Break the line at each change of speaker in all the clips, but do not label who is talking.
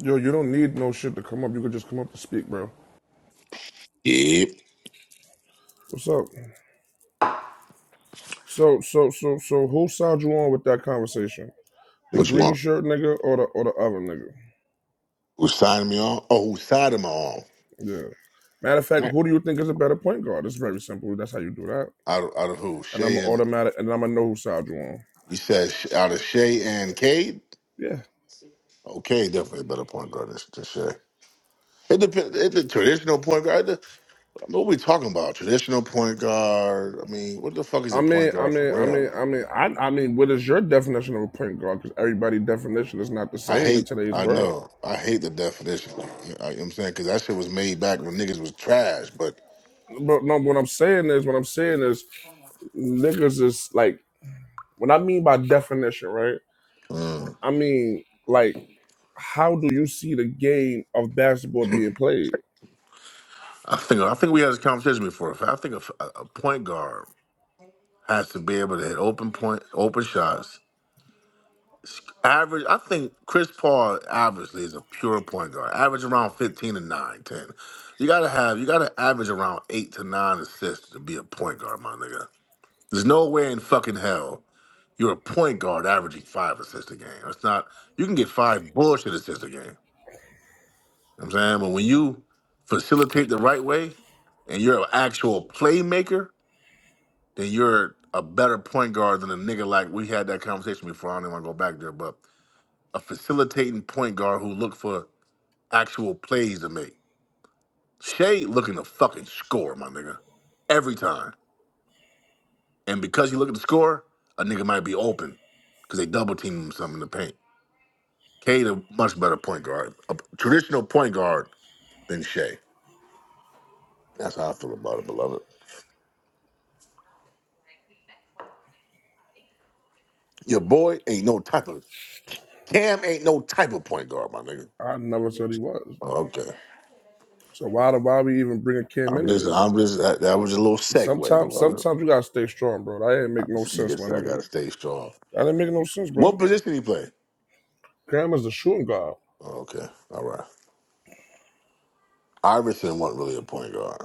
Yo, you don't need no shit to come up. You could just come up to speak, bro.
Yeah.
What's up? So, so, so, so, who side you on with that conversation? The
Which
green
one?
shirt nigga or the or the other nigga?
Who signed me on? Oh, who signed him on?
Yeah. Matter of fact,
Right.
who do you think is a better point guard? It's very simple. That's how you do that.
Out of, out of who?
And I'm
Shay and
automatic. And I'm gonna know who side you on.
you said Sh- out of Shay and Cade.
Yeah.
Okay, definitely a better point guard than, than Shay. It depends. It's a traditional point guard. I mean, what we talking about? Traditional point guard. I mean, what the fuck is
I
a point
mean, I
guard for
mean, I
real?
mean, I mean, I, I mean, what is your definition of a point guard? Because everybody's definition is not the
I
same in
hate.
today's
I
world.
know. I hate the definition. I, you know what I'm saying because that shit was made back when niggas was trash. But
But no, what I'm saying is, what I'm saying is, niggas is like, what I mean by definition, right?
mm,
I mean, like, how do you see the game of basketball being played?
I think I think we had this conversation before. I think a, a point guard. has to be able to hit open point, open shots. Average, I think Chris Paul averagely is a pure point guard. Average around 15 and 9, 10. You gotta have, you gotta average around eight to nine assists to be a point guard, my nigga. There's no way in fucking hell you're a point guard averaging five assists a game. It's not, you can get five bullshit assists a game. You know what I'm saying? But when you facilitate the right way and you're an actual playmaker, then you're a better point guard than a nigga like we had that conversation before. I don't even want to go back there, but a facilitating point guard who look for actual plays to make. Shea looking to fucking score, my nigga, every time. And because you look at the score, a nigga might be open because they double team him something in the paint. Cade a much better point guard, a traditional point guard than Shea. That's how I feel about it, beloved. Your boy ain't no type of Cam ain't no type of point guard, my nigga.
I never said he was.
Oh, Okay.
So why do why we even bring a Cam
I'm
into
just,
this?
I'm just, that, that was a little segue,
Sometimes,
beloved.
sometimes you gotta stay strong, bro. That didn't make no
This
sense,
nigga
my
said I
nigga.
gotta stay strong.
That didn't make no sense, bro.
What position he play?
Cam is the shooting guard.
Oh, okay, all right. Iverson wasn't really a point guard.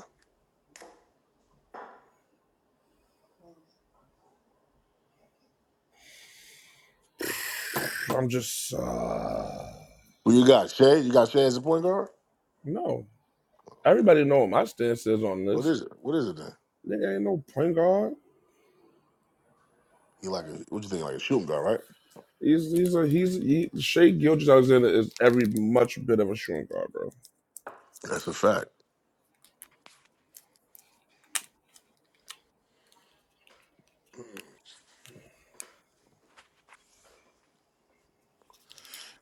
I'm just uh,
Who you got? Shay? You got Shay as a point guard?
no.
Okay.
Everybody know what my stance is on
What
this.
is it? What is it then?
Nigga ain't no point guard.
He like, a, what you think? Like a shooting guard, right?
He's he's a he's he, Shea Gilgis Alexander is every much bit of a shooting guard, bro.
That's a fact.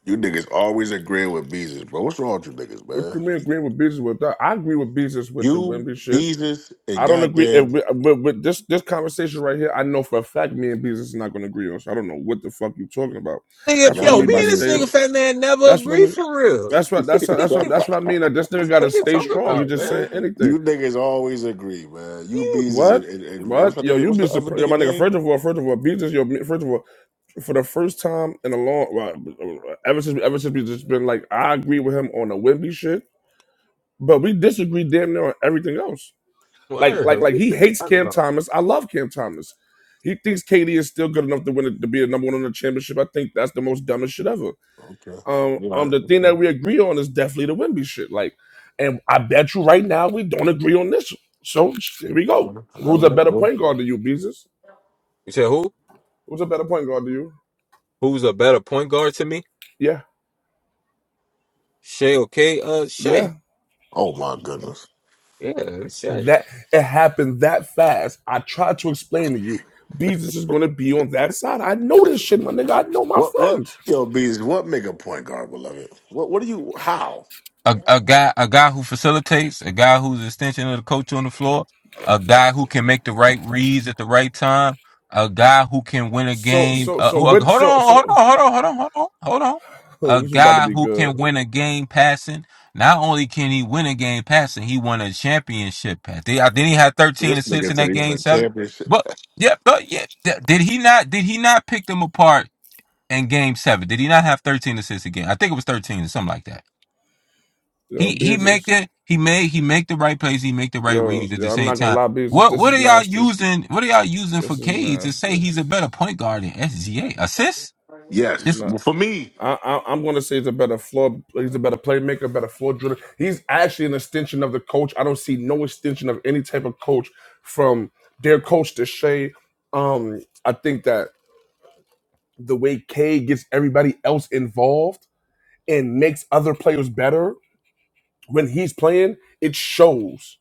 You niggas always agreeing with Beezus, bro. What's wrong with you niggas,
What
man?
you mean agreeing with Beasley with that? I agree with Beasley with the
You,
Wimby shit.
Beezus, and
I don't agree if
goddamn,
we, with, with this this conversation right here. I know for a fact me and business is not going to agree on. So I don't know what the fuck you talking about.
Nigga,
That's
nigga,
what I
I've
yo,
been
mean
me
by
and
knowing
this
this
stay.
nigga
for.
fat man never
That's what I
agree
mean.
for real.
That's what that's what- that's what that's what I mean. That this nigga got
What
to
you
stay
talking
strong. You
about,
just
man?
saying anything.
You niggas always agree, man. You
You
bees is and,
What?
and, and what's
What?
my
Yo,
nigga?
you
What's
be
the other
surprised. Yo,
nigga
my nigga.
name?
First of all, first of all, business. Yo, first of all,
Okay.
for the first time in a long, well, ever since ever since we just been like, I agree with him on the Wimby shit, but we disagree damn near on everything else. Like,
word.
like,
What
like
this
he
nigga
hates
talking
Cam
about?
Thomas. I love Cam Thomas. He thinks KD is still good enough to win it, to be a number one on the championship. I think that's the most dumbest shit ever.
All
Um, um,
right.
the thing
Okay.
that we agree on is definitely the Wimby shit. Like, and I bet you right now we don't agree on this. So here we
All
go.
right.
Who's
All
a
right.
better
Well,
point guard than you, Beezus?
You said who?
Who's a better point guard than you?
Who's a better point guard to me?
Yeah,
Shay, okay? Uh, Shay.
yeah.
Oh my goodness.
Yeah, Shay.
That it happened that fast. I tried to explain to you. Beezus is gonna be on that side. I know this shit, my nigga. I know my
What? What?
friends.
Yo, bees. What make a point guard, beloved? What? What do you? How?
a, a guy a guy who facilitates, a guy who's an extension of the coach on the floor, a guy who can make the right reads at the right time, a guy who can win a
So
game.
so
Uh,
so
ho- hold on,
with so so
hold on, hold on, hold on, hold on, hold on.
Oh,
A
this is about to
guy
be
who
good.
can win a game passing. Not only can he win a game passing, he won a championship pass. Did, uh, then he had 13
This
assists
nigga
in
said
that
he was
game
a
seven.
championship.
But yeah, but yeah, th- did he not? Did he not pick them apart in game seven? Did he not have 13 assists again? I think it was 13 or something like that.
Yo,
He he make
business.
that he made he make the right plays, he make the right
Yo,
reads at
yo,
the
I'm
same
not gonna
time.
lie, business.
What
This
what
is
are y'all
nasty.
using what are y'all using for
This is
Cade to say
nasty.
he's a better point guard than SGA? Assists?
Yes.
It's,
No,
Well, for me,
I, I, I'm going to say he's a better floor. He's a better playmaker, better floor driller. He's actually an extension of the coach. I don't see no extension of any type of coach from their coach to Shea. Um, I think that the way K gets everybody else involved and makes other players better when he's playing, it shows.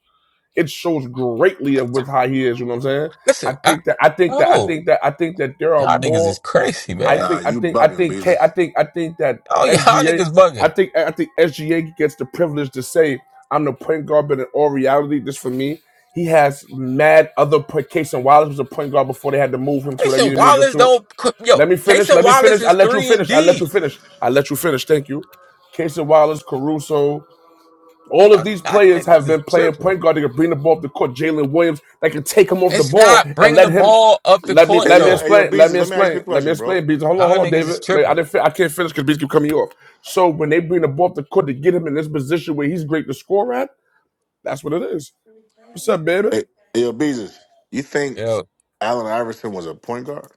it shows greatly of with how he is. You know what I'm saying? I
listen, I
think that I think that I
no.
think that I think that there are
Y'all niggas is
more.
crazy,
I
man.
Nah,
think I
you
think I
bugging,
think K, I
Beezus.
think I think that
Oh y'all
SGA.
niggas
I
bugging.
think I think SGA gets the privilege to say I'm the point guard, but in all reality, this for me, he has mad other point. Case and Wallace was a point guard before they had to move him to whatever
Casey
they moved him
Wallace
to.
don't qu- yo,
Let me finish.
Casey
Let me
Wallace
finish. I
is
let you
three and
finish. I let
D.
you finish. I let you finish. Thank you. Case and Wallace, Caruso. All of
Y'all
these
y'all
players
niggas
have
is
been playing
tripping.
point guard. They can bring the ball up the court. Jalen Williams, they can take him off the
It's
ball
not
and
bringing
let
the
him.
ball up the
Let me
court
Hey
let me
yo,
though.
hey yo,
explain. Let
Beezus,
me
let me ask you
explain.
a
Let me
question, bro.
explain. Beats, hold on,
Y'all
hold on,
niggas is
David. Like, I
tripping.
didn't. Fi- I can't finish because Beats keep coming off. So when they bring the ball up the court to get him in this position where he's great to score at, that's what it is. What's up, baby?
Hey, hey yo, Beezus, you think
Yo,
Allen Iverson was a point guard?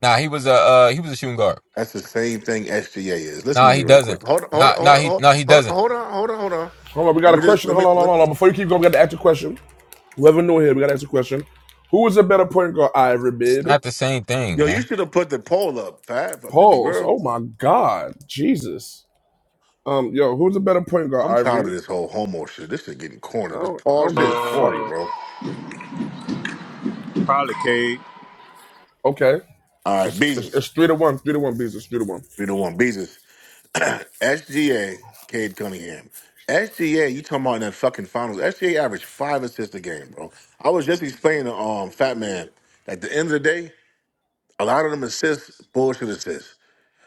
nah, he was a uh, he was a shooting guard.
That's the same thing SGA is. Listen
Nah,
to me
he
real
doesn't.
quick. Hold on, hold
Nah,
on,
nah,
hold
he,
on,
nah, he
hold on,
doesn't.
hold on, hold on. Hold on.
Hold on, we got
Let
a
me just
question.
let me
Hold on, hold on,
let me,
hold on. Before you keep going, we got to ask a question. Whoever knew here, we got to ask a question. Who is a better point guard, Ivory
It's
Bid?
not the same thing,
yo. You
man.
should have put the poll up, Fab. Up to be
Pause.
real,
Oh my God, Jesus. Um, yo, who's a better point guard,
I'm tired
Ivory?
of this whole homo shit. This shit getting
I
corny. This
don't, I
Paul
don't
shit
give a
is
fuck.
corny,
Uh,
bro.
probably Cade.
Okay.
All right,
It's, it's,
Beezus,
it's three to one, three to one, Bees. It's three to one.
we the one. Beezus. SGA, Cade Cunningham. SGA, you talking about in that fucking finals. SGA averaged five assists a game, bro. I was just explaining to um Fat Man at the end of the day, a lot of them assists, bullshit assists.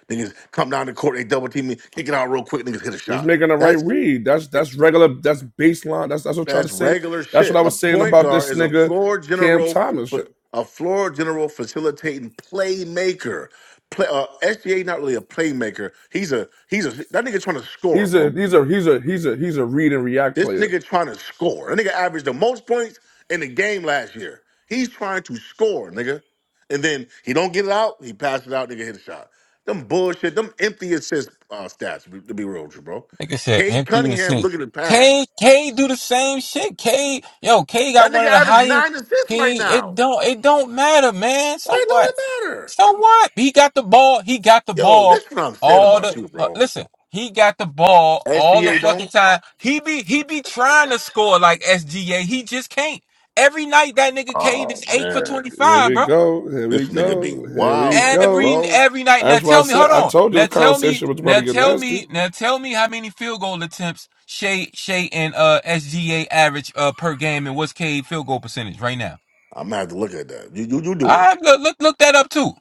Niggas come down the court, they double team me, kick it out real quick, niggas hit a
He's
shot.
making the right
That's
read. That's that's regular. That's baseline. That's that's what I try to
that's
say.
regular
That's what
shit.
I
A
was saying
point
about
guard
this
is a
nigga
floor
Cam
general
Thomas.
for a floor general facilitating playmaker. Play, uh, SGA not really a playmaker. He's a he's a that nigga trying to score,
He's
bro.
a he's a he's a he's a he's a read and react
This
player.
nigga trying to score. That nigga averaged the most points in the game last year. He's trying to score, nigga. And then he don't get it out. He passes it out. Nigga hit a shot. Them bullshit. Them empty assist uh, stats. To be real with you, bro.
Nigga said
Cade
empty and
Cunningham
shit.
looking to
K,
pass.
K do the same shit. K, yo, K
That
got
nigga
one of the
averaged
highest.
nine assists right
He, it
now.
don't, it don't matter, man. So
Why don't
what?
it matter?
So what? He got the ball. He got the
Yo,
ball.
this is what I'm saying
All
about
the
you,
uh,
bro.
listen. He got the ball all the
SCA
fucking
don't.
time. He be, he be trying to score like SGA. He just can't. Every night that nigga K
Oh
is eight for
man,
twenty
Here
five,
we
bro.
go. Here we
this nigga be
go. Here we
wildin',
go.
every
bro.
every night. Now
That's why I
tell
I'm
me,
said
hold
I
on.
told you
Now
the
tell me,
conversation was about
now
to get
tell
nasty.
me, now tell me how many field goal attempts Shea Shea and uh SGA average uh per game, and what's K field goal percentage right now?
gonna have to look at that. You you, you do it.
I look look look that up too.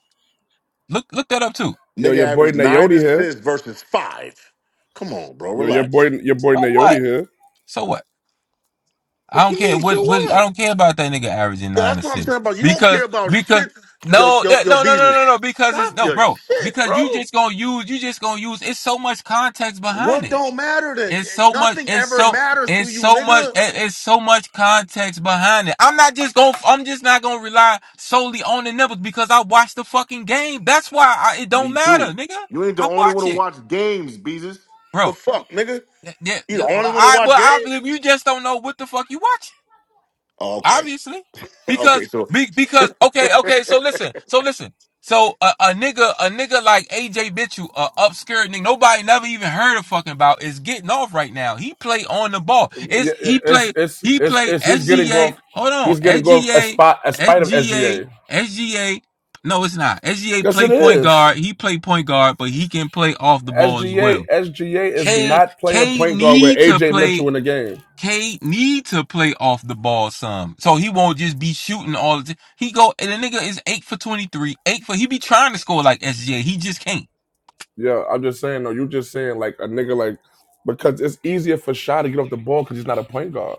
Look look that up too.
Yo,
Nigga
your boy
averaged nine
Nayote here.
assists versus five. Come on, bro,
Yo, your boy
relax.
your boy
So what?
Nayote here.
So what? I
What
don't
you
care.
mean?
What
So
what? I
what?
don't care about that nigga averaging
Yo,
nine
that's what I'm
assists
saying about you. Don't
because
care about
because
shit. Yo,
no
yo,
that,
yo,
no no no
Beezus,
no no because it's
stop
no
your
bro
shit,
because you
bro.
just gonna use you just gonna use it's so much context behind
What
it.
don't matter then?
It's so much.
Nothing
It's
ever
so.
matters to
It's
you,
so much.
nigga.
it- It's so much context behind it. I'm not just going. to I'm just not gonna rely solely on the numbers because I watch the fucking game. That's why I, it don't
Me
matter,
too.
nigga.
You ain't the
I
only one
watch
to
it,
watch games, Beezus. The
bro.
fuck, nigga?
Yeah, yeah.
You the
yeah. Well,
only one to
I
watch
well, I
games?
believe you just don't know what the fuck you watching.
Oh, okay.
Obviously,
okay,
because
so
be, because okay, okay. So listen, so listen. So a, a nigga, a nigga like AJ Bitchu, a upskirt nigga, nobody never even heard of fucking about is getting off right now. He play on the ball. It's
Yeah, yeah,
he
it's
play
it's
he
it's
play
it's he's getting
SGA.
off
Hold on,
he's getting off a
SGA,
spot a spite of
SGA,
SGA.
SGA. No, it's not. SGA
Yes,
play
it
point
is.
guard. He play point guard, but he can play off the ball as
SGA
well.
SGA is
K
not playing
K
point guard with
need to
AJ
play
Mitchell in the game.
Cade need to play off the ball some, so he won't just be shooting all the. time. he go and the nigga is eight for twenty three, eight for. He be trying to score like SJ, he just can't.
Yeah, I'm just saying. No, you just saying like a nigga like because it's easier for Shaw to get off the ball because he's not a point guard.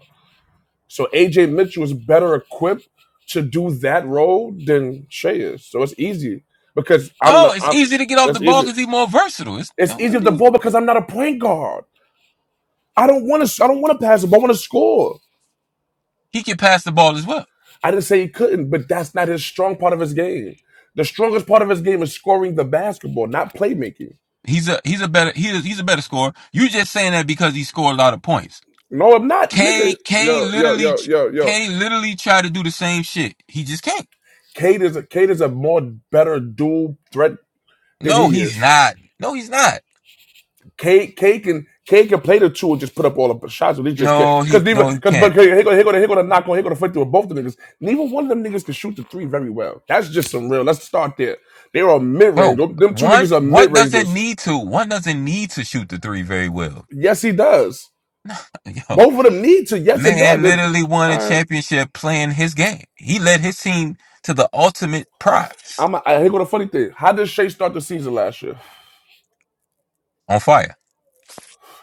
So AJ Mitchell is better equipped to do that role than Shea is. So it's easy because I'm
No,
not.
it's
I'm.
easy to get off the
That's
ball
easy.
because he's more versatile.
It's easy with
it
the
is.
ball because I'm not a point guard. I don't want to. I don't want to pass up. I want to score.
he can pass the ball as well.
I didn't say he couldn't, but that's not his strong part of his game. The strongest part of his game is scoring the basketball, not playmaking.
He's a he's a better he is, he's a better scorer. You just saying that because he scored a lot of points.
No, I'm not,
K
nigga.
K
Yo, yo,
literally
yo, yo, yo.
K literally tried to do the same shit. He just can't.
Kate is a Kate is a more better dual threat than
No,
he
he's
is.
not. No, he's not.
Kate, Kate can Kate can play the two and just put up all the shots, but he just can't.
No,
Cause
he
neither,
no he
cause
can't.
but here go here go here go the knock on here go the fight through with both the niggas. Neither one of them niggas can shoot the three very well. That's just some real. Let's start there. They are mid range.
Bro,
them two niggas
one
are mid
what doesn't
rangers.
need to? One doesn't need to shoot the three very well.
Yes, he does.
Yo,
Both of them need to. Yes, it
man,
does. It-
literally won a
I,
championship playing his game. He led his team to the ultimate prize
I'm. I here go the funny thing. How did Shea start the season last year?
on fire.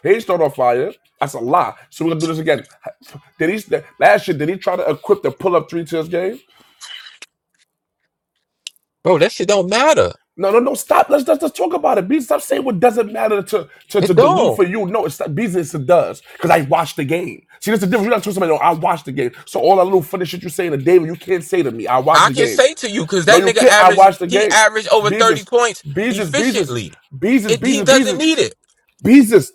He didn't start on fire. That's a lie. So we're gonna do this again. Did he last year? Did he try to equip the pull up three to his game?
Bro, that shit don't matter.
No, no, no. Stop. Let's let's, let's talk about it. B, stop saying what doesn't matter to to,
It
to dilute
don't.
for you. No, it's not business. It does because I watched the game. See, that's the difference. You're not telling somebody. No, I watched the game. So all that little funny shit you are saying to David, you can't say to me. I watched
I
the
can
game.
say to you because
No,
that
you
nigga
can't. I
averaged
watched the
he
game.
averaged over thirty
Beezus,
points
Beezus, Beezus,
efficiently.
Beezus, Beezus,
It, he doesn't
Beezus,
need it.
Beezus,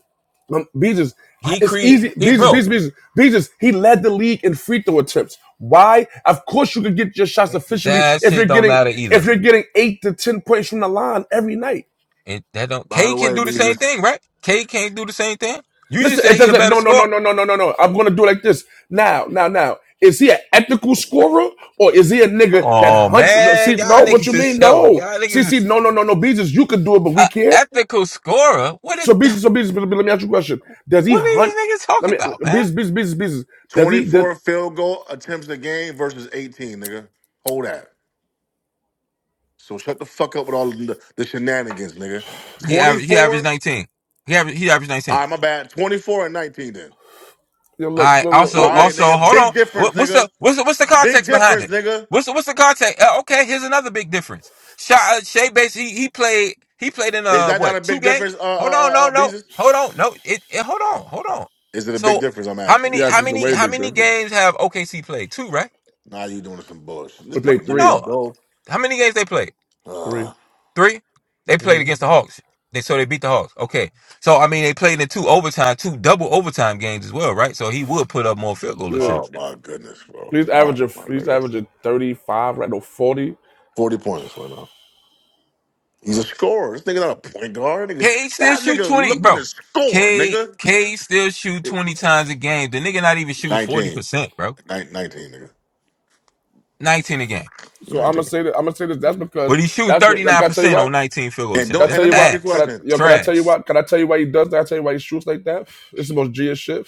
um, Beezus. I-
He
It's
cre
easy.
he
Beezus,
bro.
Beezus, Beezus, Beezus. He led the league in free throw attempts. Why? Of course, you can get your shots efficiently
That
if
shit
you're
don't
getting
matter
if
either.
you're getting eight to ten points from the line every night.
It that don't.
by
K
the
can
way,
do the same
Beezus,
thing, right? K can't do the same thing. You just
Listen,
said
it
he a
doesn't.
better
No, no,
scorer.
no, no, no, no, no, no. I'm gonna do it like this now, now, now. Is he an ethical scorer or is he a nigga that
Oh
hunts? No,
man,
see,
y'all
no, what
niggas
you
is
mean?
yo,
No,
y'all
see,
niggas
see,
is
no, no, no, no. Beezus, you can do it, but we
uh,
can't.
ethical scorer. What
So
is
business, so business. But let me ask you a question: Does he
what are
hunt?
these niggas talking
Let me
about, man?
business, business, business, business. Does he? Does
24 field goal attempts a game versus 18, nigga. Hold that. So shut the fuck up with all the, the shenanigans, nigga.
He averaged he averaged
24.
nineteen. He averaged he averaged
All
nineteen.
right, my bad. 24 and 19 then.
you know,
All
look,
right.
look, look,
All
Also,
look, look?
right,
also,
nigga.
hold on.
Big difference,
What, what's
nigga.
the what's the what's the
Big
context behind
difference,
it?
nigga.
What's the, what's the context? Uh, okay, here's another big difference. Sha uh, Shea Bass, he he played he played in
Is
uh
that not a
what two
big
games?
difference, uh,
Hold
uh,
on,
uh,
no,
uh
no,
Beezus?
hold on, no, it, it hold on, hold on.
Is it a big
So
difference? I'm
how
asking. you?
many
Yes,
how
it's a
many
way
how
big
many
difference.
games have OKC played? Two, right?
Nah, you doing some bullshit. This
We played
nigga
three,
No.
moving
no.
though.
How many games they played?
three.
Uh,
Three. They played
Mm-hmm.
against the Hawks. They so they beat the Hawks. Okay. So I mean they played in two overtime, two double overtime games as well, right? So he would put up more field goal
Yeah.
oh
attempts.
my goodness, bro.
He's
All right,
averaging,
my
he's
nigga.
averaging thirty five, right? No, forty.
40 points right now. He's a scorer. This nigga not a point guard. Nigga,
K still
that
shoot
nigga
twenty,
looking to
bro.
score,
K
nigga.
K still shoot twenty times a game. The nigga not even shooting forty
19.
percent, bro.
Nin- 19, nigga.
Nineteen a game,
So I'm gonna
19.
say that I'm gonna say this. That's
but
because
he's shooting
that's
thirty
what I
nine
gotta tell you.
percent
why.
on nineteen field goal
And
attempts.
Can I
don't
That's
and
tell
let
you
me ask
why?
you a
Can I
ass
question.
yo? Can I tell you
trash.
why? Can I tell you why he does that? I tell you why he shoots like that. It's the most G-ish shit.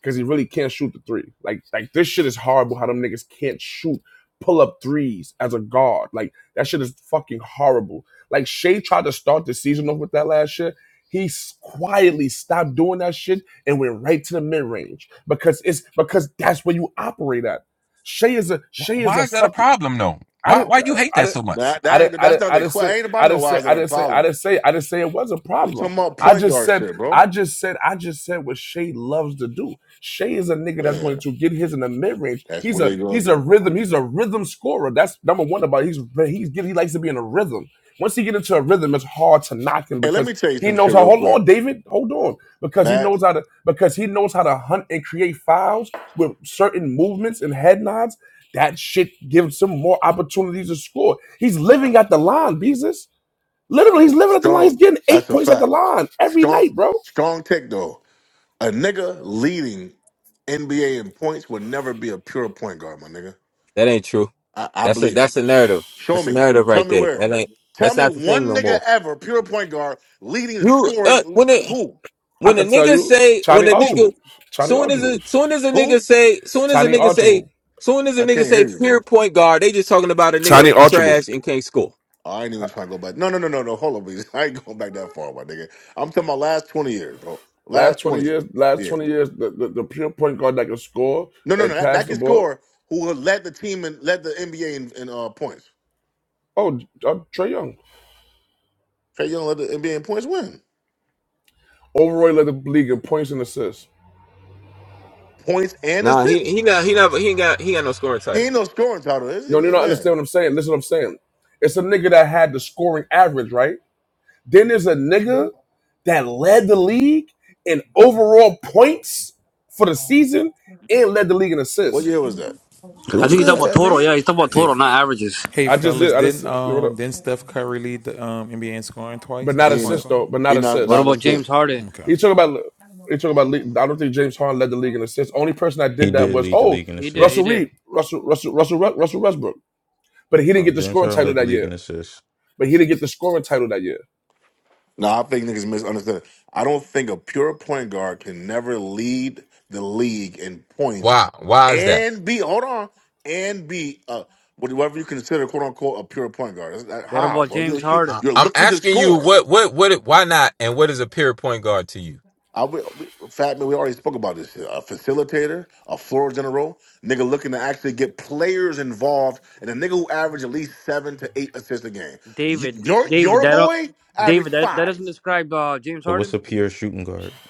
Because he really can't shoot the three. Like like this shit is horrible. How them niggas can't shoot pull up threes as a guard. Like that shit is fucking horrible. Like Shea tried to start the season off with that last year. He s- quietly stopped doing that shit and went right to the mid range because it's because that's where you operate at. Shea is a
Wh-
Shea is
Why
a
is that a
fucking
problem though?
I
Why
didn't.
why you
uh,
hate
I
that
didn't.
so much?
That,
I
that
didn't.
ain't
I
that's
didn't.
not
I
the
didn't say.
question. Ain't about
I
no
didn't
why
say.
is that
I
a
didn't say. I
problem.
didn't say. I didn't say it was a
We
problem.
talking about
I
point
just
guard
said.
shit, bro.
I just said. I just said what Shay loves to do. Shay is a nigga that's
Yeah,
going to get his in the mid range.
that's
He's
what
a.
they gonna
He's a
do, bro.
rhythm. He's a rhythm scorer. That's number one about. It. He's. He's. He likes to be in a rhythm. Once he get into a rhythm, it's hard to knock him
And let
because
me tell you
he
some
knows
shit
how.
real
Hold
quick.
on, David. Hold on, because he
Matt,
knows how to. Because he knows how to hunt and create fouls with certain movements and head nods that shit gives him more opportunities to score. He's living at the line, Beezus. Literally, he's living at the line.
strong,
He's getting eight
that's a
points at the
fact.
line every
Strong,
night, bro.
strong tech though. A nigga leading NBA in points would never be a pure point guard, my nigga.
That ain't true.
I, I
That's a
believe it.
that's a narrative.
Show
That's a
me.
narrative
Tell
right
me
there. That
where.
ain't
Tell
that's
me
not the thing
one
no
nigga
more.
ever, pure point guard, leading and
You
scoring.
uh, when the
Who?
I
when a
can tell
nigga
you,
say when
Tiny
a
Who?
nigga
Archibald, Tiny
soon as a
Archibald,
soon as a nigga
Who?
say soon as a
Tiny
nigga say
Archibald,
soon as a
I
nigga
can't
say
hear you, bro.
pure point guard, they just talking about a nigga
Tiny
that's
Archibald.
trash and can't score.
I ain't even trying to go back. No, no, no, no, no. Hold on, please. I ain't going back that far, my nigga. I'm talking about last 20 years, bro.
Last
Last
twenty
20
years, last
years.
twenty years, the, the, the pure point guard that can score
No, no, no.
and
That, that
pass the
can
ball.
score who has led the team and led the NBA in, in uh, points.
Oh, uh, Trey Young.
Trey Young led the NBA in points win.
Overall, led the league in points and assists.
Points and
Nah, he
assists?
he not he never he ain't got he ain't got no scoring
He
title.
ain't no scoring title. Is
No, you
it?
don't
Yeah.
understand what I'm saying. Listen, what I'm saying. It's a nigga that had the scoring average, right? Then there's a nigga that led the league in overall points for the season and led the league in
What
assists.
year was that?
It
I
That
was
think you
nigga,
good,
talking about
that's
fat
total. Yeah,
man.
he's talking about
Hey,
total, not averages.
hey,
I just
fellas!
did. I just
Didn't
what up?
um didn't Steph Curry lead the um, NBA in scoring twice
But
as
not
a
he ain't no,
point
assists
guard?
though. But not
he not
What
not
assists.
about James
assist.
Harden?
Okay.
You talk about. You talk about. league- I don't think James Harden led the league in assists. Only person that
He
did that
did
was
lead the
oh
league in
He did. He
Russell
assists.
did.
Reed, Russell Russell Russell Russell Westbrook. But he didn't
Uh,
get the
James
scoring
Harden
title
led the
that
league
year.
in assists.
But he didn't get the scoring title that year.
No, I think niggas misunderstand. I don't think a pure point guard can never lead the league in points
Why? Why is that?
and be hold on and be uh whatever you consider quote unquote a pure point guard. That's not-
What
how,
about
bro? You
James
shoot.
I-
Harden?
You're
I'm
looking to
asking you
score.
what, what, what, it- why not? And what is a pure point guard to you?
I we, we, fat man. We already spoke about this. A facilitator, a floor general, nigga looking to actually get players involved, and a nigga who average at least seven to eight assists a game. You,
David.
your
David.
your
That. don't-
boy
David.
average
That. That
five.
doesn't describe uh, James
So what's
Harden.
a pure shooting guard?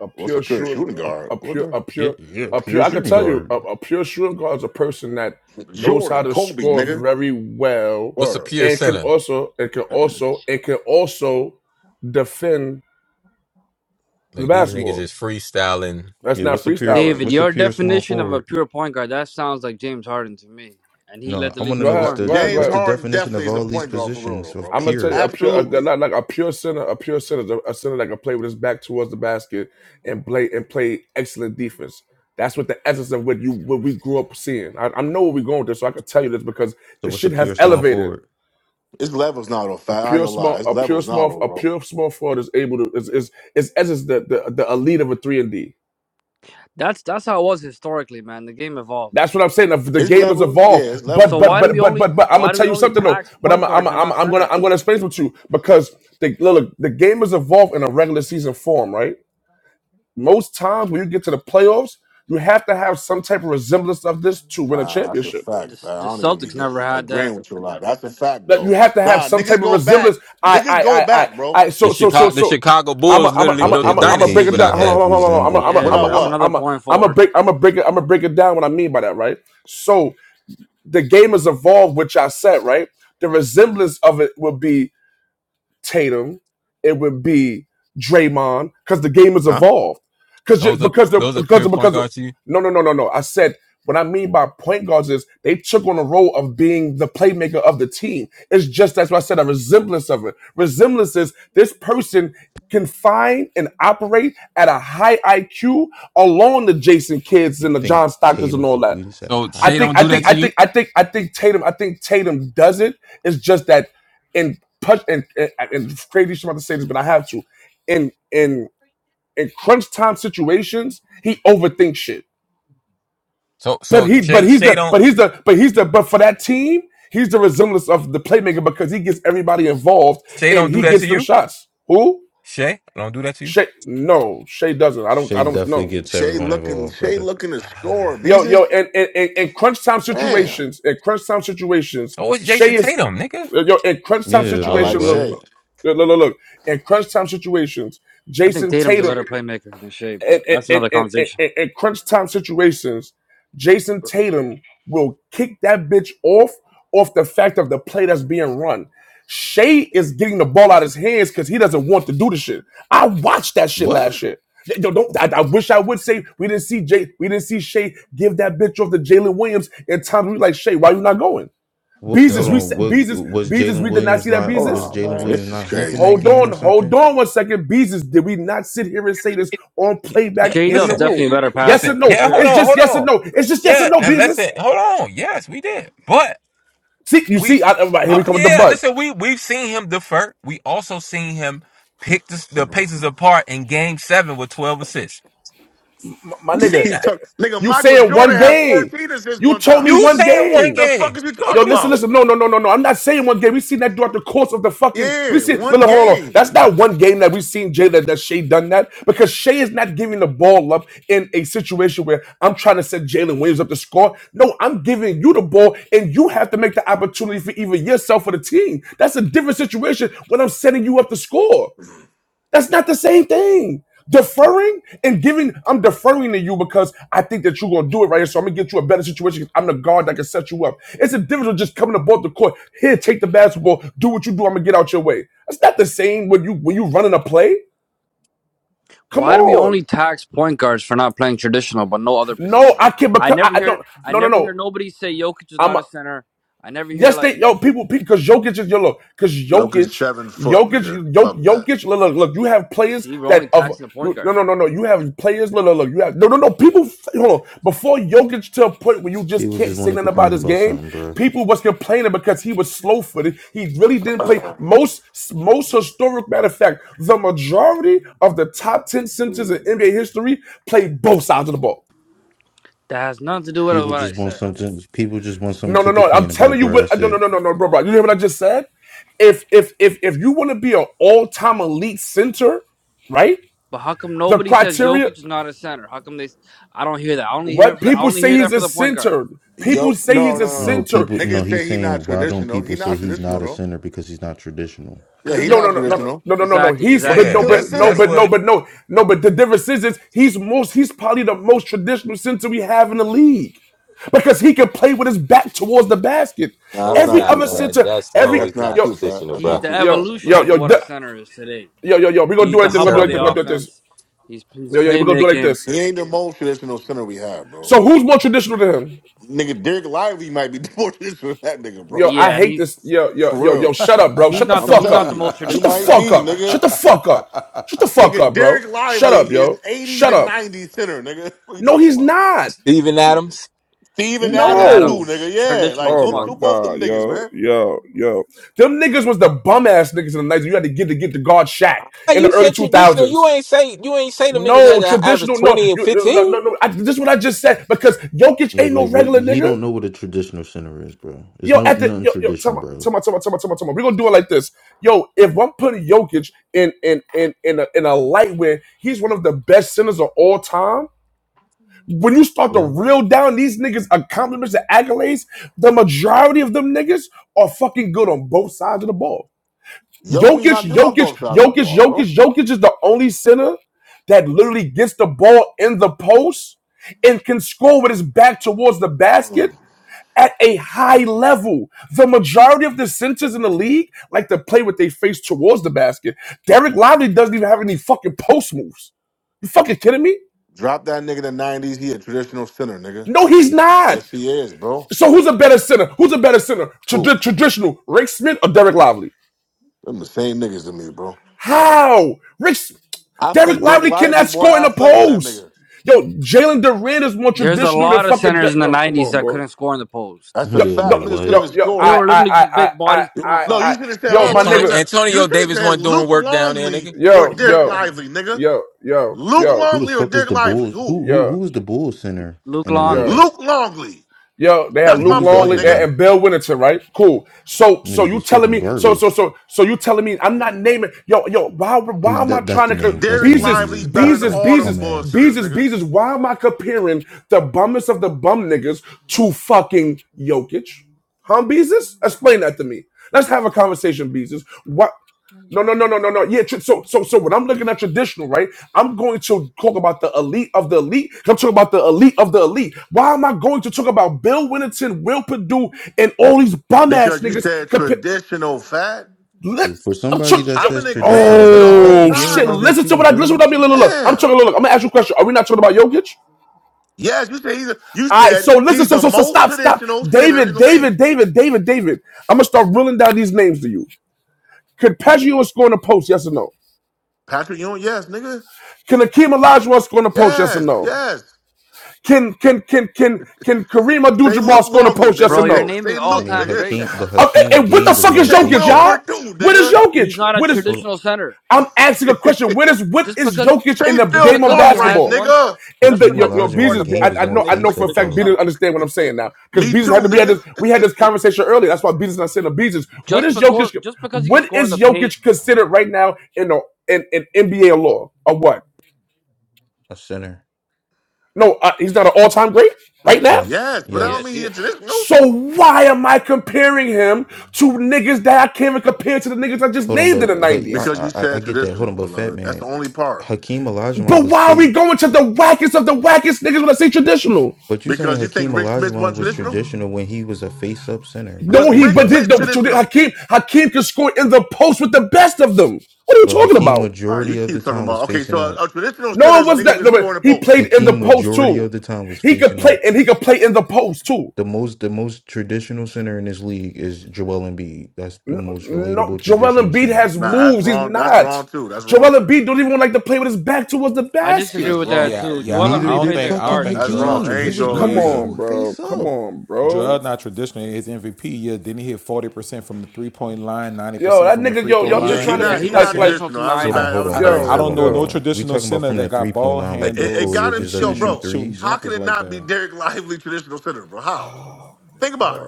a
What's a
pure
pure
shooting,
shooting
a,
guard?
a
What
pure,
the?
a
Yeah,
pure,
yeah,
a pure.
pure
I can
shooting
tell you,
guard.
a, a pure shooting guard is a person that knows how
Jordan,
to
Kobe,
score
nigga.
very well
What's a
Word.
pure
and can
center?
also, and can also, and can also defend the
Look, these niggas
basketball.
just freestyling.
That's
Yeah,
not
what's a pure
freestyling.
David,
what's a
your
pure small
definition of a
forward?
pure point guard. That sounds like James Harden to me. And he
No,
led the
I want
league
to
in
Go
know
ahead,
what's
scoring.
the
go ahead,
the-
go
James
what's
ahead.
the
Harden
definition
definitely
of
is a
all these
point guard for real though,
positions of
bro.
I'm gonna tell you
pure.
a pure, a,
Absolutely.
not like a pure center, a pure center, is a, a center that can play with his back towards the basket and play and play excellent defense. That's what the essence of what you what we grew up seeing. I, I know where we're going with this, so I can tell you this because
So
this
what's a
shit has
pure small
elevated.
forward?
It's levels now though,
A
fat. I ain't
pure
gonna lie.
small,
It's
a pure
levels now
small,
though,
a
bro.
pure small forward is able to is is is essence the the, the elite of a three and D.
That's that's how it was historically, man. The game evolved.
That's what I'm saying. The, the
It's
game has
levels, yeah,
evolved,
it's levels
but
So
but
why
now.
do we
but but
only
but but I'm
why
gonna
do we
tell you
only
something though.
tax
But
point
I'm I'm
guards and
I'm,
not
I'm gonna I'm
centers?
gonna explain this to you because the look the game has evolved in a regular season form, right? Most times when you get to the playoffs, you have to have some type of resemblance of this to win a
Nah, that's a
championship.
fact,
The
fat. I
the
don't even be
Celtics
di-
never had that.
agreeing with you a lot. That's a fact
Like you
though.
have to have
Nah,
some
niggas
type of
go back.
resemblance. I
Niggas
I
go
I I
back, bro.
I.
The
So so so
Chicago the
so.
Chicago
I'm
Bulls
a, I'm a,
literally
I'm a,
What
built a
did
I'm a, I'm a
dynasty
break it
OKC
down.
without
Hold on,
that.
have
hold on, hold on. I'm a,
resemble
I'm a,
Yeah,
I'm a,
Without
pure?
that's
I'm a,
what?
another
I'm a,
point
I'm a
forward.
break, I'm a break it, I'm a break it down. What I mean by that, right? So the game has evolved, which I said, right? The resemblance of it would be Tatum, it would be Draymond, because the game has evolved. Because
Those are
because the
those are
because
pure
of,
point
because of,
guards to you.
no no no no no. I said what I mean by point guards is they took on the role of being the playmaker of the team. It's just that's why I said a resemblance of it. Resemblance is this person can find and operate at a high IQ along the Jason Kids
You
and the
think
John Stockers and
Tatum
all
could
that.
do this at a
So
I
high
Shea
think
don't
I
do
think
that
IQ?
I
to you.
think I think I think Tatum I think Tatum does it. It's just that in punch and and, and it's crazy shit about to say this, but I have to. In in in crunch time situations, he overthinks shit.
So
But
so
he but
Shea
he's
Shea
the but
don't
he's the but he's the but for that team, he's the resemblance of the playmaker because he gets everybody involved
Shea
and
don't do
he
that to
gets them
you.
shots. Who?
Shea don't do that to you.
Shay no, Shay doesn't. I don't I
Shea
don't
definitely
know.
gets
Shay
everyone
looking
involved,
Shay
brother.
looking to score.
Yo,
Beezus?
yo, and and and, and crunch time
Damn.
situations, and crunch time situations,
Oh, it's Jason
Shea is
Tatum, nigga.
yo in crunch time
Yeah,
Not
like
like
situation. Look,
what?
Shay.
look, look, look, look. in crunch time situations,
I think
Jason
Tatum's a
Tatum
better playmaker than Shea,
in,
but
in,
that's another
in, in,
conversation.
in crunch time situations, Jason Tatum will kick that bitch off off the fact of the play that's being run. Shea is getting the ball out of his hands because he doesn't want to do the shit. I watched that shit
What?
last year. Th- Don't, don't- I, I wish I would say we didn't see Jay, we didn't see Shea give that bitch off to Jalen Williams in time. We like Shea, why you not going?
What? Hold
Beezus,
Yo.
we
on.
said
What
Beezus,
was
Beezus,
Jalen
we did not
Williams
see that
not?
Hold
Was
Beezus.
on,
Jalen
man.
Williams
This is
not hooping
crazy.
that
Hold
game or
on, hold
something?
on one second, Beezus. Did we not sit here and say this on
Yeah,
playback
yeah,
J
and in
Dub
the
listen,
definitely
room?
a better
Yes
listen.
or
passer for
no?
Yeah, hold
sure.
It's
on,
just
hold
yes or
on.
no. It's just yes or
Yeah,
no,
and
Beezus.
listen, hold on. Yes, we did, but
See, you
we,
see, I, I- here
uh,
we come with the
yeah,
butt.
listen. We we've seen him defer. We also seen him pick the, the
man.
Pacers apart in Game Seven with twelve assists.
My, my
We
You
see
nigga,
keep
that.
talking, nigga.
you
Michael
saying
Jordan
one
had
game.
fourteen assists
You
one
told me
time.
You
one
saying one
game.
The fuck
game?
is you
Yo,
talking
listen,
about?
listen. No, no, no, no, no. I'm not saying one game. We've seen that throughout the course of the fucking. we have
Yeah,
seen. No,
one
no, hold on.
game.
That's not one game that we've seen Jay that, that Shea done that because Shea is not giving the ball up in a situation where I'm trying to set Jalen Williams up to score. No, I'm giving you the ball and you have to make the opportunity for either yourself or the team. That's a different situation when I'm setting you up to score. That's not the same thing. Deferring and giving, I'm deferring to you because I think that you're gonna do it right here. So I'm gonna get you a better situation. 'cause I'm the guard that can set you up. It's a difference of just coming to both the court. Here, take the basketball, do what you do, I'm gonna get out your way. That's not the same when you when you running a play. Come
Why do we
on.
only tax point guards for not playing traditional, but no other
No,
position?
I can't
I
because I,
never
I
hear
don't
I
no no
never hear
no.
nobody say Jokic is not
I'm.
a center. I never hear
Yes,
like,
they yo people because Jokic is your look because
Joker's
Jokic,
seven foot, nigga.
Jokic, Jok,
Fuck that.
Jokic. Look, look, look, you have players
see, we're only
that of
taxing the point
you. No,
guard
no,
now.
no, no. You have players. Look, look, look. You have no, no, no. People, hold on. Before Jokic to a point where you just
People
can't
just want
say
to
nothing about
complain
his
about
game,
something, bro.
people was complaining because he was slow footed. He really didn't play most most historic. Matter of fact, the majority of the top ten centers in NBA history played both sides of the ball.
That has nothing to do with
People
what I
just want
said.
something. People just want something
No, no,
to
no. I'm
complain about,
telling you
bro.
what.
That's
No, no,
it.
no, no, no, bro, bro. You hear what I just said? If if if if you want to be an all-time elite center, right?
But how come
The
nobody says
criteria.
Jokic is not a center? How come they? I don't hear that. I only hear
What
for the, I
people
only
say
hear
he's
that for
a
the point guard.
center. People
Yo,
say
no, no,
he's a
No,
no.
center.
people. No,
Niggas
he's
say he not
saying why don't
traditional.
people
He
say
not
he's
traditional
not a
though.
center because he's not traditional?
Yeah,
Cause
he
No,
the
no,
not
no, no,
that's,
no,
traditional,
no, no, no. no.
exactly
He's
but he
but
exactly
Yeah,
no,
still a
that's
but no,
center
that's
but
though.
no,
what.
but no, no. But the difference is, is he's most. He's probably the most traditional center we have in the league because he can play with his back towards the basket.
Nah,
No,
that's
he's
not
Every
true,
not,
other
fat.
man.
center,
That's
every
no,
That's
he's
not
not
yo,
true, fat.
traditional,
That's
he's
bro.
not
the
true,
yo,
fat. That's
evolution
yo,
not
of
yo.
true.
what a
The,
center is today.
yo, yo, yo, we're gonna
He's
do it
the
like
It's
this, we're
hub
gonna do
of
terrible,
the
it like this,
man.
we're gonna do it like this.
offense. He's he's
Yo, yo, we're gonna do it like
playmaking.
this.
He ain't the most traditional center we have, bro.
So who's more traditional than him?
Nigga, Derek Lively might be the more traditional than that nigga,
Yo,
bro.
I
Yeah, he's
hate this. Yo, yo,
For
yo, yo,
real.
shut up, bro.
He's
Shut the
not the
I'm
he's
fuck
not
telling
up.
the most
you, he
Shut the
traditional
might
big.
fuck
be,
up. Shut
nigga.
the fuck up. Shut the fuck
Nigga,
up, bro.
Derek
Shut
Lively
up,
is
yo.
80s
Shut
and
up.
90s center, nigga. What you
No,
talking
he's
about?
not.
Steven
He is.
Adams.
Steven
Steven
Adams too,
Adams
No.
is
nigga. Yeah,
traditional
like
as
Oh
them
my
fuck.
two, both them
god,
niggas,
yo,
man.
yo, yo. Them niggas was the bum ass niggas in the 90s. You had to get to get to guard shack
Hey,
in the
you
early
said traditional. You
2000s.
ain't say you ain't say them niggas had
No,
an average
traditional, no,
twenty and
you, no, no,
fifteen.
no. no. I, this is what I just said because Jokic
Yeah,
ain't no
like what
regular
he
nigga.
don't know what a traditional center is, bro. It's
Yo,
no
at the
nothing
yo, yo, tell
tradition,
me,
bro.
tell me, tell me, tell me, tell me, tell me. We're gonna do it like this. Yo, if I'm putting Jokic in in in in a, in a light where he's one of the best centers of all time, when you start to
Yeah,
reel down these niggas' accomplishments and accolades, the majority of them niggas are fucking good on both sides of the ball.
Jokic's not
Jokic,
good on
Jokic,
both sides of the
Jokic,
ball, bro.
Jokic, Jokic is the only center that literally gets the ball in the post and can score with his back towards the basket
Mm.
at a high level. The majority of the centers in the league like to play with their face towards the basket. Derek Lively doesn't even have any fucking post moves. You fucking kidding me?
Drop that nigga to 90s. He a traditional center, nigga.
No, he's not.
Yes, he is, bro.
So who's a better center? Who's a better center?
Who?
Trad- traditional Rick Smith or Derek Lively?
Them the same niggas to me, bro.
How? Rick
I
Derek
think Derek
Lively
Lively
cannot
more
score in the
athletic than that
post.
nigga.
Yo, Jalen Durant is more
There's a
traditional than
lot of
fucking. De-
centers in the
yo, come
'90s
on,
that
bro.
couldn't score in the post.
That's a
Yo,
yeah,
no,
fact.
like
Niggas
yo,
couldn't
what?
even
yo,
They
I,
score.
were
I,
literally
I,
just
I,
big
I,
bodies
You-
picking up
I,
No, you
I,
fouls.
should have said.
yo,
Hold on,
my
one second,
Antonio
one
nigga,
second. You
Antonio
should have
Davis
said
wasn't doing
Luke
work down there,
Longley
nigga.
or
yo,
Derek
yo.
Lively, nigga.
yo, yo,
Luke
yo,
Who the
Longley or
fuck was
Derek
the
Lively?
Bulls?
Who?
Who who
yo,
who was the Bulls center
Luke
in the
yo,
Longley,
nineties?
Luke Longley.
yo. They had
That's
And Who
Luke
my
was the
point,
Longley,
other
they
nigga.
had,
one?
and Bill Winnington, right? Cool. So, so
Niggas
you
was
telling
fucking
me, so, so,
garbage.
so, so you telling me I'm not naming, yo, yo. Why,
Oh,
why
yeah,
am I
that that's
trying
the
to co-
name. That's the
Derek
name.
Beezus,
Bees
Lively
is
better than
Beezus,
Cartwright,
all them
bum
Beezus,
ball
ass.
centers,
Beezus,
nigga.
Beezus? Why am I comparing the bummest of the bum niggas to fucking Jokic? Huh, Beezus? Explain that to me. Let's have a conversation, Beezus. What? No, no, no, no, no, no. Yeah. tr- So, so, so when I'm looking at traditional, right, I'm going to talk about the elite of the elite. I'm talking about the elite of the elite. Why am I going to talk about Bill Winnington, Will Purdue, and all these bum ass
Because you
niggas?
said
Compa-
traditional fat.
Let,
For
I'm
somebody
talk-
that
yo,
I've
says
been agreeing
traditional,
with you the
wasn't
whole
Patrick
Oh
Ewing
time,
shit!
but
out
you
here
Listen to
shooting
what I listen to what I
threes?
mean. Look, look, look. I'm
damn.
talking. Look, look. I'm gonna ask you a question. Are we not talking about Jokic?
Yes, you said he's a, you
All right.
said
So listen.
he's
So,
the
so, so
most
stop, stop.
traditional center in
David,
the
David,
league.
David, David, David. I'm gonna start reeling down these names to you. Could Peggio score in the post? Yes or no?
Patrick Ewing, yes, nigga.
Can Akeem Olajuwon score on the post? Yes or
Yes,
no?
yes.
Can can can can can Kareem
Say
Abdul-Jabbar
Luke
score on the
Longley,
post? Yes
nigga.
or
bro,
Say
you're
no?
naming
say
I
Luke,
mean,
all-time
nigga.
Hakeem, but
greats.
Uh,
Hakeem
and, and what
game
the
was
fuck
more
is
say
Jokic,
face
Will
up.
y'all?
Perdue,
What is
nigga.
He's
Jokic?
not a
What is?
Hold on.
traditional center.
I'm asking a question. What is what
Just
is
because,
Jokic in
Say
the
just
Bill
game of
because he
Cartwright,
has
basketball?
once,
nigga.
In
just
the
Hakeem
yo
because he
yo
can score in
Olajuwon
the
Beezus,
game
I,
post
was
I
more
doesn't
know I
make him
know
a
face
for a
up
traditional
fact
though.
Beezus
center.
understand what I'm saying now because
Me
Beezus had
too,
to we had
nigga.
this we had this conversation earlier. That's why Beezus not saying the Beezus. What
Just
is
because,
Jokic?
just because he can
What
score in
is
the paint,
Jokic considered right now in the in, in NBA law or what?
A center.
No, uh, he's not an all time great right now.
Yes,
Yes, but that
he
don't
yes.
is.
mean
He
he's
is.
traditional.
So why am I comparing him to niggas that I can't even compare to the niggas I just
Hold on,
named in the
but but yeah,
90s?
Because you
I, I I
said
get that. Hold
traditional,
on, but Fat
beloved. That's
Man,
the only part.
Hakeem Olajuwon
But
was
why are we
fake.
going to the wackest of the wackest niggas when I say traditional?
But you saying
Because you
Hakeem
think Rick Smith
Olajuwon
wasn't
was
traditional?
traditional when he was a face up center. He
Was
No, he
faced
Rick
but
up.
did
Smith
no but you did-
traditional?
Hakeem Hakeem can score in the post with the best of them. What are you
But
talking
Hakeem
about?
All right, you
majority of the
keep talking
time was
about okay. So
facing up.
a, a traditional center
No,
is
it
a
was
nigga who
that
can
no,
score
but
in the
he
post.
played in the
Hakeem
post
majority
too.
of the time was
He could
facing
play
up.
and he could play in the post too.
The most the most traditional center in this league is Joel Embiid. That's the
No,
most
no
relatable
Joel
traditional
Embiid
center.
has
Nah, that's
moves. He's
wrong. That's
not.
wrong too. That's wrong
Joel
too.
Embiid don't even like to play with his back towards the
I disagree
basket.
That's
with that
wrong.
Yeah,
too.
yeah.
Joel
I,
Neither
I
Embiid
don't
did
plays like a
think I
fucking
don't
guard to
think
That's
me,
Joel
bro.
wrong. It
Hakeem. He
Ain't
was
traditional
Joel
Come
more
Embiid.
either.
so
on, bro.
face
Come
up.
on, bro.
Joel not traditional. His MVP year didn't hit forty percent from the three point line, ninety
Yo,
percent
that
from the
nigga,
free
yo,
Yeah,
throw
y'all
Yeah,
he
just
line,
he
trying
and
to
yeah
be
not
fifty
he
he
not
like,
not
like,
percent.
traditional to
traditional.
me
I was a
Hold on,
either.
I,
bad. I
hold
was
on,
a
I
hold
bad
on,
I
yo,
hold
don't
on,
example.
know
hold
no
yo.
on. We
traditional
talking about
center
from the
that
three
got
point
ball
line,
It,
like
it, it
Nikola
handles
got it,
and
Jokic
yo,
doesn't
shooting
shoot
bro.
shooting
threes.
How could
jumpers
it
like
not be
that.
Derek Lively traditional center, bro? How? Think about it.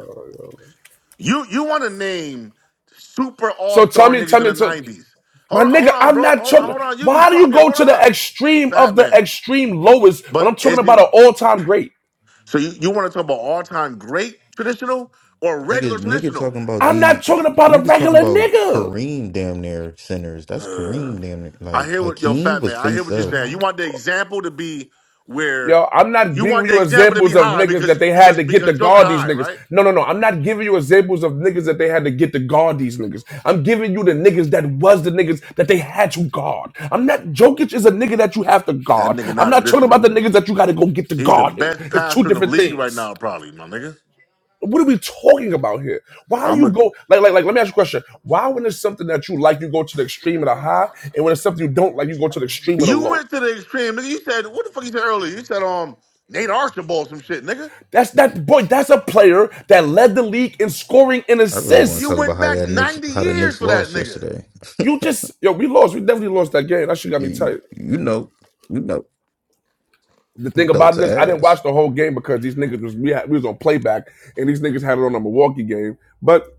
You you want to name super all
So tell
star
me,
niggas
tell
in
me,
the
tell
nineties? Hold
my
on, hold
nigga,
on,
I'm
bro.
not
Hold on,
talking.
hold on. You be
Why do you
talking.
go
Hold
to the
on,
extreme of
Fat
the
Man.
extreme lowest when
But
I'm talking
is he?
about an all time great?
So you, you want to talk about all time great traditional or regular
Niggas, nigga
traditional?
talking about
I'm
these
not talking about a
niggas talking
regular
about
nigga.
Kareem damn near centers. That's
Uh,
Kareem damn near.
I
Like
hear what yo
Hakeem
Fat Man.
was
I hear
face
what you're
up.
saying. You want the example to be where
Yo, I'm not
you
bringing
want the
you
example to be
examples of
high
niggas
because
that they had
because
to get
because
to
Joker
guard these
high,
niggas.
right?
No, no, no. I'm not giving you examples of niggas that they had to get to guard these niggas. I'm giving you the niggas that was the niggas that they had to guard. I'm not Jokic is a nigga that you have to
That
guard.
nigga
I'm
not
not talking about
traditional.
the niggas that you gotta go get to
He's the
guard him.
best
It's two
passer in the
different
league right
things.
now, probably, my nigga.
What are we talking about here? Why do
I'm
you
a.
go like like like let me ask you a question. Why when it's something that you like, you go to the extreme of the high, and when it's something you don't like, you go to the extreme of the
You
low?
went to the extreme, nigga. You said what the fuck you said earlier? You said um Nate Archibald some shit, nigga.
That's that boy. That's a player that led the league in scoring and
I really want to
You
assists.
talk about
went
how
back
that Knicks,
ninety
how the
years
Knicks
for that
lost
nigga.
yesterday. you,
You just yo, we lost. We definitely lost that game. That shit got me tight.
you you know, you know,
The thing
belt
about
to
this, I didn't
ass.
watch the whole game because these niggas was we, had, we was on playback and these niggas had it on a Milwaukee game. But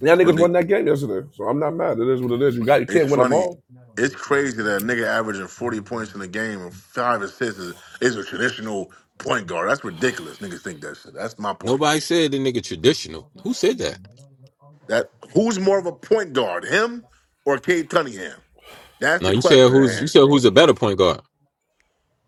y'all
But
niggas
the,
won that game yesterday, so I'm not mad. It is what it is. You got you
it's
can't win them
funny,
all.
it's crazy that a nigga averaging forty points in a game and five assists is, is a traditional point guard. That's ridiculous. Niggas think that shit. That's my point.
Nobody said the nigga traditional. Who said that?
That who's more of a point guard, him or Cade Cunningham? That's
No,
the
you said
question at
who's you
hand,
said
bro.
who's a better point guard.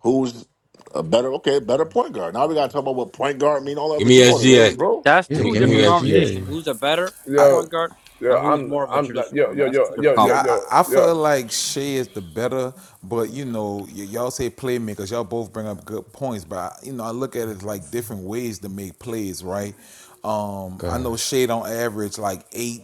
Who's a better? Okay, better point guard. Now we gotta talk about what point guard mean. All the
Give
others,
me
you know what it is,
SGA.
bro.
That's
Give
Yeah,
me,
two
give
give
me
me
different
SGA.
conversations.
SGA.
Who's a better point
Yo,
guard
yo,
and who's
I'm
more of a
I'm not
traditional
yo
point
yo
guard? That's
yo
two different
yo yo
Yeah,
convos.
yo
I, I
yo.
feel like Shea is the better, but you know, y- y'all say playmakers. Y'all both bring up good points, but I, you know, I look at it like different ways to make plays, right? Um, I know
Gosh,
Shea on average like eight,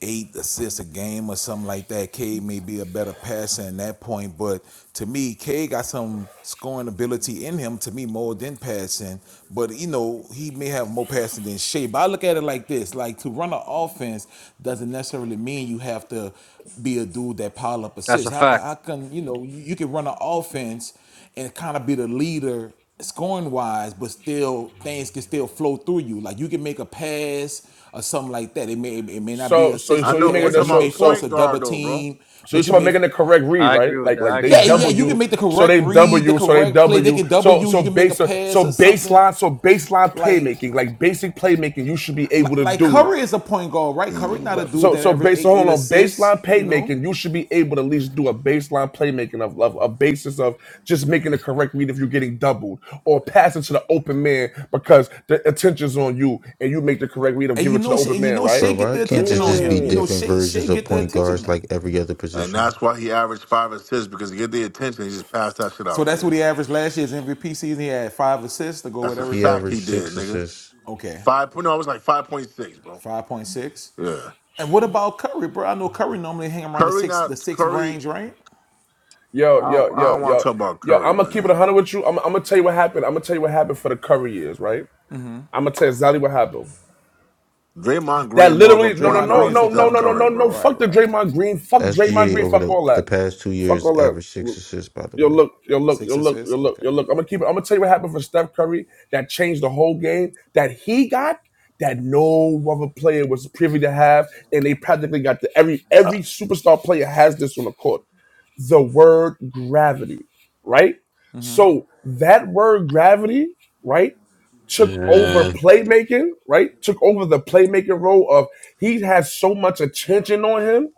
eight assists a game or something like that. K may be a better passer in that point, but to me, K got some scoring ability in him. To me, more than passing, but you know know, he may have more passing than Shea, but I look at it like this: like to run an offense doesn't necessarily mean you have to be a dude that pile up
That's a
assists. How can, how
fact.
can you know you, you can run an offense and kind of be the leader scoring wise, but still things can still flow through you. Like you can make a pass or something like that. It may it may not be an
So so
I
so
assisted
you
know, but
make
we're
pass, or
it
talking
you
so
may
about
so
force
point
a
guard
double
though, bro.
team,
So you're
but you
talking about
may
making the correct read,
I agree
right?
with
Like
that.
like
I
they
agree
yeah
with
yeah
that.
double
you can
you,
make the
so
correct
they double
read, the
you, so they
correct
double
play.
No.
They
you.
can double
So
you.
so
You can make a
base so
pass or something
baseline so baseline
like.
playmaking, like basic playmaking, you should be able
Like,
to
like
do.
Curry is a point guard, right? Curry
Mm.
not a dude
So
that
so
averaged
base
eight
so hold
eight
on, on
assists,
baseline
you know.
playmaking, you should be able to at least do a baseline playmaking of, of a basis of just making the correct read if you're getting doubled or passing to the open man because the attention's on you and you make the correct read of
And
giving
you
it to the
know, Shea-
open
and you
man,
know,
right?
Shea
but
get
why
the
can't this
attention on
just be
him. You
Mm.
know,
different
Shea, Shea
versions of
get the
point
attention
guards
on him.
like every other
And
position?
that's why he averaged five assists because he get the attention. He just passed that shit
So
out,
that's
nigga.
what he averaged last year's MVP season. He had five assists to go
That's
with
a
He
fact.
everything.
averaged
He did,
six
nigga.
assists.
Okay,
Five point. No, it was like five point six, bro.
five point six.
Yeah.
And what about Curry, bro? I know Curry normally hang around the
Curry
six the
not
six
Curry.
range, right?
Yo,
I don't,
yo,
I
yo,
don't want to
yo,
talk about
yo.
Curry,
I'm gonna keep it a
man.
hundred with you. I'm, I'm gonna tell you what happened. I'm gonna tell you what happened for the curry years, right? I'm gonna tell you exactly what happened.
Draymond
That
Green more of a
literally, no, no,
point
Draymond
no,
Green
guard
is
than
no,
the
no,
Steph
point
no, no,
Curry,
no,
guard,
no.
bro.
right?
Fuck the
Right.
Draymond Green. Fuck Draymond
SGA
Green.
over
Fuck
the,
all
the
that.
past two
Fuck
years
all that.
averaged six assists, by the
Yo,
way.
look, yo, look,
Six
yo, look,
assists.
yo, look, yo,
Okay.
look. I'm gonna keep it. I'm gonna tell you what happened for Steph Curry that changed the whole game. That he got that no other player was privy to have, and they practically got the every every superstar player has this on the court the word gravity, right? So that word gravity, right, took over
Man.
playmaking, right? Took over the playmaking role of he has so much attention on him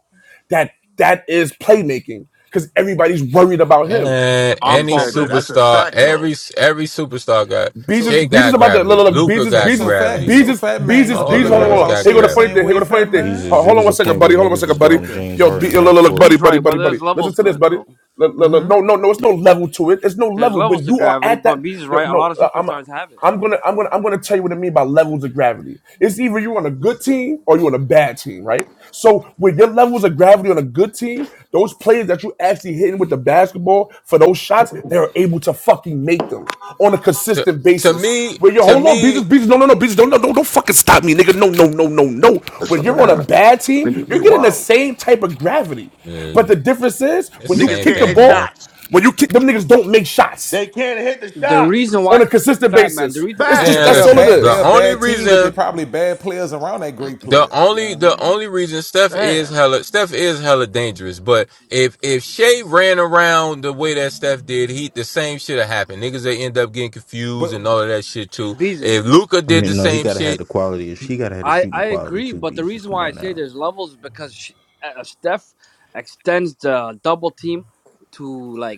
that that is playmaking because everybody's worried about him.
And
I've been
Off
any
ball
said that.
playmaker.
That's a
superstar,
fact, though.
every every superstar got
So
Beezus,
Shea
Beezus
got
about to look,
gravity,
look, look,
Luca
Beezus,
so
got
so
Beezus,
fat
gravity,
so
Beezus,
fat man. You
Beezus,
don't think
all
Oh
Beezus.
they
them
Hold
worried
on,
niggas
hold on.
God.
about
got
Here
Shea
go
the
the funny
gravity,
same
thing.
man.
Here
way,
go the funny
fat
thing.
man?
Ho-
Jesus. It
Hold on
was
one
a
second,
point where
buddy. Hold on one
niggas was
second, buddy.
guarding
Okay.
James
Yo,
Harden
be, yo, look,
half
look, look, buddy,
He's
court.
buddy,
right, but
buddy,
there's
buddy. Listen
levels
to
to
this,
it
buddy.
though.
Look, look, look, No, no, no. It's no level to it. It's no
There's
level
levels
when
to
you are
gravity,
at
but
that.
Bees
Yo,
right. A
no,
lot of
uh, I'm.
superstars have it.
I'm gonna, I'm gonna, I'm gonna tell you what I mean by levels of gravity. It's either you're on a good team or you're on a bad team, right? So with your levels of gravity on a good team, those players that you actually hitting with the basketball for those shots, they are able to fucking make them on a
To
consistent
to
basis.
me,
Where you
to
hold on,
me,
Beaches, Beaches, no, no, no, Beaches, don't, no, don't, don't fucking stop me, nigga. No, no, no, no, no. When
Listen,
you're on a
man.
bad team,
Niggas be
you're getting the
wild.
same type of gravity. But
man,
the difference is
it's
when
the
you
Niggas
same
kick the
can't hit
thing, man.
ball,
shots.
when you kick them niggas don't make shots
They can't hit the
The
shots.
reason
on
why,
a consistent
Fat Man. The
basis.
reason
It's
Yeah,
just
because
Man,
they're
Facts.
that's
a
all it
listen,
bad
the
they're a
is.
only
bad team because they're
reason,
probably bad players around that great
the
player. You know
only
what I
the
mean?
only reason Steph is
Damn.
hella Steph is hella dangerous, but if if Shea ran around the way that Steph did, he the same shit have happened. Niggas they end up getting confused and
But,
all
but
of that shit too.
Bees.
If Luca
I
did
mean,
the
no, he
same
gotta have
shit.
the quality. She gotta have the
I
shooting
I
quality
agree,
too,
but the
Beezus.
reason
Come
why I
on
say
now.
there's levels is because she, uh, Steph extends the double team to like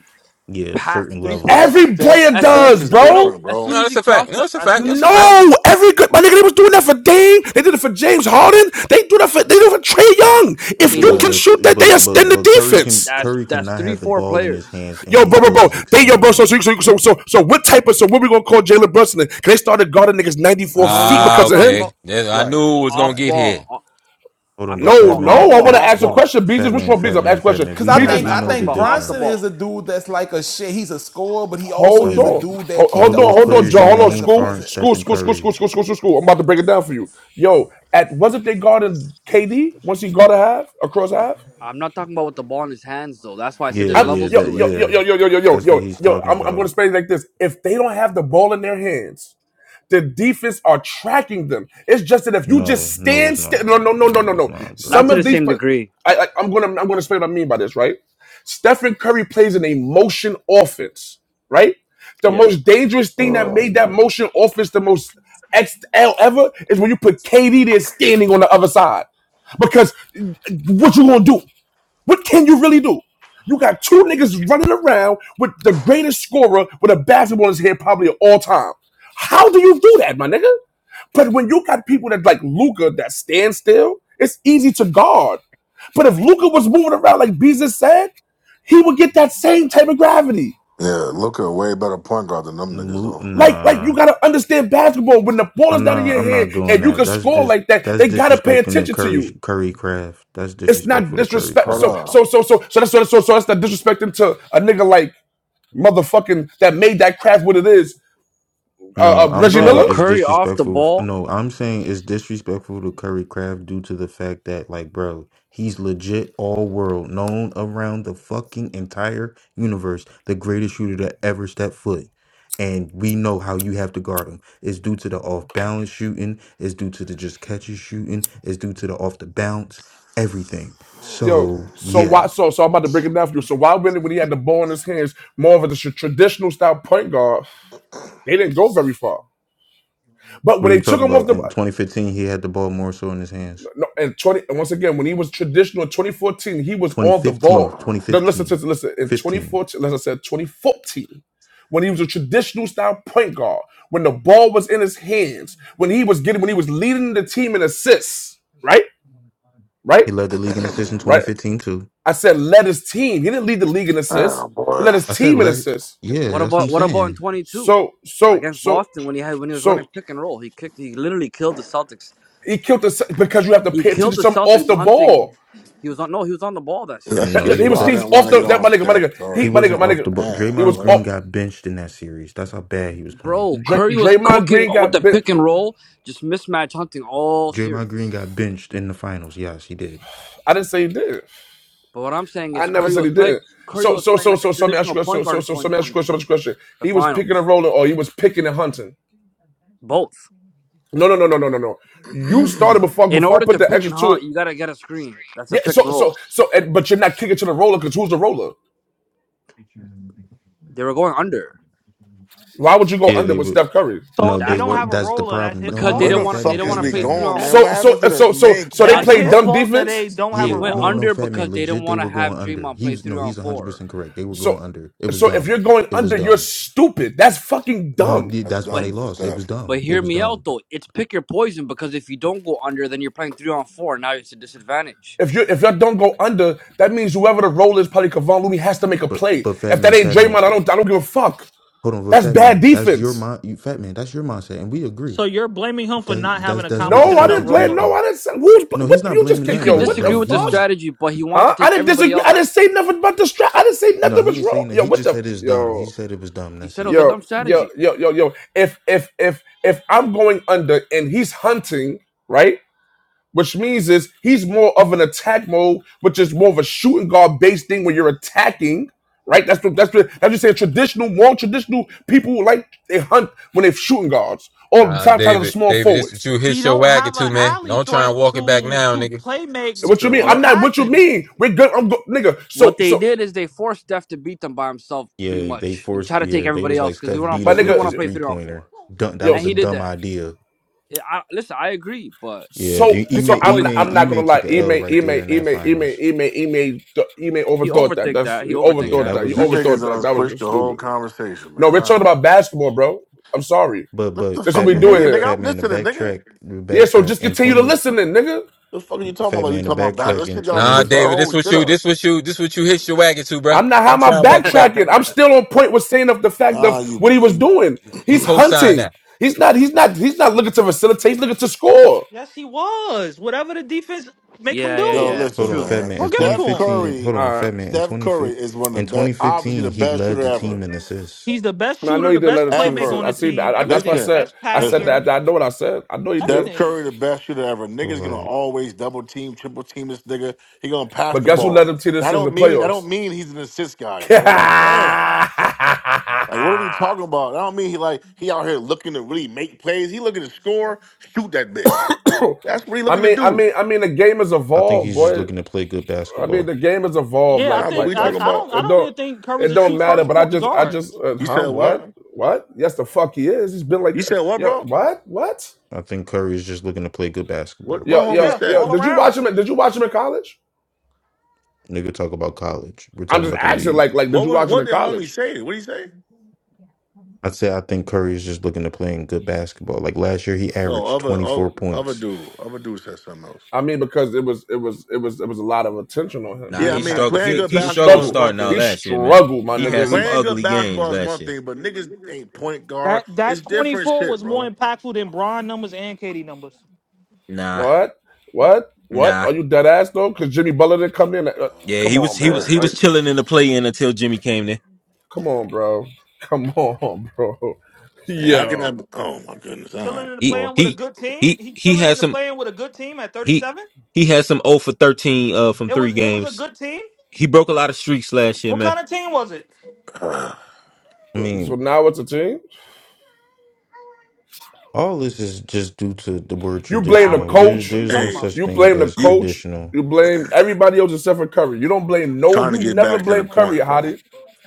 Yeah,
past the
certain
three point
Steph,
levels.
line.
Every
Steph,
player
As soon
Steph
does,
is
no no no.
bro.
different,
As
bro.
soon
No,
as
that's
he
a fact.
crossed
No,
the,
that's a
as
fact.
soon as
That's a
he
fact.
crosses
No, every good my nigga, they was doing that for Dame. They did it for James Harden. They do that for they do it for Trey Young.
He
If
they
did
do
you
Yeah,
it.
a,
can
but
shoot
st-
that,
but
they
but
extend the
but Curry can
defense.
That's
Curry
that's
cannot
three
have the
four
ball in his
players.
hands and
Yo,
he
bro, bro,
still
bro.
is
They yo, bro.
extending
So,
it.
so, so, so, so, so what type of so what we gonna call Jalen Brunson? then? Cause they started guarding niggas ninety four
No no
feet
no.
Ah,
I'm
because of
talking
him.
okay.
about
Yes, I
right,
knew it was gonna
off
right.
get here.
ball. O-
Hold on,
I'm
but
talking
No,
Fat
about off
Man,
no. I
ball,
want to
Fat
off
ask a
hold on,
ball.
question,
Fat
Beezus. Which
Man,
one,
Fat
Beezus? I'm asking
Man,
a
Fat
question,
Man.
Cause
We
I
know
Fat
think
man,
we
Beezus.
I'm
I
know
talking
the
think
about off the
Bronson
difference.
is a
ball.
dude that's like a shit. He's a scorer, but he also
Hold
Like
is a
on,
dude that
hold,
keeps
all
hold
the
on,
those
hold
offense
on,
players
John.
you
Hold
going.
on,
As a
named
school,
as
aren't
a,
school,
Stephen
school, school,
Curry.
school, school, school, school, school. I'm about to break it down for you. Yo, at wasn't they guarding KD once he guarded half across half?
I'm not talking about with the ball in his hands though. That's why I
Yeah,
said there's
I'm
yeah,
levels
yo
that
to
yo
it.
yo
yeah.
yo yo yo yo yo
That's what
yo
he's
yo.
talking
I'm I'm going
about.
to say it like this: If they don't have the ball in their hands, the defense are tracking them. It's just that if you just
No, no it's
stand still, no
not.
no no no
No
no
it's
no.
not,
Not
Some
to
bro.
the
of these,
same
pla-
degree.
I, I I'm gonna I'm gonna explain what I mean by this, right? Stephen Curry plays an emotion offense, right? The
Yeah.
most dangerous thing that made that motion offense the most XL ever is when you put KD there standing on the other side. Because what you gonna do? What can you really do? You got two niggas running around with the greatest scorer with a basketball in his hand probably of all time. How do you do that, my nigga? But when you got people that like Luca that stand still, it's easy to guard. But if Luca was moving around like Beezus said, he would get that same type of gravity.
yeah, look at a way better point guard than them niggas
Mo-
though.
Like, like you
nah.
gotta understand basketball. When the ball is
I'm
down in
not
your
I'm
hand
not doing
and you
that.
can
That's
score
dis.
like that,
that's
they gotta pay
disrespecting the
attention to
curry
you.
curry craft. That's
It's not
disrespectful to curry
disrespect.
Hold
craft.
So,
up.
so, so, so, so that's so, so, so that's not disrespecting to a nigga like motherfucking that made that craft what it is, uh,
No,
uh,
I'm
Reggie
Bro,
Miller.
saying it's
Curry off the
disrespectful.
ball.
No, I'm saying it's disrespectful to Curry Craft due to the fact that, like, bro, he's legit all world, known around the fucking entire universe, the greatest shooter to ever step foot. And we know how you have to guard him. It's due to the off balance shooting, it's due to the just catches shooting, it's due to the off the bounce, everything.
Yo,
So,
so why?
yeah.
So so I'm about to break it down for you. So why really when he had the ball in his hands, more of a traditional style point guard, they didn't go very far. But
What are
when
you
they took
talking
him off
about?
the
In 2015, he had the ball more so in his hands.
no, and twenty and once again when he was traditional in 2014, he was on the
2015,
ball.
2015,
No, listen to
15.
listen in
fifteen.
2014. as I said 2014. When he was a traditional style point guard, when the ball was in his hands, when he was getting, when he was leading the team in assists, right, right,
He led the league in assists in
right.
2015 too.
I said led his team. He didn't lead the league in assists.
Damn,
He
boy.
led his
I said
team in
led.
assists.
Yeah,
What
that's what I'm
about what about in
saying.
twenty two?
So so
Against
so
Boston when he had when he was running
so
pick and roll. He kicked he literally killed the Celtics
he killed us because you have to
He
pay attention
killed
to
the
something off
Celtics
the
hunting.
ball.
He was on no, he was on the ball that
You
series.
That's,
That,
know,
that-
he
that's
he
was
was
why I
that
he's
didn't want
off
to
the
get
that
on
my nigga my
Steph
nigga
he
he
Curry,
my
my
nigga
wasn't
my
off
nigga.
nigga.
the ball.
Damn,
It
Draymond
was
Green
boy.
off.
got benched in that series. That's how bad he was playing.
Bro,
Dray,
Curry was
Draymond
cooking
Green
with the
got bit.
pick and roll, just mismatch hunting all
Draymond Green
series.
got benched in the finals. Yes, he did.
I didn't say he did.
But what I'm saying
I
is
never
Curry
said
was
he
playing
did.
Curry
So
was
so
playing
so
like a
so so let me ask
traditional
you a
point guard
So
in
so so so let me ask you a question. so
2022.
let question.
The
He was picking
finals.
and rolling, or he was picking and hunting.
Both.
No no no no no no no. You started before
In
before I
order
put
to
the
pick
extra
and
to
hunt,
it.
you gotta get a screen. That's a
Yeah,
pick
so
and
so
roll.
so, and, but you're not kicking to the roller because who's the roller?
They were going under.
Why would you go
Yeah,
under
they
with
were.
Steph Curry?
So
No,
if they
they
That's
don't
were.
the
have a
That's the
roller, that's
problem.
his
No, no,
because
no,
they
fault.
Where
didn't
no.
the
want to
Fat
they
man,
fuck
didn't
is
fat
want to
man,
we
play
fat
three
man.
going,
on
That's
man? What
So
four.
happened
so
to
uh,
the,
so
the
so
main
so they
I
that's
question,
play
thought
his
bro?
dumb
fault that they
defense.
don't have
they
a
Yeah,
went
no,
roller.
no,
under
fat
because
man.
they didn't
Legit, they
want to
were
have
going under.
Draymond
He
play
was
three
no.
on
He's 100
four.
percent correct. They were going
So
under. It was
so if
dumb.
you're going
It was
under, you're
dumb.
stupid. That's fucking
No,
dumb.
th-
That's
that's why
but.
they
dumb for
lost. It was
Steph.
But
dumb. It
hear
was
me out
dumb.
though. It's pick your poison because if you don't go under, then you're playing three on four. Now it's a disadvantage.
If you if y'all don't go under, that means whoever the role is, probably Kevon Looney, has to make a
But
play.
but fat
If that
man,
ain't
fat
Draymond, I
man.
don't I don't give a fuck.
Hold on, but
That's
Fat
bad
Man, that's your
defense.
mind. You, Fat Man, that's your mindset, and we agree.
So you're blaming him for
That
not
that's
having a
that's what the
No,
competent
I
enough
didn't
Celtics
blame.
did,
roller.
No,
though.
I didn't say. Who's
No, he's
what?
not
You just
blaming
You
can't.
nothing,
can
Yo,
but
what the
but
disagree with the
fuck?
he's
strategy, but he
Huh?
wanted to
I
take
didn't
everybody
disagree.
else
I
out.
didn't say nothing about the strap. I didn't say
no,
nothing
he
was
ain't saying
wrong.
that.
Yo,
He
what
just
the?
said it's dumb. He
Yo.
said it was dumb.
He
That's
said it
it.
was a
yo,
dumb
yo,
strategy.
yo, yo, yo. If if if if I'm going under and he's hunting, right? Which means is he's more of an attack mode, which is more of a shooting guard based thing where you're attacking, right? That's what that's what that's just saying traditional, more traditional people like they hunt when they're shooting guards or
Nah,
sometimes the
David,
small
David, this what
forwards.
you
He
hit your
don't
wagon
have an
to, man.
alley
Don't try
threat
and walk it back
to
now,
to
nigga.
play make
You
What you
said
mean?
through
I'm
what?
not what you
passing.
mean. We're good. I'm go, nigga.
What
So
they
so
did is they forced Steph to beat them by himself, pretty
Yeah, they
much, and
forced.
try to take
Yeah, they
everybody
was like
else because we
Steph
don't wanna
beat
play.
my
us
We
with
don't want
this
to
nigga,
play
three
three on
pointer.
four,
Dumb, that
and
yo.
was a
he did
dumb
that.
idea.
I, I- listen, I agree, but
Yeah,
So
E-
pick your
so
Ime
I'm not,
poison.
Ime
I'm not gonna
Ime
lie.
took a L
Ime
right there
Ime
in that
Ime Ime
finals.
Ime Ime th- Ime
He
overthought that.
overthink
That's
that. He
you
overthink
Yeah,
overthought
that.
that
that. You
You
was.
niggas
overthought
done
that. That was
switched
just
the whole
stupid.
conversation, man.
No, we're talking
I-
about basketball, bro. I'm sorry.
But
What
but
the
That's what
Fat
fuck
we
you
doing
Man,
mean,
here.
nigga?
Fat
I'm
Man, the
listening, nigga.
backtrack, the
Yeah. So
backtrack
just
in
continue to
twenty,
listen, then, nigga.
The fuck are you talking
Fat
about? Like, you
Man, the
talking about bad?
backtrack
That
in
shit got
The
Nah,
twenty.
switching the
fuck.
David,
whole
this what
shit
you,
up.
this what you, this what you hit your wagon to, bruh.
I'm not. How
Don't
am I
try and walk it back.
backtracking? I'm still on point with saying of the fact
Nah,
of what he was
you.
doing.
You
He's
co-sign
hunting.
that.
He's not. He's not. He's not looking to facilitate. He's looking to score.
Yes, he was. Whatever the defense make him
yeah, yeah,
Yo,
yeah.
do,
It's
Hold
listen,
on,
true.
Fat
man.
Man,
we'll
in
give it
twenty
to
Steph
him.
fifteen.
Curry,
Hold on,
All right.
Fat Man, in
Steph
twenty
Curry
fifteen.
is one of the
in
best,
twenty
obviously the
fifteen, he
best
led
shooter
the team
ever,
in assists.
He's the best
And I know
shooter,
he
the
did let
best
it
playmaker
to.
on
I
the
ever.
see
team.
that. I, I- that's what I
Everything,
Listen,
said.
best
I said
listen.
passer,
that. I know what I said. I know he
Steph
did.
everything.
Curry, the best shooter ever.
So
Niggas gonna
like,
always double team, triple team this nigga. He gonna pass
But
the
guess who led
ball.
them to
That
this in the
don't mean that don't
playoffs?
mean he's an assist guy, bro. Like, damn. Like, what are we talking about? I don't mean he like he out here looking to really make plays. He looking to score, shoot that bitch. That's what he
I
looking to
mean, I
do.
mean, I mean, the game has
I think
evolved,
he's just
boy.
looking to play good
I mean,
basketball.
the game has evolved.
Yeah, I
Like,
Nah, but
think
like,
we
I,
talking
like,
I don't
about.
I
it
don't
don't,
even think Curry's
it
a
don't
shoot
matter.
first
But I
point
just, I
guard.
just, uh,
You
huh?
said what?
What? What? Yes, the fuck he is. He's been like,
You
that.
said what,
yo,
bro?
what? What?
I think Curry is just looking to play good
What
basketball.
what
Yo, yo,
homie
Yeah,
said
yo.
all
Did
though?
you watch
around.
him? Did you watch him in college?
Nigga, talk about college. We're
I'm
talking
just
about the
asking. Like,
league.
like, did
What
you
was
watch him
what
in
did homie
college?
say? What did he say?
I'd say I think Curry is just looking to play in good basketball. Like last year, he
No,
averaged
other
twenty
other
four
other
points.
dude, other dude said something else.
I mean, because it was it was it was it was a lot of attention on him. He
Nah,
Yeah, I
he
didn't
mean
have to
struggled.
say
playing
He
it
good
he
to. He
basketball
struggled
is
struggled.
one
starting out
He
thing.
last year, man.
struggled, my
He had
nigga.
Nah.
some
He
Playing good
ugly games
basketball is
last
one
year.
thing, but niggas ain't point guard.
That
It's
that
different
24
shit,
was
bro.
more impactful than Bron numbers and KD numbers.
Nah,
what what what?
nah.
Are you dead ass though? Because Jimmy Butler didn't come in. Uh,
Yeah,
Oh,
come
he was
on,
he
bro.
was he
man,
was
Like,
chilling in the play in until Jimmy came there.
come on, bro. Come on, bro.
And how can I?
Yo.
Oh my goodness, all
Chilling
right,
in the
He
well,
playing with a
he
good team.
he
He
he
chilling in
had
the
some.
playing with a good team at
He
37.
he had some 0 for 13 uh from
It
three
was it was a
games.
good team.
He broke a lot of streaks last year,
What
man.
kind of team was it?
uh,
I
So,
mean,
so now it's a team.
All this is just due to the word
You blame the
Now it's
traditional.
the
There's
team. What are
coach.
you
there's no
talking
hey,
about?
such
You
thing
blame the
as
you
coach.
traditional.
You blame everybody else except for Curry. You don't blame no.
trying to
You
get
never
back to the
blame Curry,
point, bro?
Hottie.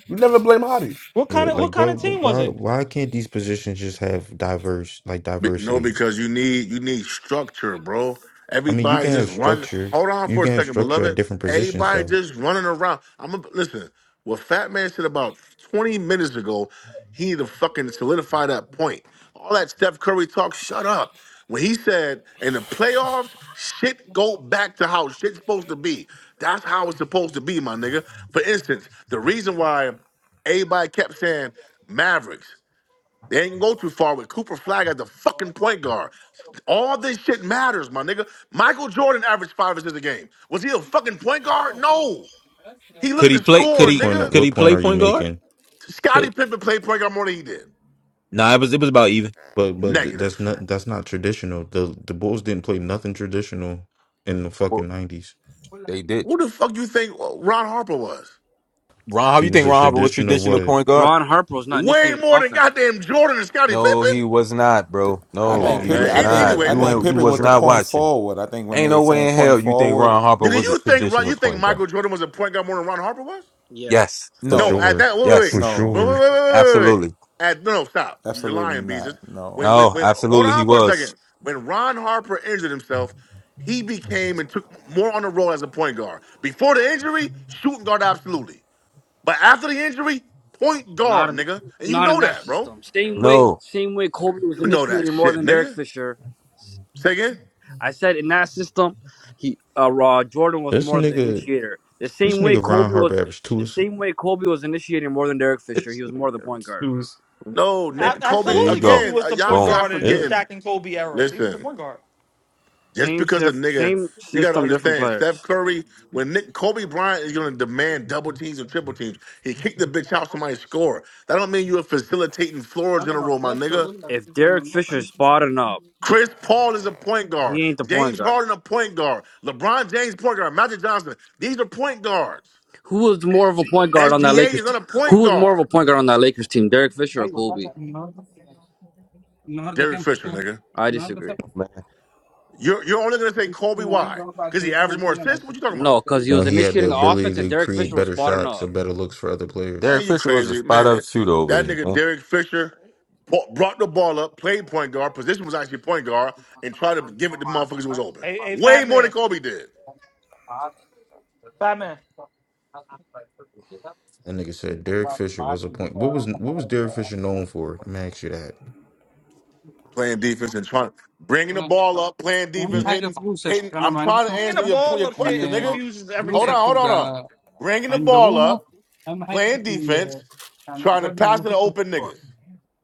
You never blame Hottie.
What kind
Yeah,
of what
like
kind
why
of team was
why
it?
why can't these positions just have diverse like
Be- No,
diversity?
because you need you need structure, bro.
I mean, you can
Everybody
have
just run.
structure.
Hold on
You
for a
can have
second,
structure at
beloved.
different positions
Everybody
though.
just running around. I'm a, listen. What Fat Man said about 20 minutes ago, he need to fucking solidify that point. All that Steph Curry talk, shut up. When he said in the playoffs, shit go back to how shit's supposed to be. That's how it's supposed to be, my nigga. For instance, the reason why everybody kept saying Mavericks. They ain't go too far with Cooper Flag as the fucking point guard. All this shit matters, my nigga. Michael Jordan averaged five assists a game. Was he a fucking point guard? No. He
Could
looking
he
to
play? Could
score,
What
he?
point
nigga.
Could
what
he
point
play
are you
point guard?
making?
Scottie
Could,
Pippen played point guard more than he did.
nah, it was it was about even.
But but th-
Negative.
that's not that's not traditional. The the Bulls didn't play nothing traditional in the fucking
Well,
90s.
they did.
Who the fuck you think uh, Ron Harper was?
Ron Harper,
He
you
was
think
a
Ron Harper was
traditional
traditional
what?
point guard?
Ron Harper was not
Way
initiated the
more than
offense.
goddamn Jordan and Scottie
No,
Pippen.
he was not, bro.
I
Come
No,
Yeah,
think
on,
he
you
Pippen.
man.
was
I
An-
just
think
talk.
not.
anyway,
I
Yeah,
You
move.
think
you
ain't, you
Pippen
just
was
was
the
not
tried.
point
watching.
forward. I think when
Ain't
they're
no
saying
way in
point
hell you think
forward,
Ron Harper
Nigga,
was a
you think Ron-
traditional
you think
point guard.
Michael Jordan was a point guard more than Ron Harper was?
Yeah.
Yes,
For
No,
no,
at
sure.
that wait, wait,
yes,
For
wait, wait,
no,
wait,
sure.
wait, wait, wait. wait.
absolutely.
At no, no, stop. You're
absolutely
lying, Beezus.
not,
When,
no.
when,
No,
when, hold
absolutely he
on for a
was.
second. When Ron Harper injured himself, he became and took more on the role as a point guard. Before the injury, shooting guard absolutely, but after the injury, point
Not
guard,
in,
nigga, and you
not in
know
that
that, bro.
system. Same way,
No,
same way Kobe was
You know that
initiating more
shit,
than Derek
nigga.
Fisher.
Say again.
I said in that system, he uh, uh Jordan was
This
more the
nigga
initiator. The
This
same way
nigga Ron
Kobe
Harper
was,
averaged two.
the
ass-
same way Kobe was initiating more than Derek Fisher.
This
He was
nigga
more the point
averaged
guard.
two. ass-
No,
That,
A-
nigga,
oh,
Kobe
there you
absolutely,
go.
Kobe
again.
was
Uh,
the
y'all,
point
Boom,
y'all
guard in his
ew.
forgetting.
Shaq and Kobe era. He was the
Listen,
point guard.
Just
Same
because the
sif-
nigga,
same
we got to
system, different
understand, Steph
players.
Curry, when Nick Kobe Bryant is going to demand double teams and triple teams, he kicked the bitch out somebody score. That don't mean you are facilitating floors in a row, my nigga.
If Derek Fisher's spotting up,
Chris Paul is a point guard.
he ain't the point
James
guard.
Harden a point guard. LeBron James point guard. Magic Johnson. These are point guards.
Who was more of a point guard on that
SGA
Lakers?
is not
Team?
a
Who
point
was more of a
guard.
point guard on that Lakers team, Derek Fisher or Kobe?
Derek Fisher, nigga.
I disagree.
man.
You're, you're only gonna say Kobe why? Because he averaged more assists? What you talking about?
No, because he
No,
was
he had the
initiating the
ability
offense and
to
Derek
create
Fisher was
better
spotting
shots
up.
or better looks for other players.
Man,
Derek
you
Fisher was a
crazy,
spot
man.
up shooter over
That
there.
nigga
man.
Derek Fisher bought- brought the ball up, played point guard, position was actually point guard, and tried to give it to motherfuckers who was open.
A, a
Way
fat
more than
man,
Kobe did.
fat man.
That nigga said Derek Fisher was a point. What was what was Derek Fisher known for? I'm gonna ask you that.
Playing defense and trying bringing the ball up, playing defense,
Mm,
hitting, hitting. I'm trying to
Bringing the
answer your
ball
your
up, shit, it
question, nigga.
confuses
Hold on,
everything.
hold on, hold on. Bringing the ball up, playing defense, trying to pass to the open niggas.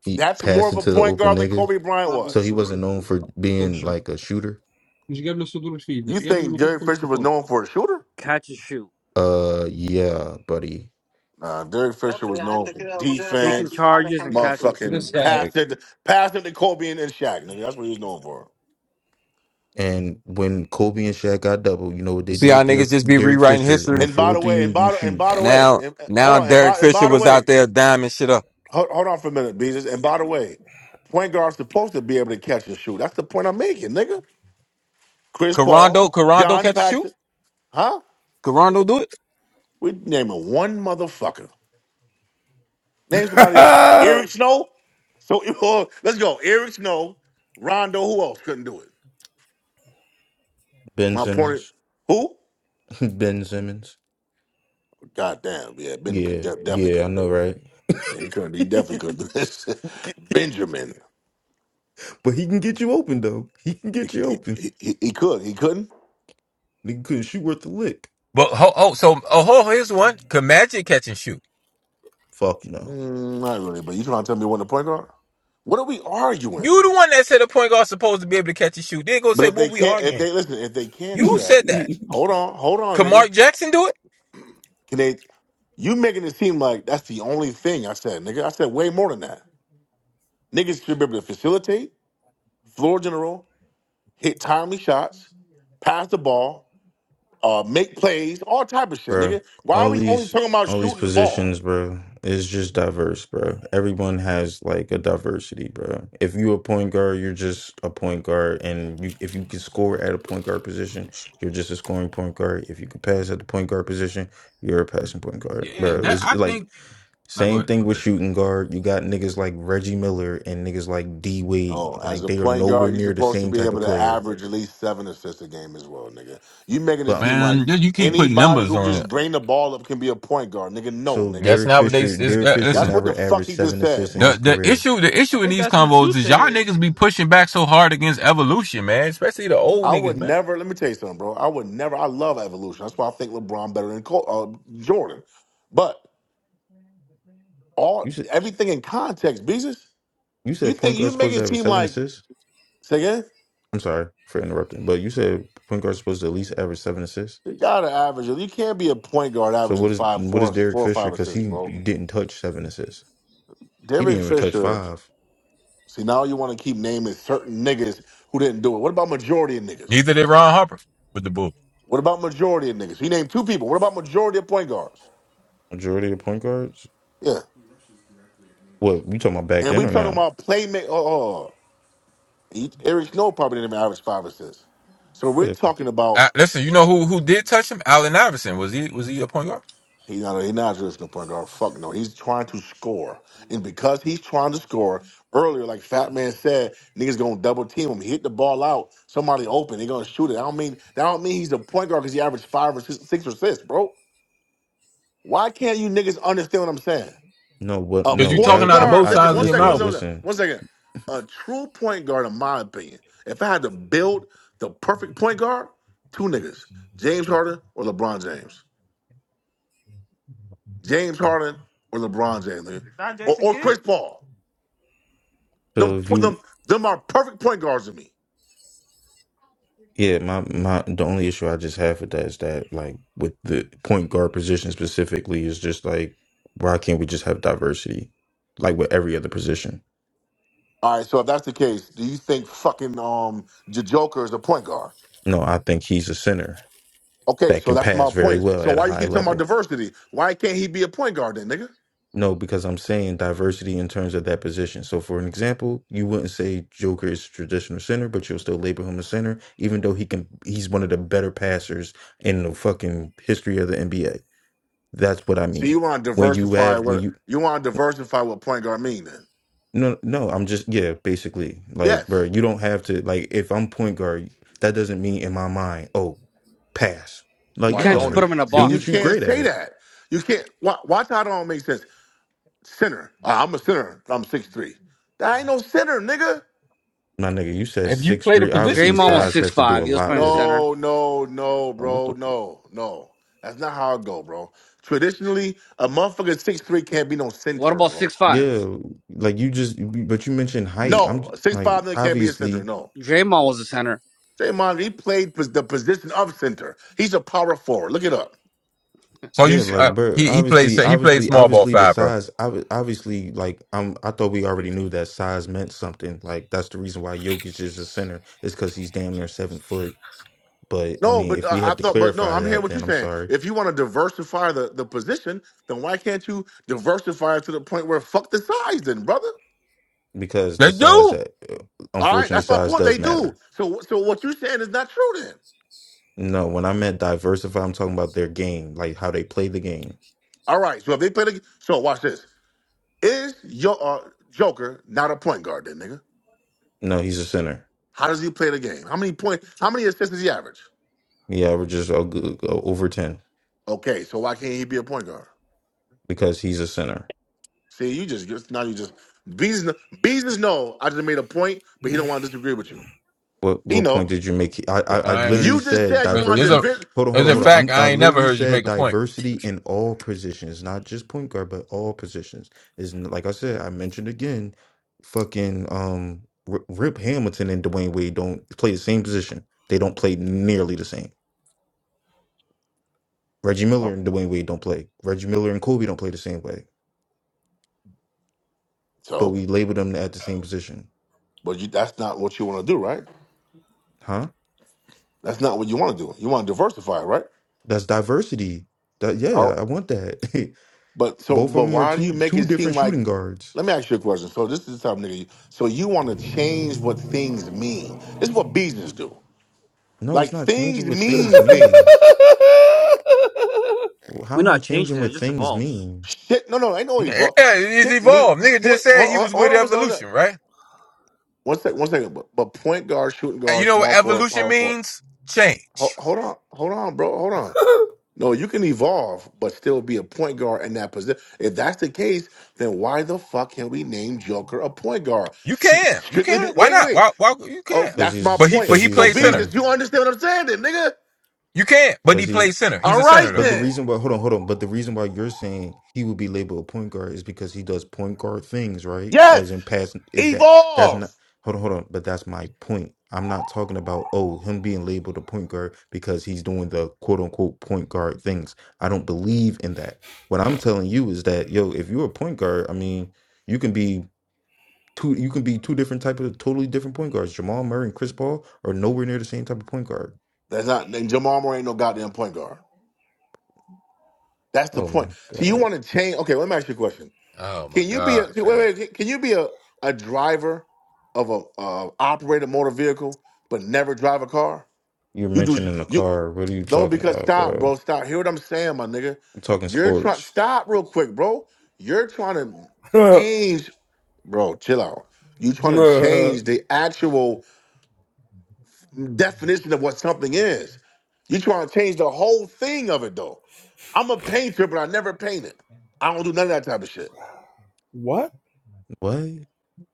He
That's more
passed
of
it
a
to the
point
open
guard than
nigga,
Kobe Bryant
so
was.
he wasn't known for being like a shooter.
You think Derek Fisher was known for a shooter?
Catch and shoot.
Uh, yeah, buddy.
Nah, Derek Fisher was known for
Taking
defense,
charges and catch and shoot.
motherfucking pass it, pass it to Kobe and, and Shaq. Nigga, that's what he was known for.
And when Kobe and Shaq got double, you know what they
See how
did?
niggas
Derek
just be
Derek
rewriting
Fisher, I'm
history.
gonna
And
throw
by the
it to
way,
you.
and
You
by the, and
shoot.
by the way,
Now,
and, and- hold
now
on, and
Derek
by and
Fisher
by the
was
way,
out there diming shit up.
hold, hold on for a minute, Jesus. And by the way, point guard's supposed to be able to catch and shoot. That's the point I'm making, nigga. Chris
Carondo,
Paul,
Carondo
John
catch a shoot.
Paxson, huh?
Carondo do it.
We naming one motherfucker. Name somebody else. Eric Snow. So let's go. Eric Snow, Rondo. Who else couldn't do it?
Ben
My point.
Simmons,
Who?
Ben Simmons.
Goddamn, yeah, Ben could
Yeah,
de- definitely
yeah, I
couldn't
know,
do it.
right?
Yeah, he couldn't. He definitely couldn't do this. Benjamin,
But he can get you open though. He can
he,
get you open.
he, he he could. He couldn't.
Nigga couldn't shoot worth a lick.
But ho, oh, so oh, ho, here's one. Can Magic catch and shoot?
Fuck no.
Mm, not really. But you trying to tell me when the point guard? What are we arguing?
You the one that said a point guard supposed to be able to catch and shoot. Then go
But
say
if they
what we
can't, if
arguing.
they listen, if they can't do
You
that,
said that.
hold on, hold on,
Can
nigga.
Mark Jackson do it?
Can they? You making it seem like that's the only thing I said, nigga. I said way more than that. Niggas should be able to facilitate, floor general, hit timely shots, pass the ball. uh, make plays, all type of shit,
bro.
nigga. Why are
All
we only
these
talking about
all these
shooting the ball?
positions, bro, is just diverse, bro. Everyone has like a diversity, bro. If you a point guard, you're just a point guard, and you if you can score at a point guard position, you're just a scoring point guard. If you can pass at the point guard position, you're a passing point guard,
Yeah,
bro.
that
It's
I
like
think. I go
same
ahead.
thing
My
with
bad.
shooting guard. You got niggas like Reggie Miller and niggas like D
Oh,
Wade.
as
Like
a
they are
point
nowhere
guard, you're
near the
supposed to
same
be
type
able
of
to
player,
average at least seven assists a game as well, nigga. You making it
but.
seem like
Man, you you keep putting
anybody
numbers
who can
on
just
it.
bring the ball up can be a point guard, nigga. No,
So
nigga.
That's
Derek Fisher,
nowadays. Is
Derek
that?
Fisher
listen.
That's what the
never
fuck
averaged
he just
seven
said,
assists in his
The
bro.
the
career.
issue the
I
issue in
think
these
that's what you
convos is y'all
said.
niggas be pushing back so hard against evolution, man. Especially the old
I would
niggas, man.
never. Let me tell you something, bro. I would never. I love evolution. That's why I think LeBron better than Col- uh, Jordan. But
You
all
said
everything in context, Beezus.
you
You
said
think
point
you
guard's
make
supposed to
it
average
seem
seven
like?
assists.
Say again?
I'm sorry for interrupting, but you said point guard's supposed to at least average seven assists.
You gotta average. You can't be a point guard
So
averaging
what is
five,
what is
four,
Derek
four or
Fisher?
five
Because
assists,
he
bro.
didn't touch seven assists. He
Derek
didn't even touch
Fisher.
five.
See, now you want to keep naming certain niggas who didn't do it. What about majority of niggas?
Neither did Ron Harper with the bull.
What about majority of niggas? He named two people. What about majority of point guards?
Majority of point guards.
Yeah,
What you talking about back
and
then
we
or
talking
now?
about playmaker. Oh, oh. He- Eric Snow probably didn't even average five assists. So we're
Yeah.
talking about
Uh, listen, you know who who did touch him? Allen Iverson. Was he was he a point guard?
He's not. He's not a traditional point guard. Fuck no. He's trying to score, and because he's trying to score earlier, like Fat Man said, niggas gonna double team him. Hit the ball out. Somebody open. They gonna shoot it. I don't mean. That don't mean he's a point guard because he averaged five or six, six or six, bro. Why can't you niggas understand what I'm saying?
No, but
A
Because you
no,
talking
point
right?
out of
I'm
guard.
both
I
Listen,
sides of
one
your
second. One
listen,
mouth.
second. One second.
listen.
One second. A true point guard, in my opinion, if I had to build the perfect point guard, two niggas: James Harden or LeBron James. James Harden or LeBron James, nigga.
Not
or,
Jason
or Chris
Kidd,
Paul. Them,
So if
put
you
them, them are perfect point guards to me.
Yeah, my my the only issue I just have with that is that like with the point guard position specifically is just like why can't we just have diversity like with every other position?
All right, so if that's the case, do you think fucking um J- Joker is a point guard?
No, I think he's a center
Okay,
that
so
can
that's
pass
my
very
point.
well
So
at a
why you
high
keep talking about
level.
diversity? Why can't he be a point guard then, nigga?
No, because I'm saying diversity in terms of that position. So for an example, you wouldn't say Joker is traditional center, but you'll still label him a center, even though he can he's one of the better passers in the fucking history of the NBA. That's what I
So
mean
you want to
when when you you.
diversify
have when
what
you
you want to diversify what point guard mean then?
No, no, I'm just yeah, basically. Like, bro,
Yes.
you don't have to like if I'm point guard, that doesn't mean in my mind, oh, pass. Like,
You
Why
can't just
don't it?
put
no,
him in a
See,
do
you
box,
what you
can't
great
essentially.
say
at.
that. You can't. Why, watch how it don't make sense. Center. Uh, I'm a center. I'm six three. That ain't no center, nigga.
My nigga, you said
If you
six
play the
three.
position,
Obviously,
Draymond
yeah.
was
size
six
has to do a
five. He was
lot
playing the
with it.
center.
No, no, no,
Like, what
bro.
the fuck?
No, no. That's not how it go, bro. Traditionally, a motherfucker six three can't be no
What
center,
about
bro.
six five?
Yeah, like you just, but you mentioned height. I'm j-
No, a six
like,
five nigga can't be a center.
obviously,
No,
Draymond was the center.
Draymond he played pos- the position of center. He's a power forward. Look it up.
So you
Yeah,
uh,
like, bro,
he he plays
obviously,
he played
obviously,
small ball
obviously, the
five, bro.
size, ob- obviously, like, I'm, I thought we already knew that size meant something. Like, that's the reason why Jokic is a center, is because he's damn near seven foot. But, I
No,
mean,
but
if we
uh, I
have to
thought, but no,
clarify
I'm hearing
that,
what
then
you're
I'm
saying.
sorry,
If you want to diversify the, the position, then why can't you diversify it to the point where fuck the size, then, brother?
because
They
the
do.
size that, uh,
All right,
unfortunately,
that's my
size
point.
does
They do.
matter.
So, so what you're saying is not true, then.
No, when I meant diversify, I'm talking about their game, like how they play the game.
All right. So if they play, the, so watch this. Is your uh, Joker not a point guard then, nigga?
No, he's a center.
How does he play the game? How many point? How many assists does he average?
He averages o- g- g- uh, over 10
Okay, so why can't he be a point guard?
because he's a center.
See, you just just- now you just business business. know I just made a point, but he don't want to disagree with you.
What
He
what point
know
did you make? I I, I
I ain't,
literally
you just
said
said you
uh,
want
it's
to
a
diversity.
divi-
Hold on, hold
it's
on,
a
hold
You
on. I'm,
fact.
I
I ain't never
literally
heard you
said
make a point.
diversity in all positions, not just point guard, but all positions. Is like I said, I mentioned again, fucking um, R- Rip Hamilton and Dwayne Wade don't play the same position. They don't play nearly the same. Reggie Miller
well,
and Dwayne Wade don't play. Reggie Miller and Kobe don't play the same way. But
so,
we label them at the same position,
but you that's not what you want to do, right?
huh?
That's not what you want to do. You want to diversify, right?
That's diversity. That, yeah, I want that.
But so,
Both of
but
them are
why do you
two
make
two
it seem
different
like?
shooting guards.
Let me ask you a question. So this is the type of nigga. You, so you want to change what things mean? This is what business do.
No, it's
Like
not
things
changing what things
mean things.
mean. How
We're
am I
not
changing
changing it. It
what
just
things
evolves.
mean?
Shit. No, no, ain't no
Yeah,
evolve.
it's
Shit mean
evolved. Nigga
point.
just said
Hold,
he
hold
was
hold
with
on, one second,
evolution, right?
one second, one second. One second. But, but point guard, shooting
Uh, You
guard,
know what
small forward,
evolution
power forward.
means?
Hold,
Change.
hold on, hold on, bro. Hold on. No, you can evolve, but still be a point guard in that position. If that's the case, then why the fuck can we name Joker a point guard?
You
S-
can, you
Strictly, be-
can.
wait,
Why
wait.
not?
wait.
Why? Why you
Oh,
can?
Because
that's my
But
he's
he,
point.
but
because
he
he's
So,
a
played center.
center.
business, you understand what I'm saying, then, nigga?
You can, but
Because
he
he's
played center.
All
He's a center
right,
but
though.
the
then.
reason why hold on hold on but the reason why you're saying he would be labeled a point guard is because he does point guard things right
Yes,
as in past is that that's
evolve.
not hold on hold on but that's my point i'm not talking about oh him being labeled a point guard because he's doing the quote unquote point guard things i don't believe in that what i'm telling you is that yo if you're a point guard i mean you can be Two, you can be two different type of totally different point guards. Jamal Murray and Chris Paul are nowhere near the same type of point guard.
That's not. And Jamal Murray ain't no goddamn point guard. That's the
Oh
point.
my
So you
God.
want to change? Okay, let me ask you a question.
Oh my
Can you be a
God,
wait?
man.
Wait. Can you be a, a driver of a uh, operated motor vehicle but never drive a car?
You're
You do
mentioning a
you
car. What are you
no
talking
because
about,
stop,
bro?
bro. Stop. Hear what I'm saying, my nigga.
I'm talking
You're trying.
sports.
Stop real quick, bro. You're trying to change Bro, chill out. You trying to change the actual definition of what something is. You trying to change the whole thing of it though. I'm a painter, but I never painted. I don't do none of that type of shit.
What?
What?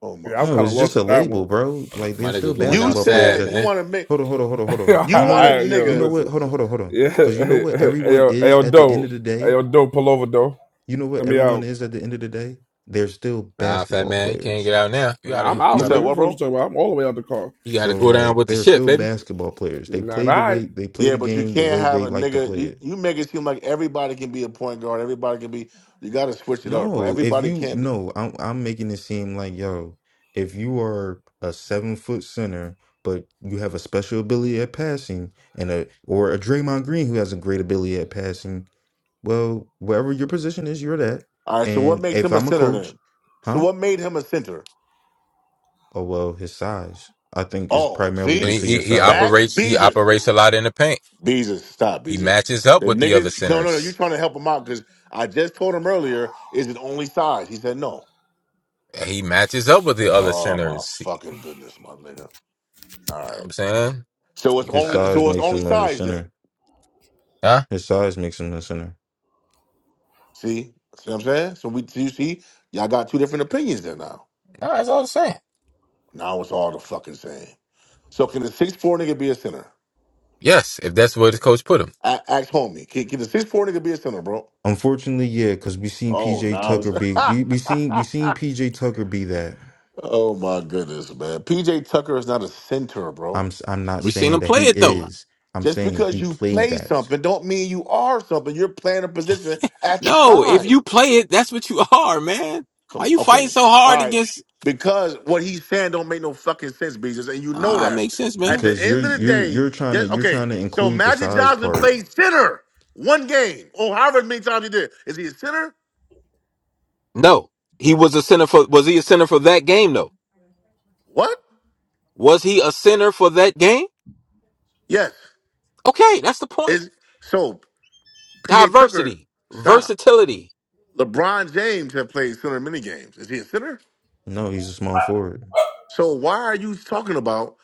Oh my
Yeah, I'm
No,
kind of
it's
fucking
just
lost
goodness.
a
with that
label,
one.
bro. Like
My
they're still
nigga going
You
out
basketball players
sad,
said
that
you
man.
want to make
hold on, hold on, hold on, hold on.
you
You know
want a
what?
I, yo,
You
nigga.
know what?
listen.
Hold on, hold on, hold on.
Yeah,
Because you know
hey,
what
hey, hey,
everyone
yo, hey,
is
yo,
at the end
dope,
of the
hey,
day?
yo, dope, pull over, dope.
You know what
Let me
everyone
out.
is at the end of the day? They're still
Nah, fat
basketball
man, you can't
players.
get out now. You
Nah,
gotta,
I'm
You
out,
you
said
gotta,
nigga.
what,
What you
bro?
talking about? I'm all the way out the car.
you gotta
So
go down
like
with the
they're
shit,
still
baby.
basketball players. They
Nah,
play the
nah.
way they play
Yeah,
the
but you
game the
can't
way
have
they
a
like to
nigga.
play
You
it.
you make it seem like everybody can be a point guard. Everybody can be. You got to switch it up, bro.
No, if
Everybody
you
can't be.
no, I'm I'm making it seem like yo, if you are a seven foot center, but you have a special ability at passing and a or a Draymond Green who has a great ability at passing, well, wherever your position is, you're that.
All right. So what
And
makes
if
him a
I'm a
center
coach,
then? So
huh?
what made him a center?
Oh well, his size. I think is
Oh,
primarily
And
see?
due
he,
to
he
your
he
Back
size.
operates he
Beezus.
operates a lot in the paint.
Beezus, stop
He
Beezus.
matches up
The
with the other
niggas no no no, you
centers.
trying to help him out because I just told him earlier, is it only size? He said no.
he matches up with the other
Oh my
sinners. You
fucking goodness, my nigga.
know
All
what
right.
I'm saying?
So it's
You
His
only
gotta
size
so it's
makes
only
him a
size
center.
then.
huh?
His size makes him a center.
See? See what I'm saying? So we see, see, y'all got two different opinions there now.
No, that's all I'm saying.
Now it's all the fucking same. So can the six four nigga be a center?
Yes, if that's where the coach put him.
A- ask homie. Can, can the six four nigga be a center, bro?
Unfortunately, yeah, because we seen
Oh
PJ
now it's
Tucker be we we seen we seen PJ Tucker be that.
Oh my goodness, man. PJ Tucker is not a center,
I'm
bro.
s- I'm not
We seen
saying
him
that
play
he
it though.
is. I'm
Just
saying
because
he
you
played
play
that
something don't mean you are something. You're playing a position at the
No, if
time.
you play it, that's what you are, man. Why
Come
you fighting
okay.
so
All
hard
right.
against?
Because what he's saying don't make no fucking sense, Jesus, and you know
Nah, it
that.
makes sense,
At
man.
the
because you're
end of the
you're
day,
you're trying
yes,
to you're
okay.
trying to
So
include the
Magic
size
Johnson
part.
played center one game, or however many times he did. Is he a center?
No, he was a center for. Was he a center for that game though?
What?
Was he a center for that game?
Yes.
Okay, that's the point.
Is so PJ Tucker,
Diversity,
stop.
versatility.
LeBron James have played center mini games. Is he a center?
No, he's a small forward.
So why are you talking about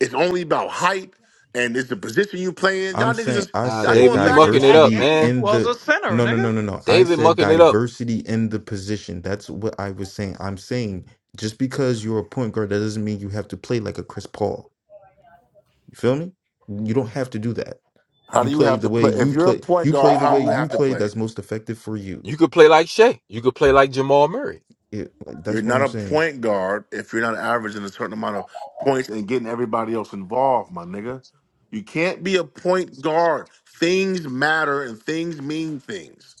it's only about height and it's the position you playing? Y'all
I'm
niggas
saying
is
I
Ah,
y'all
said
David,
going
you
back
but
and
mucking it
that
up,
diversity
game he
man.
in
was
the
a center,
no no no
nigga.
no no. I
David
said
mucking it up.
diversity in the position. That's what I was saying. I'm saying just because you're a point guard, that doesn't mean you have to play like a Chris Paul. You feel me? You don't have to do that.
how
You
do you
play
have
the
to
way
play? If
you
you're a
play.
point
You play
guard,
the
how
way
do you
you
have to
play.
play?
That's most effective for you.
You could play like Shea. You could play like Jamal Murray.
It, like,
You're
that's what
not
I'm
a
saying.
point guard if you're not averaging a certain amount of points and getting everybody else involved, my nigga. You can't be a point guard. Things matter and things mean things.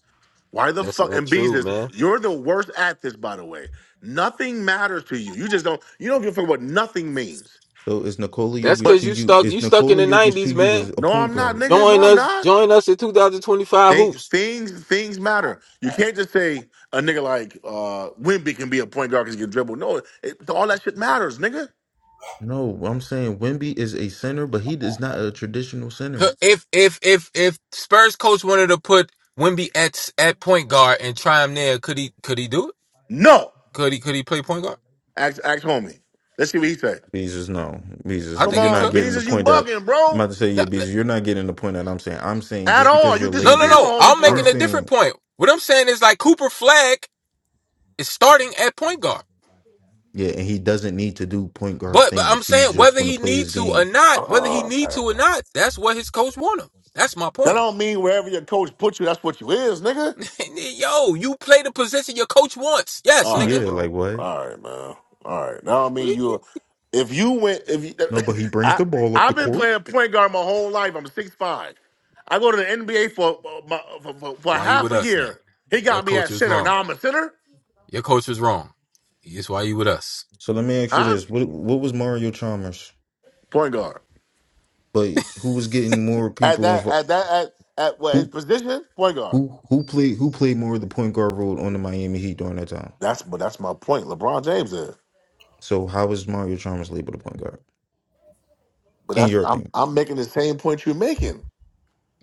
Why the
That's
fuck?
not
And
true,
Beezus,
man.
you're the worst at this, by the way. Nothing matters to you. You just don't. You don't give a fuck what nothing means.
So is Nikola
That's
Jokic
but.
cause
to
you
you?
stuck
Is
you stuck in
Nikola
the
Jokic to
nineties,
you as
man.
a
No,
point
I'm not,
guard?
nigga. No,
Join
I'm
us
not.
join us in 2025
Thi-
hoops.
things things matter. You can't just say a nigga like uh Wimby can be a point guard because he can dribble. No, it, all that shit matters, nigga.
No, I'm saying Wemby is a center, but he is not a traditional
Co-
center.
If if if if Spurs coach wanted to put Wimby at at point guard and try him there, could he could he do it?
No.
Could he could he play point guard?
Ask, ask homie. Let's see what he say.
Beezus, no, Beezus,
I
Come
think
you're
he
not
on,
could.
getting
Beans,
the
is you
point that
bugging,
I'm
bro?
about to say.
No
Yeah, Beezus, you're not getting the point that I'm saying. I'm saying
At
just
all.
because
You
you're
no no.
disagreeing
labeled,
with
no.
homie
I'm
for
I'm
making a
real.
different
saying
point. What I'm saying is like Cooper Flag is starting at point guard.
yeah, and he doesn't need to do point guard
But, but I'm
things. He's
saying
just
whether
going to
he
play
need
his
to or
game.
not, whether he
Uh-uh.
need to or not, that's what his coach want him. That's my
That
point.
don't mean wherever your coach puts you, that's what you is, nigga.
And then, yo, you play the position your coach wants. Yes,
All right,
nigga.
Yeah, like
bro.
what?
All right, man. All right. Now I
What do
mean
you-
you. If you went, if you,
No, but he brings
I,
the ball up the
I've been
court.
playing point guard my whole life. I'm six five. I go to the NBA for for, for
That's
for
why you
half
with
a
us now.
year. He
Your
got me
coach
at
was
center.
wrong.
Now I'm a center,
Your coach was wrong. That's why you with us.
So let me ask you
huh?
this: what what was Mario Chalmers?
Point guard.
But who was getting more
At
people
that,
involved?
at that, at at what his
Who
position? Point guard.
who who played who played more of the point guard role on the Miami Heat during that time?
That's but that's my point. LeBron James is.
So how was Mario Chalmers labeled a point guard
But
in
that's
your
I'm
opinion?
I'm making the same point you're making.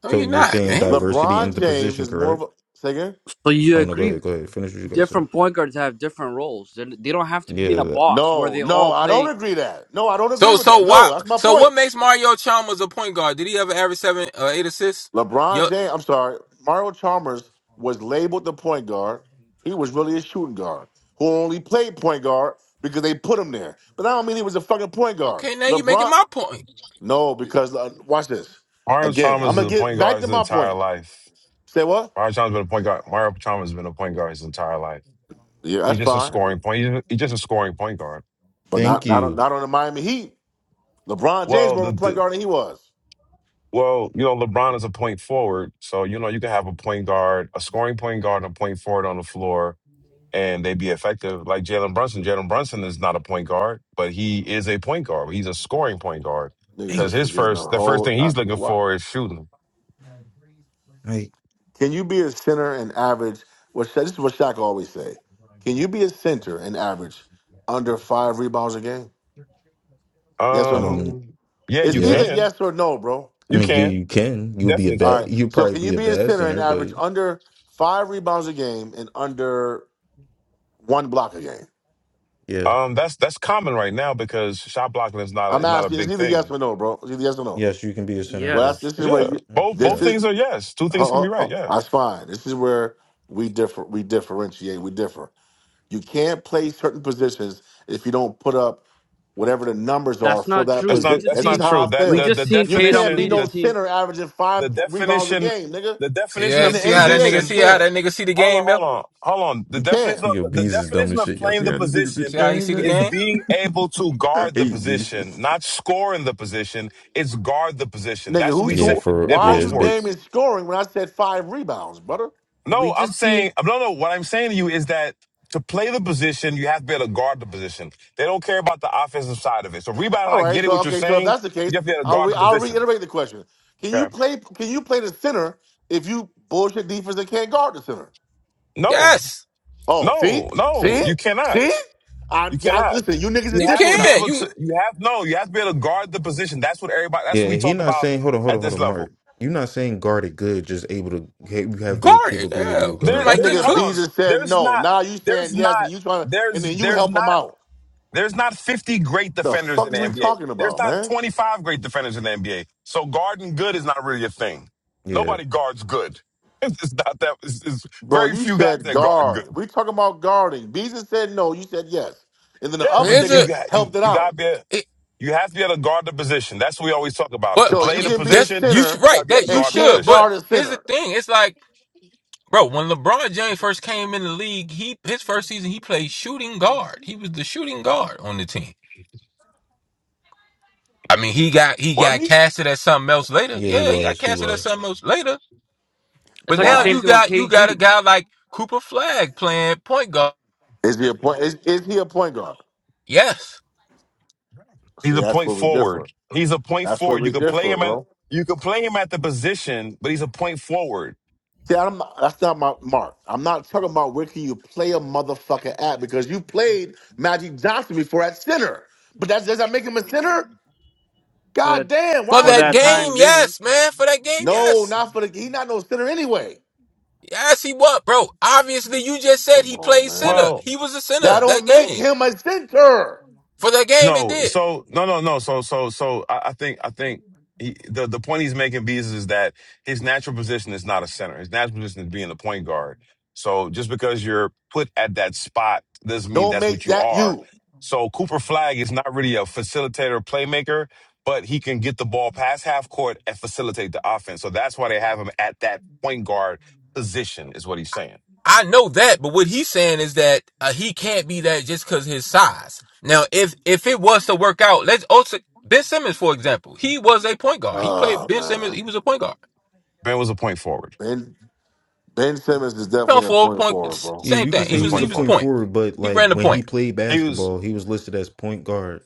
No,
So
you're
you're
not,
saying it's
man.
diversity in
LeBron
the
James
position,
is more of
correct?
a. Say again?
So you
Oh no, go ahead,
agree
go ahead, finish what you guys said.
different point guards have different roles. they they do not have to be in
Yeah,
a
that-
box where
No,
they
no,
all
I don't
play.
agree that. No, I don't agree
So,
with
so
that.
why?
No, that's my
So,
point.
what makes Mario Chalmers a point guard? Did he ever average seven, uh, eight assists?
LeBron
Yo,
James, I'm sorry, Mario Chalmers was labeled the point guard. He was really a shooting guard who only played point guard because they put him there. But I don't mean he was a fucking point guard.
okay, now you making
LeBron,
my point.
no, because uh, watch this.
Mario
Again, I'm
Chalmers is
gonna
a
get
point
back
guard
to
his
my
entire
point.
life.
Say what?
Mario Chalmers been a point guard. Mario Chalmers has been a point guard his entire life.
Yeah,
He's
that's
just a
fine,
scoring point. He's just, he's just a scoring point guard.
but
thank
not not on-
you,
not on the Miami Heat. LeBron James
Well,
more
the,
of a point
the
guard than he was.
well, you know, LeBron is a point forward, so you know you can have a point guard, a scoring point guard, and a point forward on the floor, and they be effective. Like Jalen Brunson. Jalen Brunson is not a point guard, but he is a point guard. He's a scoring point guard
Niggas
because
thank
just
his
you.
forgetting the
first, the first
whole.
thing
I,
he's looking
what?
for is shooting.
Like,
Can you be a center and average? What Sha- this is what Shaq always say. Can you be a center and average under five rebounds a game? Yes or no?
um,
Um, yeah,
It's
you
either
yeah,
can,
yes or no, bro.
I
you
mean, yeah,
can,
you can. You'll be a
definitely
bad.
All
can.
right.
You'll
So
probably
can you
be a
be a
bad
center and
center, but
average under five rebounds a game and under one block a game?
yeah,
Um, that's that's common right now because shot blocking is not a,
I'm
is not a
asking. It's
big
either yes
thing.
or no, bro. It's either yes or no.
yes, you can be a center.
Well,
Yes.
that's,
Yes,
this is where
Yeah,
you.
yes,
both
yes.
This
both
is.
things are yes. Two things
Oh,
can be
oh,
right.
oh,
Yeah,
that's fine. This is where we differ. We differentiate. We differ. You can't play certain positions if you don't put up whatever the numbers are
That's
for
not
that
true.
that's
We
not
position.
just
that's
That's just
not
seen
how
true.
I
That
we
the
feel.
just
the
seen
You
Tatum
can't be
lead
definition
his
no
the
team.
center averaging
the
five po- rebounds a
definition
game, nigga.
the
See,
definition
In
yeah,
of
the
the
see how that
NBA,
nigga,
you
position.
see how
can't.
that nigga see the
Hold on,
game, yo.
hold on, hold on. The
You
definition
can't.
of
Yo,
the
bees is dumb as
definition of
shit. Y'all
playing
see
the
how this nigga see the
See
position
how he
game,
see the
man?
is
game?
being able to
I
guard the
hate
position,
bees.
not score in the position. It's guard the position.
Nigga,
That's what we
who's
Yeah,
say
who?
in,
for
in
Why are
yeah,
pro
you
it's big.
sports.
naming scoring when I said five rebounds, brother?
We
No, I'm
just seen
saying no, no. What I'm saying to you is that to play the position, you have to be able to guard the position. They don't care about the offensive side of it. So rebounding,
All
I
right,
get it.
so
What you're
okay, so if
saying,
that's the case,
you have to be able to
I'll
guard
re-
the
I'll
position.
reiterate the question. Can you
Okay.
play can you play the center if you bullshit defense and can't guard the center?
No,
Yes,
Oh, see?
no, no.
See?
You
See?
cannot.
I,
You
I
cannot.
listen, you niggas are
You
you
have
different
to be
now.
can.
able
You
to. You have no. You have to be able to guard the position. That's what everybody. That's what
Yeah,
we
he
talk
not
about
saying hold on, hold on,
at
hold
this
on, Mark.
level.
You're not saying guard it good, just able to you have the
guard it.
capability
Yeah,
of
you
There,
guarding
That
might
it.
there's.
get
nigga
Hold on.
cooked.
Beezus said
There's
no.
not.
Now you saying
There's
yes, and
not.
you trying to, and
There's.
then you
There's
help
not.
him out.
There's not 50 great
The
defenders
fuck
in
is
the
we
NBA.
talking
There's
about,
not
man?
25 great defenders in the NBA. So guarding good is not really a thing.
Yeah,
Nobody guards good. It's not that. It's, it's
Bro,
very
you
few guys
said
that guard good.
guard. We talking about guarding. Beezus said no. You said yes, and then the
Yeah,
other
you
Is
you
nigga
it?
got you
helped it
you got
out.
to be a, you have to be able to guard the position. That's what we always talk about.
But
To
So
uh,
you
play
y-
the
can be a
that's
position,
you should
center
you got to
right
be able
that
to
you
and
guard the
can't
should. But
position.
guard a
here's the
center.
thing: it's like, bro, when LeBron James first came in the league, he his first season he played shooting guard. He was the shooting guard on the team. I mean, he got he
Was
got
he?
casted as something else later.
yeah, he
Yeah, he got
was, he
casted as
was.
something else later.
it's
But
like the
now
Why?
same
you
thing with
got you
KG.
got a guy like Cooper Flag playing point guard.
Is he a point? Is, is he a point guard?
Yes,
He's
See,
a
that's
point
where we
forward.
differ.
He's a point
That's where
forward. You
we
could play
differ,
him
bro.
at you could play him at the position, but he's a point forward.
See, I'm, that's not my mark. I'm not talking about where can you play a motherfucker at because you played Magic Johnson before at center. But that does that make him a center?
for that
God damn,
for
why are
for
that
people
that
forget?
game,
time being.
yes, man, for that game,
No,
yes.
not for the he not no center anyway.
Yes, he what, bro? Obviously, you just said
Come
he
on,
played
man.
center.
Well,
He was a
That
center
don't
that
make
game.
him a center.
For that game, it
No,
did.
so no, no, no. So, so, so, I, I think, I think he, the the point he's making, Bees, is that his natural position is not a center. His natural position is being the point guard. So, just because you're put at that spot doesn't mean
Don't
that's
make
what you
that
are.
you.
So, Cooper Flag is not really a facilitator, playmaker, but he can get the ball past half court and facilitate the offense. So that's why they have him at that point guard position, is what he's saying.
I know that, but what he's saying is that uh, he can't be that just because his size. Now, if if it was to work out, let's also Ben Simmons, for example, he was a point guard. He played
Oh
Ben Simmons.
man.
He was a point guard.
Ben was a point forward.
Ben Ben Simmons is
No,
definitely a
forward
point
point.
forward,
s-
bro.
Yeah,
Same
you can
thing.
He
He
say
was a
he
was
was
he
point
a
was
forward.
point
point.
forward, but
He
like
ran the
when he
point.
played
He was.
basketball, he was listed as point guard.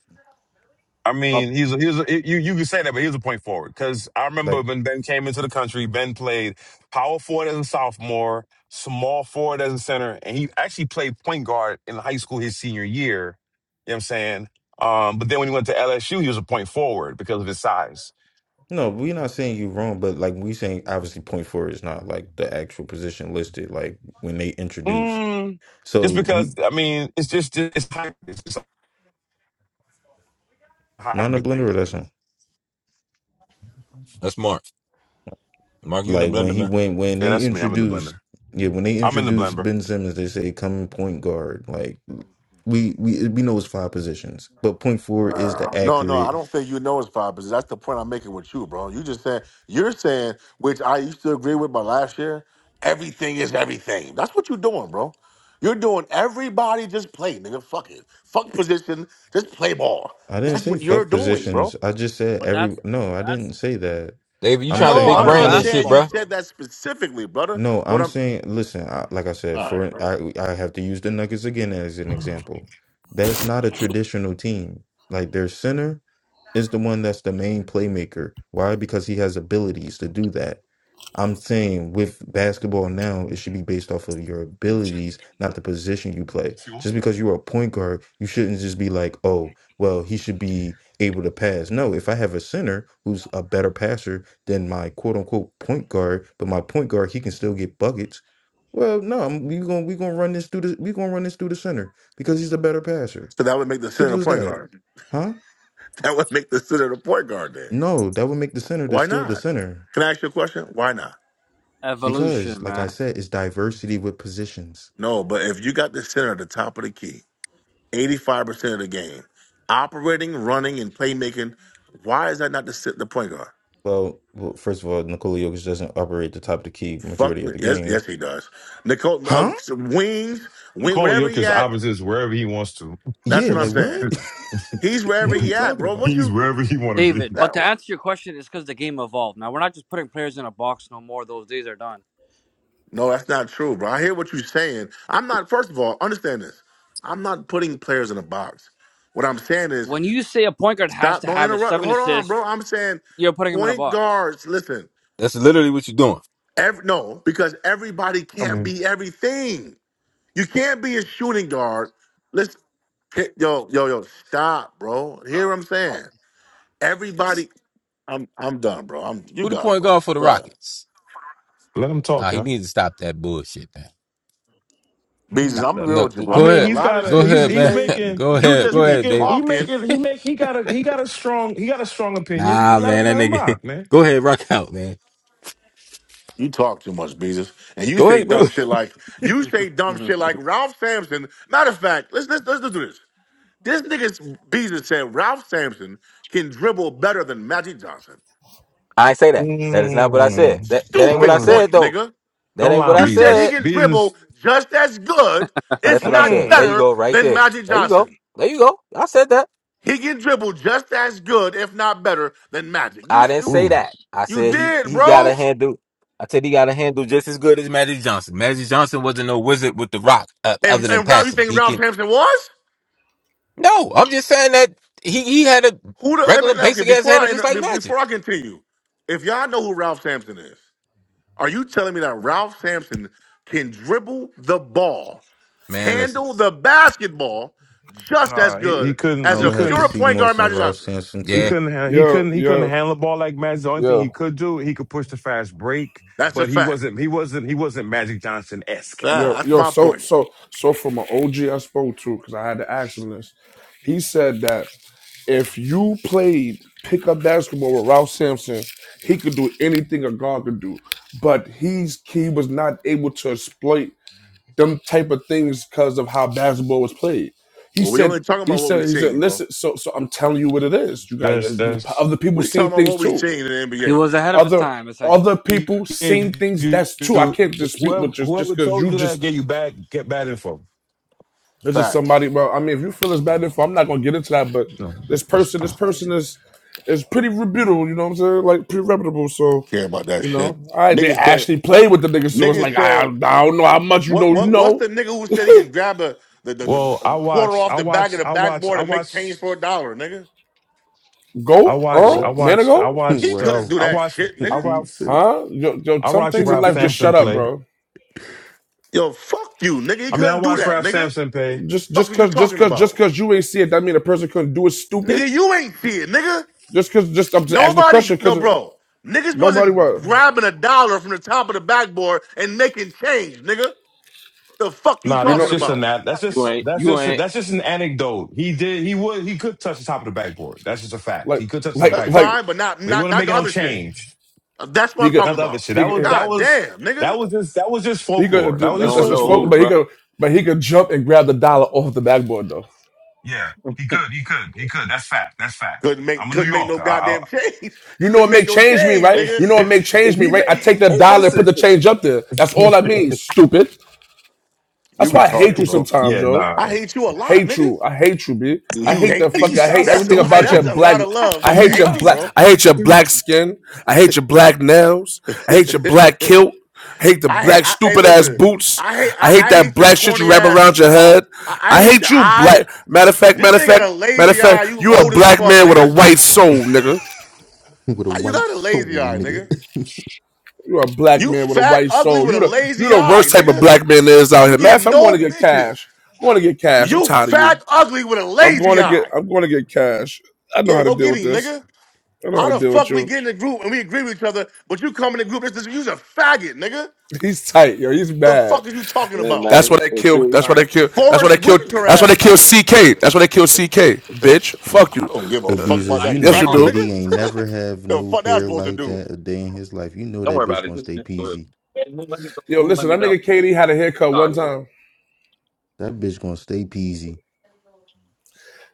I mean, he's a, he's a, you you can say that, but he's a point forward because I remember
Like,
when Ben came into the country, Ben played power forward as a sophomore, small forward as a center, and he actually played point guard in high school his senior year. You know what I'm saying? Um, but then when he went to LSU, he was a point forward because of his size.
no, we're not saying you're wrong, but like we saying obviously point forward is not like the actual position listed, like when they introduce.
Mm, just
So we
because I mean, it's just it's hybrid. It's just a
Mind the
hybrid thing
blender or
right
that
now.
song?
That's Mark. Mark, you in the
Like when
blender,
he
man.
went when
Yeah,
they
that's me. I'm in the
introduced
blender.
yeah, when they
I'm in the
introduced
blender.
Ben Simmons, they say come point guard. Like we we we know it's five positions, but point four is the
Uh, no, no, I
accurate.
don't think you know it's five percent. That's the point I'm making with you, bro. You just saying you're saying, which I used to agree with my last year. Everything is everything. That's what you're doing, bro. You're doing everybody just play, nigga. Fuck it, fuck position, just play ball.
I didn't
That's
say
what you're
fuck
doing,
positions.
bro.
I just said
But
every
that's
no, I
that's
didn't say that.
David, you
I'm
trying
that's
to
No,
saying
big
I'm
I'm
modern
not
brain this
saying
shit,
saying you
basketball
bruh.
though.
said that specifically, brother.
no,
But
I'm
I'm
saying listen, I, like I said,
all right,
for
bro.
I I have to use the Nuggets again as an example. That's not a traditional team. Like their center is the one that's the main playmaker. Why? Because he has abilities to do that. I'm saying with basketball now, it should be based off of your abilities, not the position you play.
If you want.
Just because you're a point guard, you shouldn't just be like, oh, well, he should be able to pass. No, if I have a center who's a better passer than my quote unquote point guard, but my point guard, he can still get buckets. Well, no, I'm, we gonna we gonna run this through the we gonna run this through the center because he's a better passer.
So that would make the center
Simple
the
as
point
that,
guard.
huh?
That would make the center the point guard. Then
No, that would make the center the
why
still the
not?
center
Can I ask you a question? Why not?
because,
Evolution,
like I
man.
said, it's diversity with positions.
No, but if you got the center at the top of the key, 85% of the game, operating, running, and playmaking, why is that not the, sit- the point guard?
Well, well, first of all, Nikola Jokic doesn't operate the top of the key
Fuck,
majority of the
yes,
game.
yes, he does. Nicole, uh,
Huh?
wings, wing,
Nicole
whatever he
Jokic
at,
opposites wherever he wants to.
that's
Yeah,
what I'm
like
saying.
what?
He's wherever
what are we
he at,
talking
bro. What
about?
he's
you,
wherever he want to
David,
be.
that,
but to answer your question, it's because the game evolved. Now we're not just putting players in a box no more. Those days are done.
no, that's not true, bro. I hear what you're saying. I'm not, first of all, understand this. I'm not putting players in a box. What I'm saying is,
When you say a point guard has
stop,
to
don't
have a
interrupt.
seven
Hold on,
assist,
bro. I'm saying
you're putting him in a
point
box.
guards, listen,
That's literally what you're doing.
Every, no, because everybody
I
can't
mean,
be everything. You can't be a shooting guard. Let's yo yo yo stop, bro. Hear what I'm saying? Everybody, I'm I'm done, bro. I'm you
Who the
got it,
point
bro.
guard for the
Go ahead,
Rockets?
let him
Nah,
talk,
he
y'all.
needs to stop that bullshit, man. Nah,
Beezus. I'm
Stop
real
no,
that
with you,
I
go
bro.
mean,
bullshit,
A
ahead.
he's
man.
lot
got
of
Go
a
shit
he's
you
ahead,
he's
man.
say,
making
go
you
ahead.
he
just
Go
be
ahead,
making
David.
he
talking.
making he make he got a he got a strong he got a strong opinion. You
Nah,
Let him
man, that
let him
nigga.
rock, man.
Go ahead, rock out, man.
You talk too much, Beezus, and you
Go
say
ahead,
dumb
bro.
shit like you say dumb shit like Ralph Sampson. Matter of fact, let's let's let's, let's do this. This nigga Beezus said Ralph Sampson can dribble better than Magic Johnson.
I ain't say that. That is not what I said.
Mm,
That that ain't what I
Stupid
mm.
said
point,
though.
nigga.
That
Don't
ain't
lie
what
on
I
You said he
said.
Beezus.
can
Beezus.
dribble just as good,
That's
if
what I
not
said. There
Mm.
you
better,
go, right
than
there.
Magic
There you go.
Johnson.
There you go. I said that.
He can dribble just as good, if not better, than Magic. You
I didn't
you,
say
Ooh,
that. I
you
said he
did,
he got a
bro.
handle. I said he got a handle just as good as Magic Johnson. Magic Johnson wasn't no wizard with the rock uh,
And
other than
and Ralph, you
passing.
think
He
Ralph
can.
Sampson was?
No, I'm just saying that he, he had a
Who the let me
regular
okay,
basic ass
before
handle
I
just
inter-
like
be-
Magic.
before I continue, if y'all know who Ralph Sampson is, are you telling me that Ralph Sampson can dribble the ball,
Man, listen.
handle the basketball just as
nah, he, he
good
couldn't
I
as
he
a
would have to
pure
couldn't.
see
point
more
guard
some
Magic
Ralph
Johnson?
Sampson
He
Yeah.
tape.
couldn't handle, he
Yo,
couldn't he couldn't
yo,
handle the ball like Magic. The only thing he
yo,
could do, he could push the fast break,
That's a
but he
fact.
wasn't he wasn't he wasn't Magic Johnson esque at
Fact.
yo,
all.
That's
yo.
my
So,
point.
so, so, from an OG I spoke to, because I had to ask him this. He said that if you played pickup basketball with Ralph Sampson, he could do anything a guard could do, but he's he was not able to exploit them type of things because of how basketball was played. He
Well, we
said,
only talking
he
about what we
said, he said,
seen, bro.
listen, so so I'm telling you what it is. You got
That's that's
other people
We talking
seeing
about
things
what we
too.
seen in the
he
NBA,
was
man.
ahead of his
Other
time, essentially.
other
he
people seeing
gave
things
you
that's true. I
you-
can't dispute
whoever
what just just
whoever
because
told
you
you that
just
gave you bad get bad info.
this is
Facts.
somebody. Well, I mean, if you feel as bad info, I'm not gonna get into that. But
No,
this
that- just
person, this
put.
person is is pretty reputable. You know what I'm saying? Like pretty reputable. So
Care about that
you
shit.
know, all right, they
Niggas said.
actually played with the nigga. So it's
Niggas
like I I
said.
don't know how much you
What?
know. You
What? What's
know,
the nigga who said he can grab a the the, the
Well, I
a quarter
watched
off
I
the back
watched
of the
I watched
backboard
I
and make change
watched
for a dollar, nigga?
I
go
watched I
What?
Earl
watched I
Manigo.
He
watched uh,
What?
couldn't do
I
that
watched
shit,
I
What
nigga.
do you
watched
say?
Huh? Yo, yo,
I
some
watched
things in
Ralph
life just
Sampson
shut up,
play.
bro.
Yo, fuck you, nigga. He
I mean, I
couldn't do
watched
that,
Ralph
nigga.
Sampson play.
The
Just
fuck
just
is you
cause just
talking
cause just
about,
cause you ain't see it, that mean a person couldn't do it stupid.
nigga? You ain't see it, nigga.
Just cause just I'm just asking the
Nobody,
question
no,
cause
bro. Niggas
nobody
wasn't
was
grabbing a dollar from the top of the backboard and making change, nigga. The fuck you
Nah,
you
that's
talking
know
just an
about?
nat. That's just that's just that's just an anecdote. He did. He would. He could touch the top of the backboard. That's just a fact.
like
He could touch the
like
That's
backboard,
like
fine, but not
but he
not
wouldn't
not
make it
the
no
other shit.
change.
Uh, That's what
he
I'm
could
talking
Not the other
about.
shit.
he
That was
could
that
God
was
damn,
that
nigga.
was just that was just
he could
folklore.
do-
That was
that's
just
that's just folk
folklore.
but he could but he could jump and grab the dollar off the backboard though.
Yeah, he could. He could. He could. That's fact. That's fact.
Couldn't make
I'm a New
couldn't make no
Yorker. I,
goddamn
I,
change.
You know
couldn't
what
make
make
no
change me,
change,
right?
nigga.
You know what make
if,
change me,
he
right? I
made,
take the
hey,
dollar and put
listen.
the change up there. That's all that means, stupid.
You
That's why I hate
retarded,
you
Stupid
bro.
sometimes,
yeah,
yo.
nah.
I hate you a lot,
Hate
nigga.
you. I hate you, B. I
You
hate
hate
that fucking.
me.
I
Y'all
hate
That's a
everything
lot.
about your
stupid.
That's a
black.
lot of love,
I
nigga. To
hate your
hate
Y'all
me,
black.
bro.
stupid.
I hate your black skin. I hate your black nails. I hate your black kilt. I hate the
I hate.
black
I, hey,
stupid ass
listen.
boots.
I hate.
I
I,
hate
I
that
hate your
black shit you
corny
wrap
ass.
around your
Uh,
head.
I, I
I
hate
hate
your
you,
eye.
black. Matter of fact,
This
matter of
nigga got a
fact, matter of
lazy eye.
fact,
You
you a
old as
black
fuck,
man with a
nigga.
white soul, nigga.
with a
How you
white
got a lazy
soul,
eye,
nigga.
nigga?
You a black
You
man with a
fat,
white
ugly
soul.
with a
You the you
lazy
the
eye,
worst type of
nigga.
black man there is out
You
here. Matter
get
of fact, I'm going
no
to get
bitches.
cash. I'm going to get cash. I'm
You
tired of you.
fat, ugly with a
I'm going
lazy
to get.
eye.
I'm going to get cash. I know
Yeah,
how to
go
deal
get
with
him,
this.
nigga.
I know how to
How the
deal with
fuck we
you.
get in the group and we agree with each other, but you come in the group? This is you's a faggot, nigga.
He's tight, yo. He's
The
mad.
fuck is you talking about?
That's why they kill. That's why
Sorry.
they kill. That's why
Forrest
they kill.
Whitaker
That's why they
ass,
kill
nigga.
CK. That's why they kill CK. Bitch, fuck
I
you.
don't give a
Hey
fuck
Beezus,
about
I
you
that
need to
know
Yes, you
cracker,
call.
do.
nigga.
KD ain't never have
The
no
fuck that
hair
supposed to
like
do?
that a day in his life. You know
Don't
that
worry about
bitch
it.
gonna
This
stay
is good.
peasy.
And won't let me go.
Yo,
Won't let
listen,
me
that
go.
nigga KD had a haircut one
Sorry.
time.
That bitch gonna stay peasy.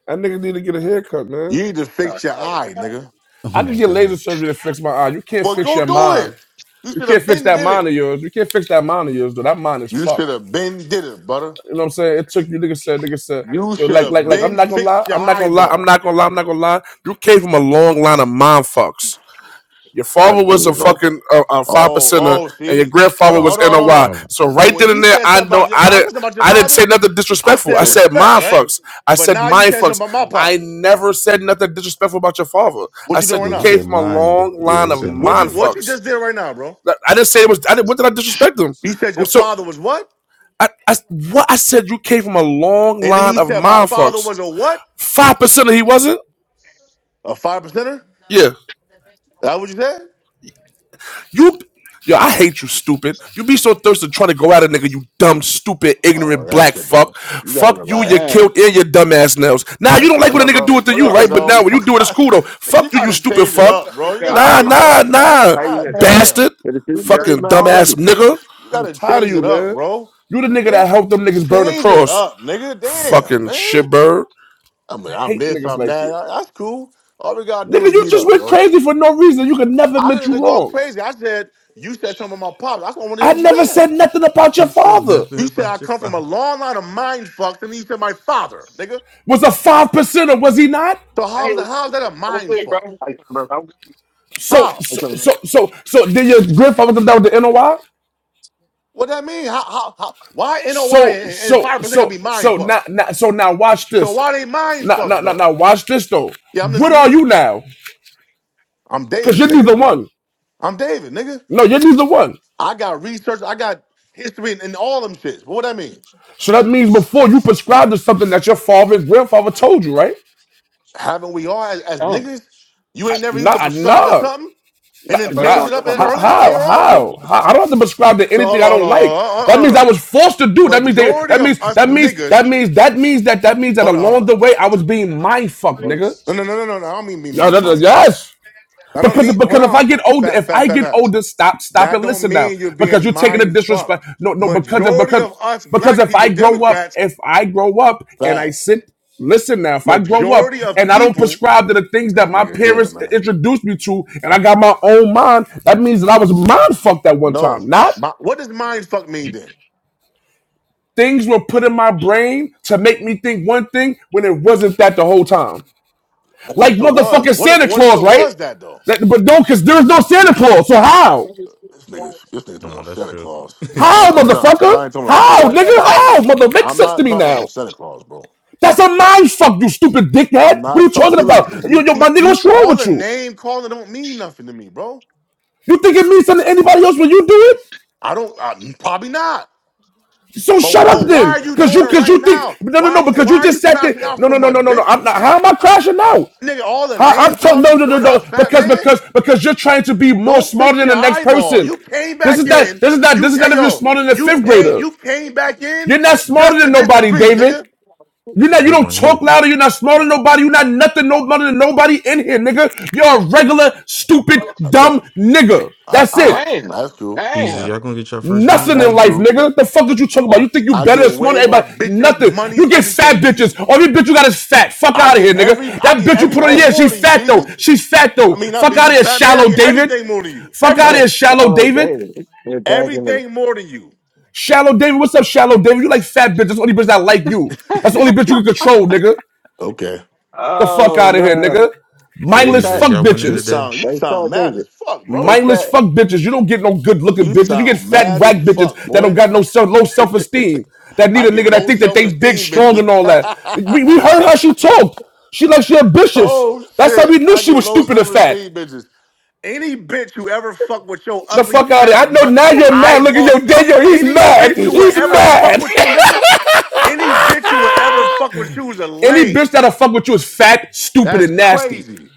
That nigga need to get a haircut, man.
You need to
Sorry.
fix your eye, nigga.
Oh
I can
my
get laser
gosh.
surgery to fix my eye. You can't
Well,
fix
go
your
do it.
mind.
You
You
should
can't
have
fix
been
that
did
mind of
it.
yours. You can't fix that mind of yours, though. That mind is
You should
fucked.
have been did it, brother.
You know what I'm saying? It took you, nigga said, nigga said,
You
yo,
should
like, like,
have
like, I'm
been
not gonna lie,
fixed your
I'm not gonna lie, I'm
eyeball.
not gonna lie, I'm not gonna lie. You came from a long line of mom fucks. Your
That's
father was
cool,
a
bro.
fucking uh, uh, five
Oh,
percenter,
oh,
and your
see. Hold
grandfather
on,
was
hold on, hold
NOY.
on.
Hold on.
So
So
right
when
then
you
and there,
said
I
something
know
about your, when
I
I said
didn't,
something about your
I didn't
father,
say nothing
I
He
disrespectful. I
said
said,
said
respect,
mom
right?
"Shit,
fucks. I
But
said
now you
mind
said
fucks.
something about my
I
pops.
never said nothing disrespectful about your father.
What
I
you doing
said
right
you
Yeah, he
now?
came
said
from a
mind.
long
Yeah,
line
he
of
Shit.
said
What you
mind
mind.
what you
fucks.
just did right now, bro?
Like, I didn't say it was. I didn't. What did I disrespect them?
You said your
So
father was what?
I, I what I said. You came from a long
And then
line
you
of
said my father
mindfucks.
was a what?
Five percent of he wasn't.
A five percenter?
Yeah,
That what you said?
you. Yo, I hate you, stupid. You be so thirsty trying to go at a nigga, you dumb, stupid,
Oh,
ignorant
that
black
shit don't.
fuck.
You gotta
Fuck you, you
damn,
relax.
killed in your dumb ass nails. Now you
That's
don't like
what's
cool.
when
up,
a nigga
bro?
do it to
What
you,
up?
Niggas
right? But now
always
when you
talk
do it, it's
about.
cool though.
Nigga, you
Fuck you, you
gotta
stupid
change it
fuck.
up, bro. You gotta
Nah,
change
Oh,
it
nah,
up, fat.
nah,
how you doing?
God damn.
bastard.
You ready,
Fucking
man, already?
dumbass nigga.
You gotta
Tired of
change
you,
it up,
man.
bro.
You the nigga
Hey,
that helped them niggas burn
Change it
across.
up, nigga. Damn,
Fucking
man.
shitbird.
I mean,
I
I'm
hate
this,
niggas
I'm
like
that.
you.
I- That's cool. All we gotta do
Nigga,
is
you
meet
just
up,
went
bro.
crazy for no reason. You could never
I
admit
didn't even
you
go
wrong.
crazy. I said, you said something about my pops. That's what I want to hear
I
what you
never
said.
said nothing about your
He said
father.
nothing
You said I
about your
come from a
father.
long line of mind fucks, and then you said my father, nigga.
Was a five percenter, was he not?
So how
Hey,
is that, how is that a
I'm
mind
good, bro.
fuck?
How you doing, bro? I'm good. Yo,
So,
How
How?
you
so,
doing, man?
so, so, so did your grandfather come down with the NOI?
What that mean? How, how, how, why NOI
So,
and and
so,
five percent gonna
so,
be mind
so now,
fucks?
now, so now, watch
So
this.
why they mind
Now,
fucks
now, now,
though?
now, watch this though.
Yeah, I'm
What
listening.
are you now?
I'm
Because
David,
you're
nigga.
neither one.
I'm David, nigga.
No, you're neither one.
I got research. I got history and, and all them shits. But what that mean?
So that means before you prescribed to something that your father and grandfather told you, right?
Haven't we all as, as
Oh,
niggas? You
I,
ain't never used to
nah,
prescribe to
nah.
something and
How?
then
how you
change
doing?
it up
What's up,
in-
How?
bro?
earlier
How?
later on.
How? I don't have to prescribe to
So hold
anything I
on, hold
don't
on, hold
like.
on, hold on.
That means
hold
I
on.
was forced to do. That means they.
Majority
That
of
means.
us
That means.
niggas.
That means. That means that. That means that
Hold on,
along
hold
the way I was being mind fucked,
Yo.
nigga.
on. No, no, no, no, no, no. I don't mean be
Yeah,
mind
that- that-
mind fuck.
Yes.
I don't
Because
mean. Hold
because if
on.
I get older,
Fat,
if I
fat, fat,
get
fat.
older, stop, stop
That
and
don't
listen now.
mean you're
Because
being
you're taking a
mind
disrespect.
fucked.
No, no, because of
Majority
because
of us
because
black
if
people,
I grow up,
Democrats,
if I grow up and I
facts.
sit, listen now, if I grow up
Majority of
and I don't
people,
prescribe to the things
this
that my
nigga here,
parents
man.
introduced me to and I got my own mind, that means that I was mind fucked at one
No,
time. Not
My- what does mind fuck mean then?
things were put in my brain to make me think one thing when it wasn't that the whole time.
What what
Like
if it was?
motherfucking
What if
Santa
what if
Claus,
it
right?
was that though?
That- but no, because there's
Mm-mm.
no Santa Claus. So how?
This nigga's this nigga's talking
no,
about
that's
Santa
true.
Claus. Yeah,
How,
I'm,
that's
I'm
true.
done.
motherfucker?
I ain't talking about no
How,
Santa
nigga?
Claus, bro.
How, mother? Make
I'm
sense to
not
me
talking about no
now.
Santa Claus, bro.
That's a mind fuck, you stupid dickhead.
I'm
What are you
not talking.
talking
See, look at
about?
this.
Yo,
You
yo,
keep
my nigga,
you
what's wrong
all
with
the
you?
name calling don't mean nothing to me, bro.
You think it means something to anybody else when you do it?
I don't. I, probably not.
So
But
shut up
but why
then,
are you
because
doing
you,
it
because
right
you think
now?
no, no,
Why are
no,
you
because
why
you
are you
just said that.
crashing out
No,
so
no, no,
much,
no, no, no.
bitch?
I'm not. How am I crashing out?
Nigga, all the
How, I'm
name
telling
calling.
no, no, no,
Shut
no,
up, fat
because
man.
because because you're trying to be more
Go
smarter
fix
than
your
the next
eyeball.
person.
You came
This is
back
not.
in.
This is not.
You
This is not
hey
if you're
yo,
smarter than a
you
fifth
came
grader.
you came back in
You're not smarter
just to
than nobody,
disagree,
David.
nigga.
You're
That's a
not. You
good
don't
one
talk
here.
louder. You're not smarter than nobody. You're not nothing. No mother than nobody in here, nigga. You're a regular, stupid, dumb
Look,
nigga.
I,
That's it.
I
Damn,
that's cool.
Beezus,
damn.
y'all gonna get your first win
Nothing in
That's
today?
life,
cool.
nigga. The fuck did you talk about? You think you
I
better
get
than smarter
way
than
more
everybody?
bitches,
Nothing.
money,
You get fat
everything to you.
bitches. All you bitch you got is fat. Fuck
I
out of
get
here,
every
nigga.
I
That
get
bitch you put on,
Yeah,
everything
yeah,
more
she's
than you,
fat though.
Beezus.
She's fat
I
though.
mean not
Fuck out of
Beezus,
here,
fat man. I
shallow
get
David.
everything more than you.
Fuck out of
yeah,
here,
Everything.
shallow
follow
David.
David. They're dragging him.
Everything more than you.
Shallow David, what's up, shallow David? You like fat bitch. That's the only bitch that like you. That's the only bitch you can control, nigga.
Okay.
The fuck
Oh
out of here,
man,
nigga.
Hey
they
Mindless
fat.
Beezus,
fuck
y'all winning
You
bitches.
today?
sound you
They fat
sound mad
David.
as fuck,
They
bro.
Mindless
fat.
fuck bitches. You don't get no good looking
You
bitches. You get
sound
fat
mad as
whack bitches
fuck,
that don't
boy.
got no self no self esteem. That need
I
a
get
nigga that
low
think that
self
they big,
esteem,
strong,
bitches.
and all that. We, we heard how she talked. She like she ambitious.
oh
That's how
shit,
we knew
I
she
get
was
low
stupid and
self
fat.
esteem, bitches. Any bitch who ever fuck with your
The
ugly
fuck out of here. I
fat
know
mu-
now you're mad. Look at
eyeball,
your dad. yo He's
any
mad.
bitch who will
He's
ever fuck
mad.
with you, nigga, any bitch who will ever fuck with you is a
Any
lame.
bitch that'll fuck with you is fat, stupid,
That's
and nasty.
crazy.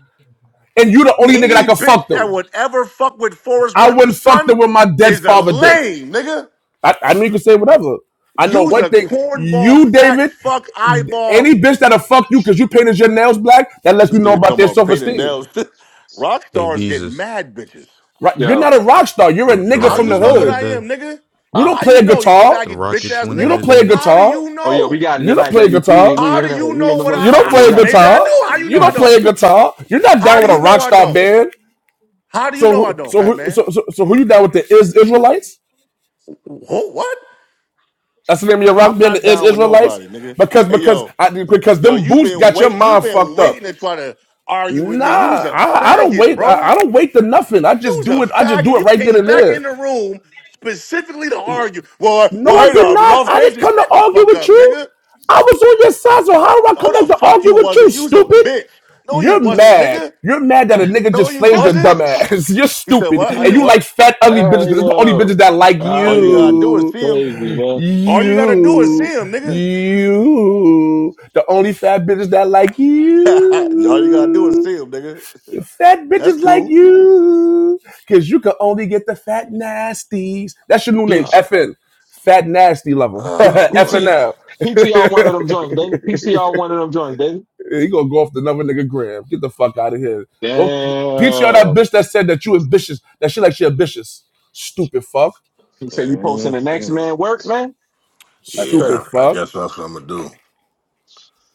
And you the only nigga that
Any
can fuck
bitch that
them.
would ever fuck with Forrest
I wouldn't
Whitaker's
fuck them
son
with my dead
is a
father dick.
lame, nigga.
I, I mean, you can say whatever. I know
Use
one
a
thing.
cornball,
You,
fat
David,
fuck, eyeball.
any bitch that'll fuck you because you painted your nails black, that lets
This
me know
nigga
about
talking
their
about
self
painted
esteem.
nails. Rock
Hey
stars get
Beezus,
mad bitches.
Right? You're
Yo,
not a rock star. You're a
the, the
nigga
How
from
you
the
Rockets
know
winning
what
hood.
I
today?
am, nigga?
You
huh?
don't
How
play
you
a
know, you
guitar.
The
faggot bitch
Rockets
ass
You
winning
nigga?
don't play a
today?
How do
guitar.
you
Oh yeah, we
know?
got it
You don't
tonight,
play a
baby.
guitar.
We we
How
in
do
the
you
we
know
in the
what
win
I,
You
I,
don't
column
play
I
a
tonight.
maybe I do?
guitar.
How you
You
know I
don't play a
don't?
guitar. You're not
How
down
do
with a
you know
rock
I
star
don't?
band.
How do you
So,
know I
who,
don't,
so,
fat
who,
man?
so, so, so who you down with the Is Israelites?
Who, what?
That's the name of your rock
I'm
band,
not
the Is
down with
Israelites.
nobody, nigga.
Because
Hey
because
yo,
I, because
yo,
them
you
boots
been
got your
waiting, you
mind
been
fucked up.
waiting to try to argue with me. You was
Nah,
a
I, I don't
faggot,
wait. I,
bro.
I don't wait to nothing. I just
You's a
do it. I just
faggot.
do it
You
right then
came
and
back
there.
in the room specifically to argue. Well, I-
No,
well,
I
hey,
did
uh,
not.
Ralph
I didn't
Sampson,
come to
shut the
argue
fuck
with
up,
you.
nigga.
I was on your side, so how do I
No,
come back
the
to
fuck you
argue with you,
wasn't. You was a
stupid?
bitch. No, you
You're
wasn't,
mad.
nigga.
You're mad that a nigga
No,
just
you
flamed your
wasn't.
dumb ass. You're
You said
stupid.
what? I
And
did
you like
what?
fat, ugly bitches
oh
because it's the only
yo,
bitches
oh,
that like
All
that
you
would
gotta
be
do is
you.
see him.
crazy, man.
All you gotta do is see
You.
him, nigga.
You. The only fat bitches that like
All you gotta do
you.
is see him, nigga.
You fat
That's
bitches like
cool.
you, cause you can only get the fat nasties. That's your new name,
P,
Oh,
FN. Fat nasty lover,
P,
oh boy.
PT
FNL.
PTR one of them joints, David. PTR one of them joints, baby.
you gonna go off the another nigga gram. Get the fuck out of here. Go peachy on that
Damn.
bitch that said that you ambitious. That shit like she ambitious. Stupid fuck.
He said you posting the next
Mhm.
man work, man. That's
Stupid
Yeah,
crazy.
I I
fuck.
guess that's what I'm gonna do.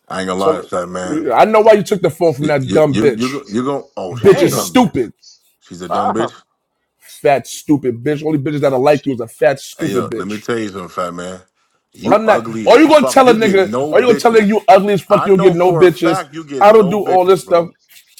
I ain't gonna lie to
Tell
that man.
her. I know why you took the phone from
You
that
you
dumb
you you go,
bitch.
you go oh she's
Bitch
a
is
dumb
Damn.
bitch.
stupid.
She's a dumb bitch.
Wow.
Fat stupid bitch. Only bitches that'll like you is a fat
Hey
stupid
yo, let me
bitch.
tell you something, fat man. You
I'm not.
ugly
Are
as
you gonna
fuck.
tell a
You get
nigga?
no
Are you gonna tell a nigga
bitches.
you ugly as fuck?
I
You'll get
know
no
for a
bitches.
fact you get
I don't
no
do all
bitches,
this stuff,
bro.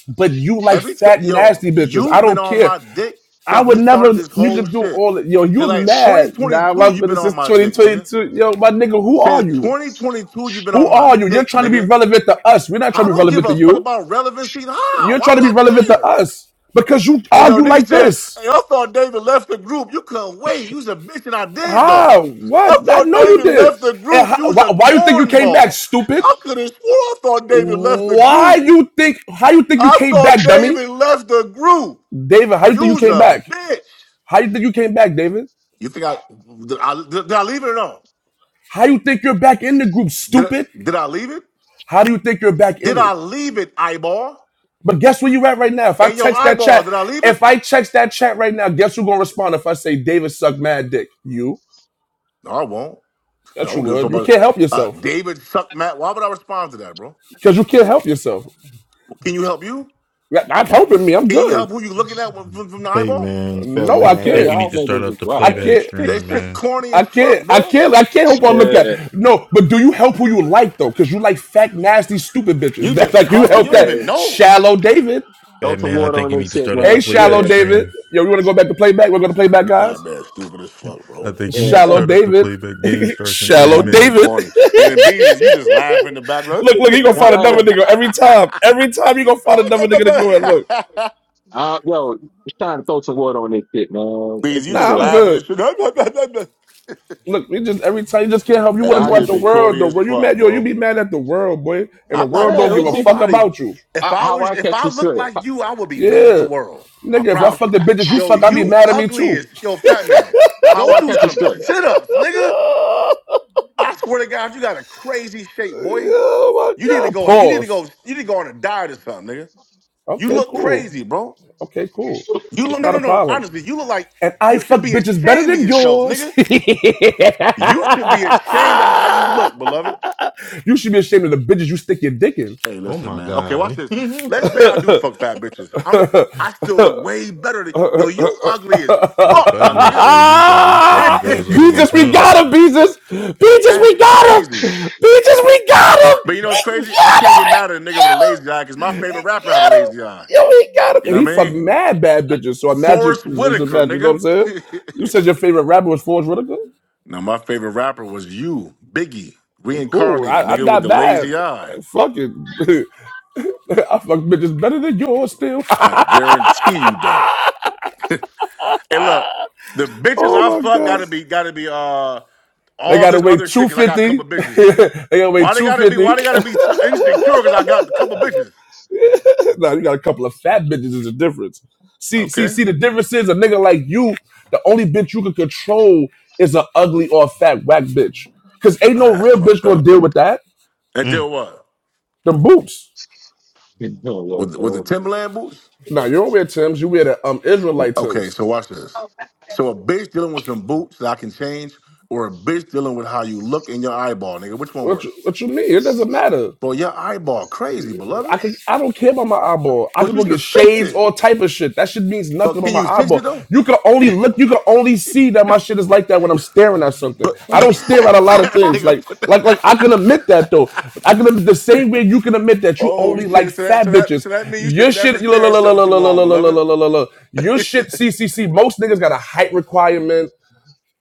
but you like
Every t-
fat
yo,
nasty bitches. I
you've been
don't
on
care.
my dick
I
since
would
we
never.
started this
You
whole
could do
shit.
all that. Yo,
Since
you're
like
mad now.
2022,
I've
you've
been
been on
since
my dick, nigga.
2022. Yo, my nigga, who are
Since
you?
2022, you've been
Who
on my
are you? You're
dick,
trying to be
nigga.
relevant to us. We're not
I
trying to be
don't give
relevant to
a fuck
you.
about relevancy. How? Why
You're
would
trying to be relevant
I
to
care?
us because you
Hey yo,
argue
nigga
like
said,
this.
hey, I thought David left the group. You couldn't wait. You was a bitch and I did though.
How?
I
What? I
thought
know you
David
did.
left the
And
group.
how,
You was
why,
a
why you think you came back,
cornball.
stupid?
I could have swore I thought David left the
Why
group.
you think? How you think you
I
came
thought
back, dummy?
David left the group.
David, how you think
You
you
was
came
a
back?
bitch.
How you think you came back, David?
You think I did I, did, I leave it or no?
How you think you're back in the group,
Did I,
stupid?
did I leave it?
How do you think you're back
Did
in
I
it?
leave it, eyeball?
But guess where you at right now? If I
Hey yo,
text that
eyeball,
chat,
did I leave it?
if I text that chat right now, guess who gonna respond? If I say David suck mad dick, you.
No, I won't. I
That's your
don't give a fuck
word. You
about
can't help
uh,
yourself
David sucked Matt. Why would I respond to that, bro?
because you can't help yourself.
Can you help you?
Yeah, Not helping me. I'm
Can you
good.
help who you looking at with- from, from the
Hey
eyeball?
man, Fat
No, I
man, I
Hell,
think
can't.
you need
y'all
to start
niggas is
up the
I
wild.
playback
can't.
That
stream,
shit
man.
corny
I
as fuck,
can't, I
bro.
can't, I can't help but look
Yeah,
at. No, but do you help who you like though? Because you like fat, nasty, stupid bitches.
You
That's
just
like you
talking. You
help
don't
hey,
that
even know.
shallow David.
throw
Fat
some
man, I
water
think
on
you need
this
to
shit,
start up the
Hey,
man. Yeah,
shallow
playback
David.
stream.
Yo, we want to go back to playback. We're gonna play back, guys.
Fat man, stupid as fuck,
I
bro.
think you need
yeah.
to
Shallow
Oh,
start up the
David.
playback. Game starts in thirty
shallow
That nigga
David.
minutes.
corny. And then Beezus, you just laugh in the background.
look, look, you gonna
now,
find another
oh,
nigga every time. Every time you gonna find another nigga to go and look.
uh, yo, it's time to throw some water on this shit, man.
Beezus,
Break
you
this
just
Nah,
shit
I'm
up.
laughing
good.
and shit.
Look, we just every time you just can't help. You want to
That
go at
shit
Johnny.
the
be
world,
corny
the
as
world. You
fuck,
mad, yo? You
bro.
be mad at the world, boy, and the
I'm
Yeah,
not
world
mad
don't
at
give
let's
a
see
fuck
nobody.
about you.
If
how,
I
how
was,
I
if
catch
I
you
looked
straight.
like you, I would be mad at the
Yeah.
world. I
Nigga, if I
How
promise you.
fuck the bitches you
Yo,
fuck, I'll be
you
mad at me
ugly
too.
as yo, fat man.
how
Go
I
do
catch you
some
straight.
sit ups, nigga. I swear to God, you got a crazy shape, boy.
Oh my
You need to
god.
go. You need to go.
Pause.
You need to go on a diet or something, nigga. You
Okay,
look
cool.
crazy, bro.
Okay, cool.
You look
It's
no,
not
no,
a
no.
problem.
Honestly, you look like
And I
you
fuck
should be
bitches better
ashamed of
than
yourself,
yours.
nigga. You should be ashamed of how you look, beloved.
you should be ashamed of the bitches you stick your dick in.
Hey,
Oh
listen,
my
man. Okay, watch
god.
this.
you
Let's say I do fuck fat bitches. I'm I still look way better than yo, you ugly as
know,
fuck,
Fat
my
man
nigga.
said you got you fucking girls that look like
Beezus, we
him.
got him, Beezus. Beezus,
That's
we got him.
crazy.
Beezus, we got him.
But you know what's
We
crazy? I
got him. We got
can't get mad at a nigga with a
him.
lazy eye because my favorite rapper had a
got him.
lazy eye.
Yo, he got him.
You
And
know
he
what I
fucked
mean?
mad bad bitches. So imagine,
Forrest
just
Whitaker,
imagine, you know what I'm
nigga.
saying? You said your favorite rapper was Forrest Whitaker?
now my favorite rapper was you, Biggie,
Well, Cool.
reincarnated,
I, I'm
nigga with
not
the
mad.
lazy eye.
Fuck it. I fuck bitches better than yours still.
I guarantee you And look, the bitches I
oh my
fuck
God.
gotta be gotta be uh
They
all
gotta
this
weigh
other shit cause I got a couple
250.
bitches.
they gotta weigh
Why they gotta be why they
250.
gotta be so insecure cause I got a couple bitches?
nah, you got a couple of fat bitches is the difference. See, see,
Okay.
see, the difference is a nigga like you, the only bitch you can control is an ugly or a fat whack bitch. Cause ain't
Oh,
no
that's
real bitch
fucked
gonna
up.
deal with that.
And
Mm.
then what?
Them boots.
yo, yo,
With with the
yo, man.
Timberland boots?
Now you don't wear Tim's. You wear the um Israelite
Okay, so
Tim's.
watch this. So a bitch dealing with some boots that I can change, or a bitch dealing with how you look in your eyeball, nigga. Which one
What you,
worse?
what you mean? It doesn't matter.
Bro, your eyeball crazy, beloved.
I can I don't care about my eyeball. I
But
can
you
go get
should fix
shades,
it.
all type of shit. That shit means
But
nothing on
can
my
you fix it
eyeball.
though?
You can only look. You can only see that my shit is like that when I'm staring at something.
But
I don't stare at a lot of things.
nigga,
Like
put
like
that.
like I can admit that though. I can admit- the same way you can admit that you
Oh
only like
shit! So that
fat
so that
bitches.
so that means you
Your
should never
shit. You la
stare at
la la
something
la la
too
la
long,
la la la
beloved.
la la. la- la- Your shit. C C C. Most niggas got a height requirement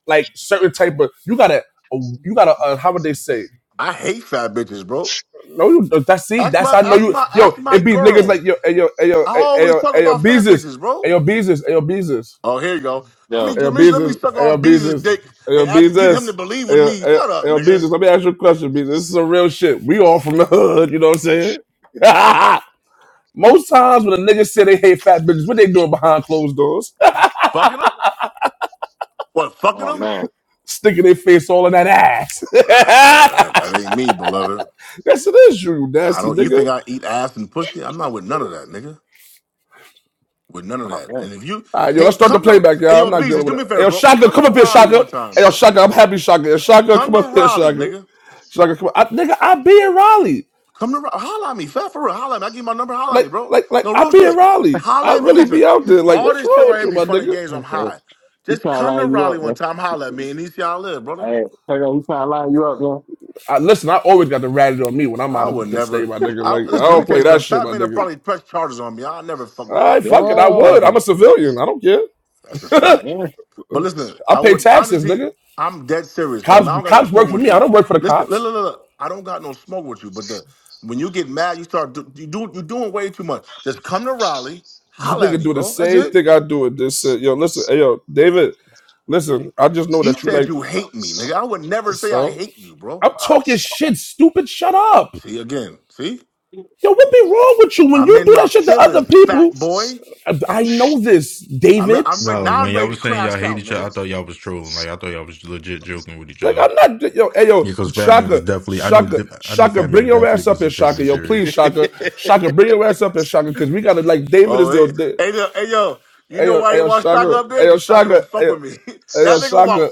like certain type of you gotta oh, you gotta uh, how would they say?
I hate fat bitches, bro.
No, you uh, that's see
That's
that's
my
how I know
that's
you
my that's
yo.
my
It be niggas
girls.
like yo, ayo, ayo,
I always
ayo,
talk
ayo,
about fat
Beezus,
bitches, bro.
ayo, Beezus, ayo, Beezus,
Oh, here you go. Let me
Yo,
ayo,
let me let me
Beezus,
suck
ayo,
on Beezus'
Beezus,
dick
ayo,
and I can get him to
Beezus.
believe with
Ayo,
me.
ayo,
Shut up,
ayo,
nigga.
Beezus, let me ask you a question, Beezus. This is some real shit. We all from the hood, you know what I'm saying? Most times when a nigga say they hate fat bitches, what they doing behind closed doors?
Fucking him? What? Fucking
oh
him?
man,
Sticking their face all in that ass.
Uh, that ain't me, beloved.
yes, it is you, you
I
nasty
don't. You
nigga.
think I eat ass and pussy? I'm not with none of that, nigga. With none of
oh
that.
man.
And if you
All right, yo, let's
can't
start the
come to,
playback,
hey
y'all. I'm
yo,
not
Beezus,
dealing
do
with it.
me a
Hey,
favor,
yo,
bro.
Shaka,
Come
come
to
up here,
Raleigh
Shaka.
one time,
Hey, yo,
bro.
Shaka, I'm happy, Shaka. Yo, Shaka,
Come
come
to
up here,
Raleigh,
Shaka.
nigga.
Shaka, come up. I, nigga, I be in Raleigh.
Come to Raleigh. Holla at me. Fat for real. Holla at me. I give you my number. Holla at
Like,
me, bro.
like, like,
No
I
real
be in
shit.
Raleigh.
Holla
I
at me.
really be
Listen,
out there. Like,
all
what's
this shit
wrong
right
with
here
you,
be
my
fun and
nigga?
games. I'm
Hey, So
high.
he
Just
trying to
come to
line you
Raleigh
up,
one
man.
time. Holla at me and you see how I live, brother.
Hey, hey, yo, he trying to line you up, man.
I, listen, I always got the ratted on me when I'm
I
out of
would
the state,
never.
my nigga.
I
Like, I
Listen, let me
don't
tell
play
you
that
something.
shit,
Fat
my
man will
nigga.
probably press charges on me. I'll never fuck
All
with
right,
Fat man,
fuck it.
bro.
I would.
Yeah,
I'm a civilian. I don't care.
That's a fact.
yeah.
But listen,
I
I
pay
wouldn't
taxes,
honestly.
nigga.
I'm dead serious, fam.
Cops,
I don't got no
cops
smoke
work for
with
me. I
you.
don't work for the
Listen, look,
cops.
look, look. look. I don't got no smoke with you. But the when you get mad, you start do, you do you doing way too much. Just come to Raleigh,
This
holla at
nigga
me,
do the
bro. That's
same
it.
thing I do with This uh, yo, listen, hey, yo, David, listen. I just know
You
that you
said
like
you hate me, nigga. I would never say I
so.
hate you, bro.
I'm talking shit, stupid. Shut up,
See again, see?
yo. What be wrong with you when
I'm
you
in
do
my
that shit to other
feelings, fat
people?
boy.
I, I know this,
I'm
David.
I'm ready
No,
now. I'm
when y'all
ready to
was saying y'all
crash
hate
out,
each other, I
nigga.
thought y'all was trolling. Like I thought y'all was legit joking with each
Like
other.
I'm not yo, hey yo,
Yeah, because Fat Man was
Shaka,
definitely. I know.
Shaka,
def- I know.
Shaka,
Fat
bring
Man
your
definitely
ass up here,
wasn't taking
Shaka,
it
yo,
serious.
please, Shaka, Shaka, bring your ass up here, Shaka, because we gotta like David is
Oh,
the
hey,
da-
hey, yo, hey, yo, you
hey
know
yo,
why
hey
you
yo,
want Shaka
Shaka,
up there?
hey yo,
Because Shaka
Shaka,
don't
hey
fuck
yo,
with me.
hey
that
yo,
nigga want
Shaka,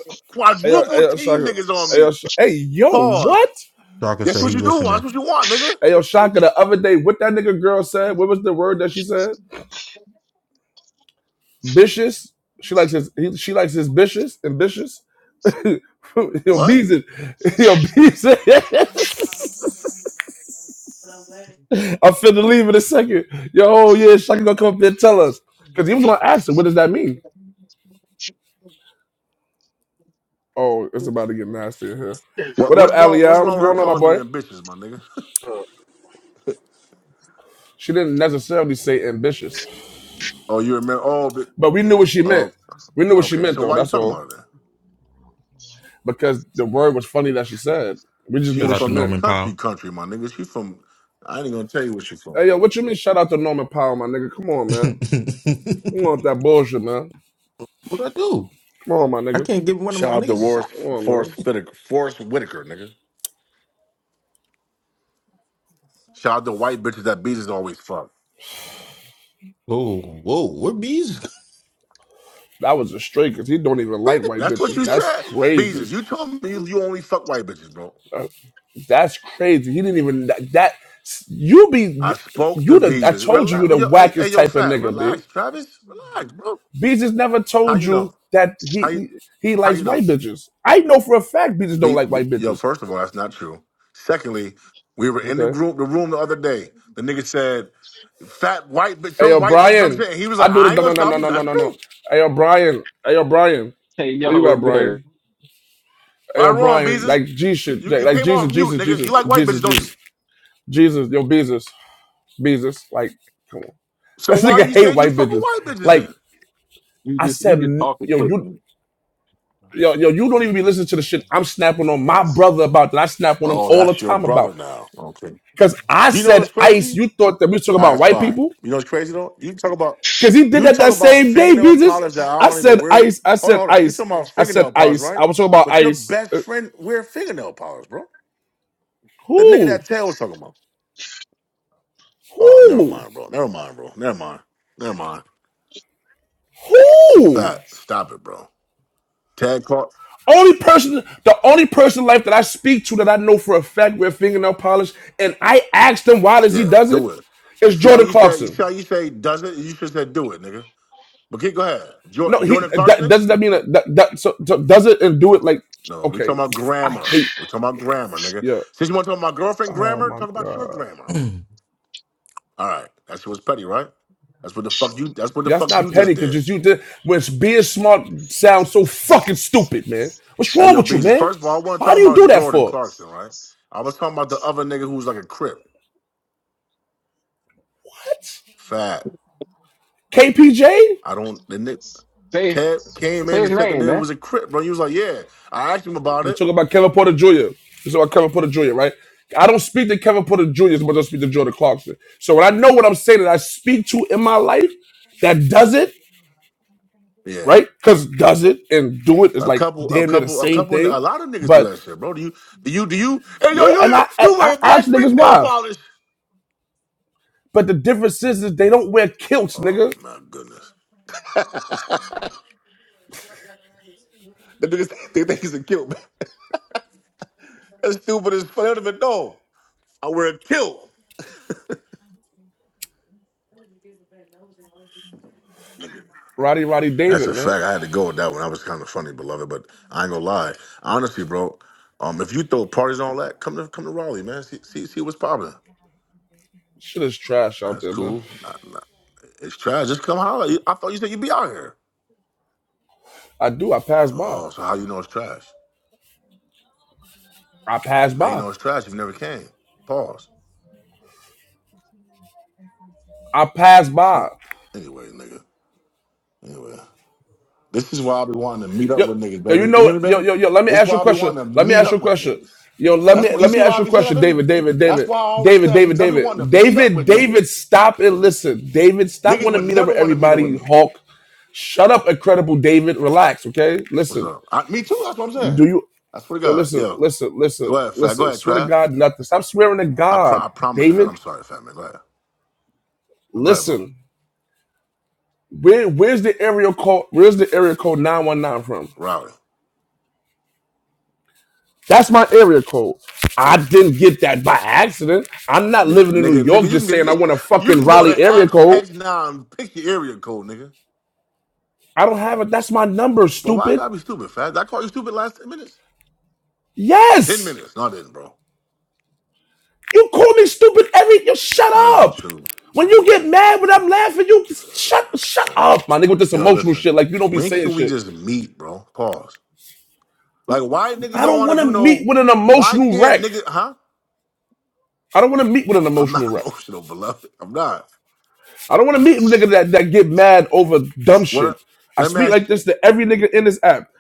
hey yo, hey
quadruple
yo,
team
Shaka,
niggas on
hey yo,
me.
Sh- hey yo,
Pause.
what?
Doctor
That's
said
what
he
you do. That's
listening.
what you want, nigga.
Hey, yo, Shaka, the other day, what that nigga girl said, what was the word that she said? Vicious. She likes his, he, she likes his vicious, ambitious. yo,
What?
bees it. Yo, bees it. I'm finna leave in a second. Yo, oh, yeah, Shaka gonna come up there and tell us. Cause he was gonna ask her, what does that mean? Oh, it's about to get nasty in here.
What?
What up,
What's wrong? What's
Aliyah?
wrong
What's
with her
going on, my
calling me
boy?
ambitious, my nigga?
She didn't necessarily say ambitious,
oh, you remember? Oh, but,
but we knew what she meant.
oh,
We knew what she
okay.
meant,
So
though,
why you
that's
talking
all.
about her then?
Because the word was funny that she said. We just knew
She
Shout
what
out
she
to
from the
meant.
Norman
country,
Powell.
country, my nigga. She from. I ain't gonna tell you where she from.
Hey, yo, what you mean shout out to Norman Powell, my nigga? Come on, man. You want that bullshit, man.
what do I do?
Come on, my
I
nigga.
can't give one of
Shout
my
out to
niggas a
Forrest
sack.
Come on,
Forrest
man.
Whitaker, Forrest Whitaker, nigga. Shout out to white bitches that beat is always fuck.
Whoa, whoa, where bees?
That was a straight because he don't even
Where
like
the
white
That's what
bees
bitches.
you
is
That's
said.
crazy.
Beezus, you told me you, only fuck white bitches, bro.
That's crazy. He didn't even that, that you
I
be
spoke to
you the I
Beezus.
told you
Relax.
you the
Yo, hey, hey,
wackest
yo,
type of
fat.
nigga, B.
Relax, Travis. Relax, bro.
B just never
How
told
you
you
know?
that he
How you
he, he
how
likes
you know?
white bitches. I know for a fact B just don't
Be,
like
be,
white
yo,
bitches.
first of all, that's not true. Secondly, we were in the
Okay.
group, the room the other day. The nigga said, fat white bitch,
Hey
some
yo,
white bitch, some
Brian.
shit. And he was
I
like,
do the
I ain't
no
gonna
no no
stop
no
him
no
because
no
that's
no no.
true.
Hey yo, Brian. Hey yo, Brian.
Hey,
Where
yo,
you
what's
at,
good?
Brian? Hey,
Right
yo,
or wrong,
Brian,
Beezus.
like G shit,
You,
like
you
like
came
Jesus,
off mute,
Jesus,
nigga.
Jesus,
You like white
Jesus,
bitches, don't you?
Jesus, Jesus, yo, Beezus, Beezus, like, come on.
So
This
why
nigga
you
hate
said you
white
fuck with
bitches.
white bitches
Like,
then?
You
I
just
said,
you just
n-
talking
yo,
quick,
you,
man.
yo, yo, you don't even be listening to the shit I'm snapping on my brother about that I snap on him
Oh,
all the
that's your
time about.
brother now.
Cause I
You know
said
what's
ice,
crazy?
you thought that we was talking
All
about
right,
white
fine.
people?
You know what's crazy though? You talk about
Cause he did
you
that
talk
that
about
same day,
fingernail
Beezus.
polish that I
I
don't even
said
wear.
ice, I
Hold on,
said
hold on. You
ice,
talking about
I said
fingernail polish,
ice.
right?
I was talking about
But your
ice.
best
Uh,
friend wear fingernail polish, bro. The nigga
Who?
that Tail was talking about. Oh, never
Who?
mind, bro. Never mind, bro. Never mind. Never mind.
Who?
Fat. Stop it, bro. Tag Clark.
Only person, the only person in life that I speak to that I know for a fact wear fingernail polish, and I ask them why does he
Yeah,
does it,
do it.
is
See how
Jordan
you said you
Clarkson.
see how you say does it? You should have said do it, nigga. But keep go ahead. Jor-
No, he
Jordan
that,
Clarkson?
doesn't that mean that, that, that so, so does it and do it like
No, we
okay?
talking about
I
grammar.
hate
We're talking about grammar, nigga.
yeah.
Since you want to talk about my girlfriend
Oh
grammar,
my
talk about your
god,
grammar.
coming?
All right, that shit was petty, right? That's what the fuck you. That's what the
Yeah, that's
fuck
not
you
petty
just
because
did.
just you did when being smart sounds so fucking stupid, man. What's
Hey,
wrong
yo,
with you,
Beezus.
man?
First of all, I want to
Why
talk
do you
about
do that
Jordan
for?
Clarkson, right? I was talking about the other nigga who was like a crip,
What?
fat.
KPJ?
I don't. The nigga
Say
Ted came in
say his
and said the
name,
nigga was a crip, bro. He was like, yeah. I asked him about
Let's
it.
talk about Kevin Porter Jr. Let's talk about Kevin Porter Jr., right? I don't speak to Kevin Porter Jr. as much as I speak to Jordan Clarkson. So when I know what I'm saying that I speak to in my life that does it,
Yeah.
right? Because does it and do it is
A
like
couple, a
damn near the
couple, a
same
couple, a
thing.
lot of niggas do
But
that shit, bro. Do you, do you, do you? Hey, yo,
yeah, and
you,
I, I,
you wear
I ask
black
niggas
fingernail
why.
polish?
But the difference is, is they don't wear kilts,
Oh
nigga.
my goodness. The niggas they think he's a kilt. Man. That's stupid as fuck. They don't even know. I wear a kilt. Nigga,
Roddy Roddy
That's
David,
a
man.
fact. I had to go with that one. That was kind of funny, beloved. But I ain't gonna lie. Honestly, bro, um, if you throw parties and all that, come to come to Raleigh, man. See see, see what's poppin'.
Shit is trash out
That's
there, man.
cool. Not, not, it's trash. Just come holler. You- I thought you said you'd be out here.
I do. I pass by.
Oh, so how you know it's trash?
I pass
How you
by.
know it's trash if you never came? Pause.
I pass by.
So anyway, nigga. Anyway. This is why I be wanting to meet up
Yo,
with niggas,
yo, you
baby. You
know,
hear me,
yo,
baby?
yo, yo. Let me
This is
ask you
why
a
I be
question.
wanting to
Let me
meet
ask you a
up with
question.
niggas.
Yo, let
That's
me
what you
let me
see
ask
why I
you a
be saying that,
question,
baby.
David, David,
That's
David,
why I always
David,
tell you
David,
because I be
David,
wanting to meet up
David,
with
David.
niggas.
Stop and listen, David. Stop
Niggas
wanting
would
to meet up
never
with
want to meet up with
everybody.
me.
Hawk, shut up, incredible David. Relax, okay?
What's
Listen,
up? I, me too. That's what I'm saying.
do you?
I swear to
Yo,
God,
listen,
yo.
listen, listen,
Go ahead, fat. Go
listen.
ahead,
Swear to
Trav.
God, nothing. Stop swearing to
I pro-
God,
I promise to God,
David.
I'm sorry, fat man. Go ahead. Go ahead, bro.
Listen, where where's the area code? Where's the area code nine one nine from?
Rowdy.
That's my area code. I didn't get that by accident. I'm not
Nigga,
living in New
nigga,
York
nigga, you can
just
get it.
saying I
You,
want a
you
fucking
can go to
Raleigh area
apps,
code.
text now, and pick your area code, nigga.
I don't have it. That's my number,
But why I
stupid.
gotta be stupid, fat? Did I call you stupid last 10 minutes? 10
Yes.
minutes. No, I didn't, bro.
You call me stupid every you shut
That's not even
up.
true.
When you get mad when I'm laughing, you shut
Uh,
shut
uh,
up, my nigga, with this
yo,
emotional
listen.
shit. Like you don't be
When
saying
can we
shit.
just meet, bro? Pause. Like, why niggas
I
don't
don't
want to
wanna
do no?
meet with an
Why
emotional
can't
wreck.
niggas? Huh?
I don't wanna meet with an
I'm not
emotional wreck.
emotional, beloved. I'm not.
I don't want to meet niggas that, that get mad over dumb
What?
shit.
a-
I
let me
speak
ask. you-
like this to every nigga in this app.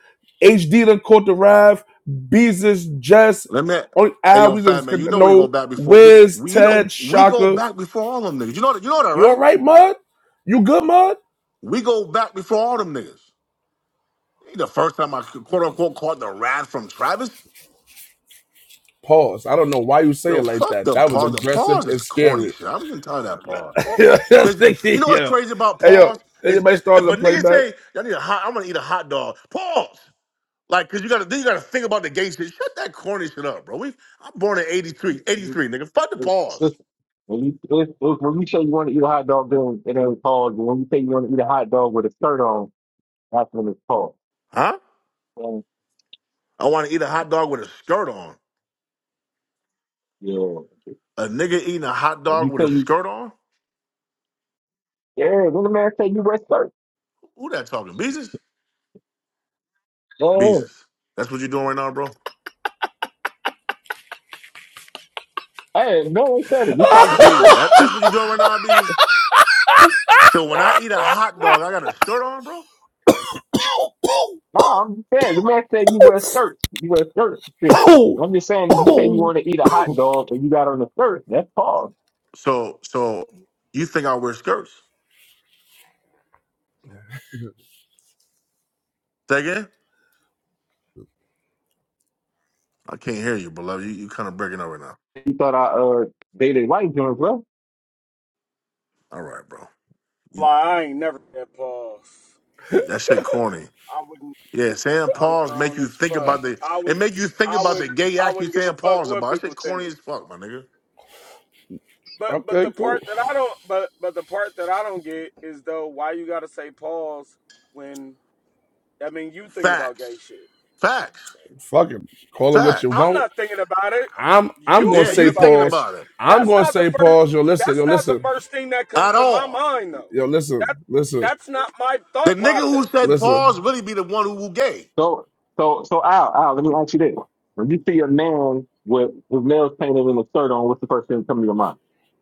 HD done caught the Rav, Beezus, Jess,
Let me.
on
Hey,
Al,
yo,
we
fat
just
man. You
get-
know we go
know
back before. We,
Wiz,
we- you
Ted,
know we go
Shaka.
back before all them niggas. You know that. You know that,
You
right?
all right, Mud? You good, Mud?
We go back before all them niggas. Ain't the first time I quote unquote caught the wrath from Travis.
Pause. I don't know why you say
Yo,
it like
fuck
that.
the
That was
pause. The
aggressive
pause
and
is corny
scary.
shit. I'm getting tired of that pause.
yeah.
Cause you, you
Hey,
know what's crazy about
yo,
pause is
anybody
if, if
started a
a nigga
playback?
say I need a hot, I'm gonna eat a hot dog. Pause. Like, cause you gotta then you gotta think about the gay shit. Shut that corny shit up, bro. We I'm born in 83,
man.
83, nigga. Fuck the pause,
Listen, when you listen, when you say you want to eat a hot dog, then it ain't called. But when you say you want to eat a hot dog with a skirt on, that's when it's called.
huh?
And,
I want to eat a hot dog with a skirt on.
yeah.
A nigga eating a hot
When
dog
you
with
say
a
you,
skirt on?
yeah, when the man say you wear skirt,
Who that talking? Beezus? Beezus.
oh,
That's what you doing right now, bro.
Hey, no one said it. It's like,
Beezus. That, that's what you doing right now, Beezus. So when I eat a hot dog, I got a skirt on, bro.
nah, I'm just saying. The man said you wear skirts. You wear skirts. Sis.
okay,
I'm just saying, if you say you want to eat a hot dog and you got on a skirt, that's called.
So, so you think I wear skirts? Say again? I can't hear you, beloved. You, you kind of breaking up right now.
You thought I uh dated white girls,
All right, bro. You,
Why I ain't never that boss.
you, that shit corny.
I wouldn't.
Yeah, saying
I'm
pause make
grown
you
as
think
fuck.
about the
I
it
would.
make you think
I
about the
wouldn't.
gay
I
act you
wouldn't give a
saying
fuck
pause
what
about. That
people
shit corny as
think.
fuck, my nigga.
But but the
cool.
part that I don't. But but the part that I don't get is though why you gotta say pause when I mean you thinking about gay
Facts,
shit.
facts,
Fuck it. Call it what you
facts.
I'm
want.
not thinking about it.
I'm I'm
You
gonna
Yeah,
thinking
you
say
about
thinking
that
pause.
about
shit.
it
I'm
That's
gonna
not the
say
first.
pause. Yo, listen. Yo,
That's not the
listen.
first thing that comes
at
to my
all?
mind though.
Yo, listen.
That
Listen.
that's not my
The
thought
nigga who
process.
said
Listen.
pause really be the one who, who gay.
So, so, so, Al, Al, let me ask you this: When you see a man with his nails painted and a shirt on, what's the first thing that comes to your mind?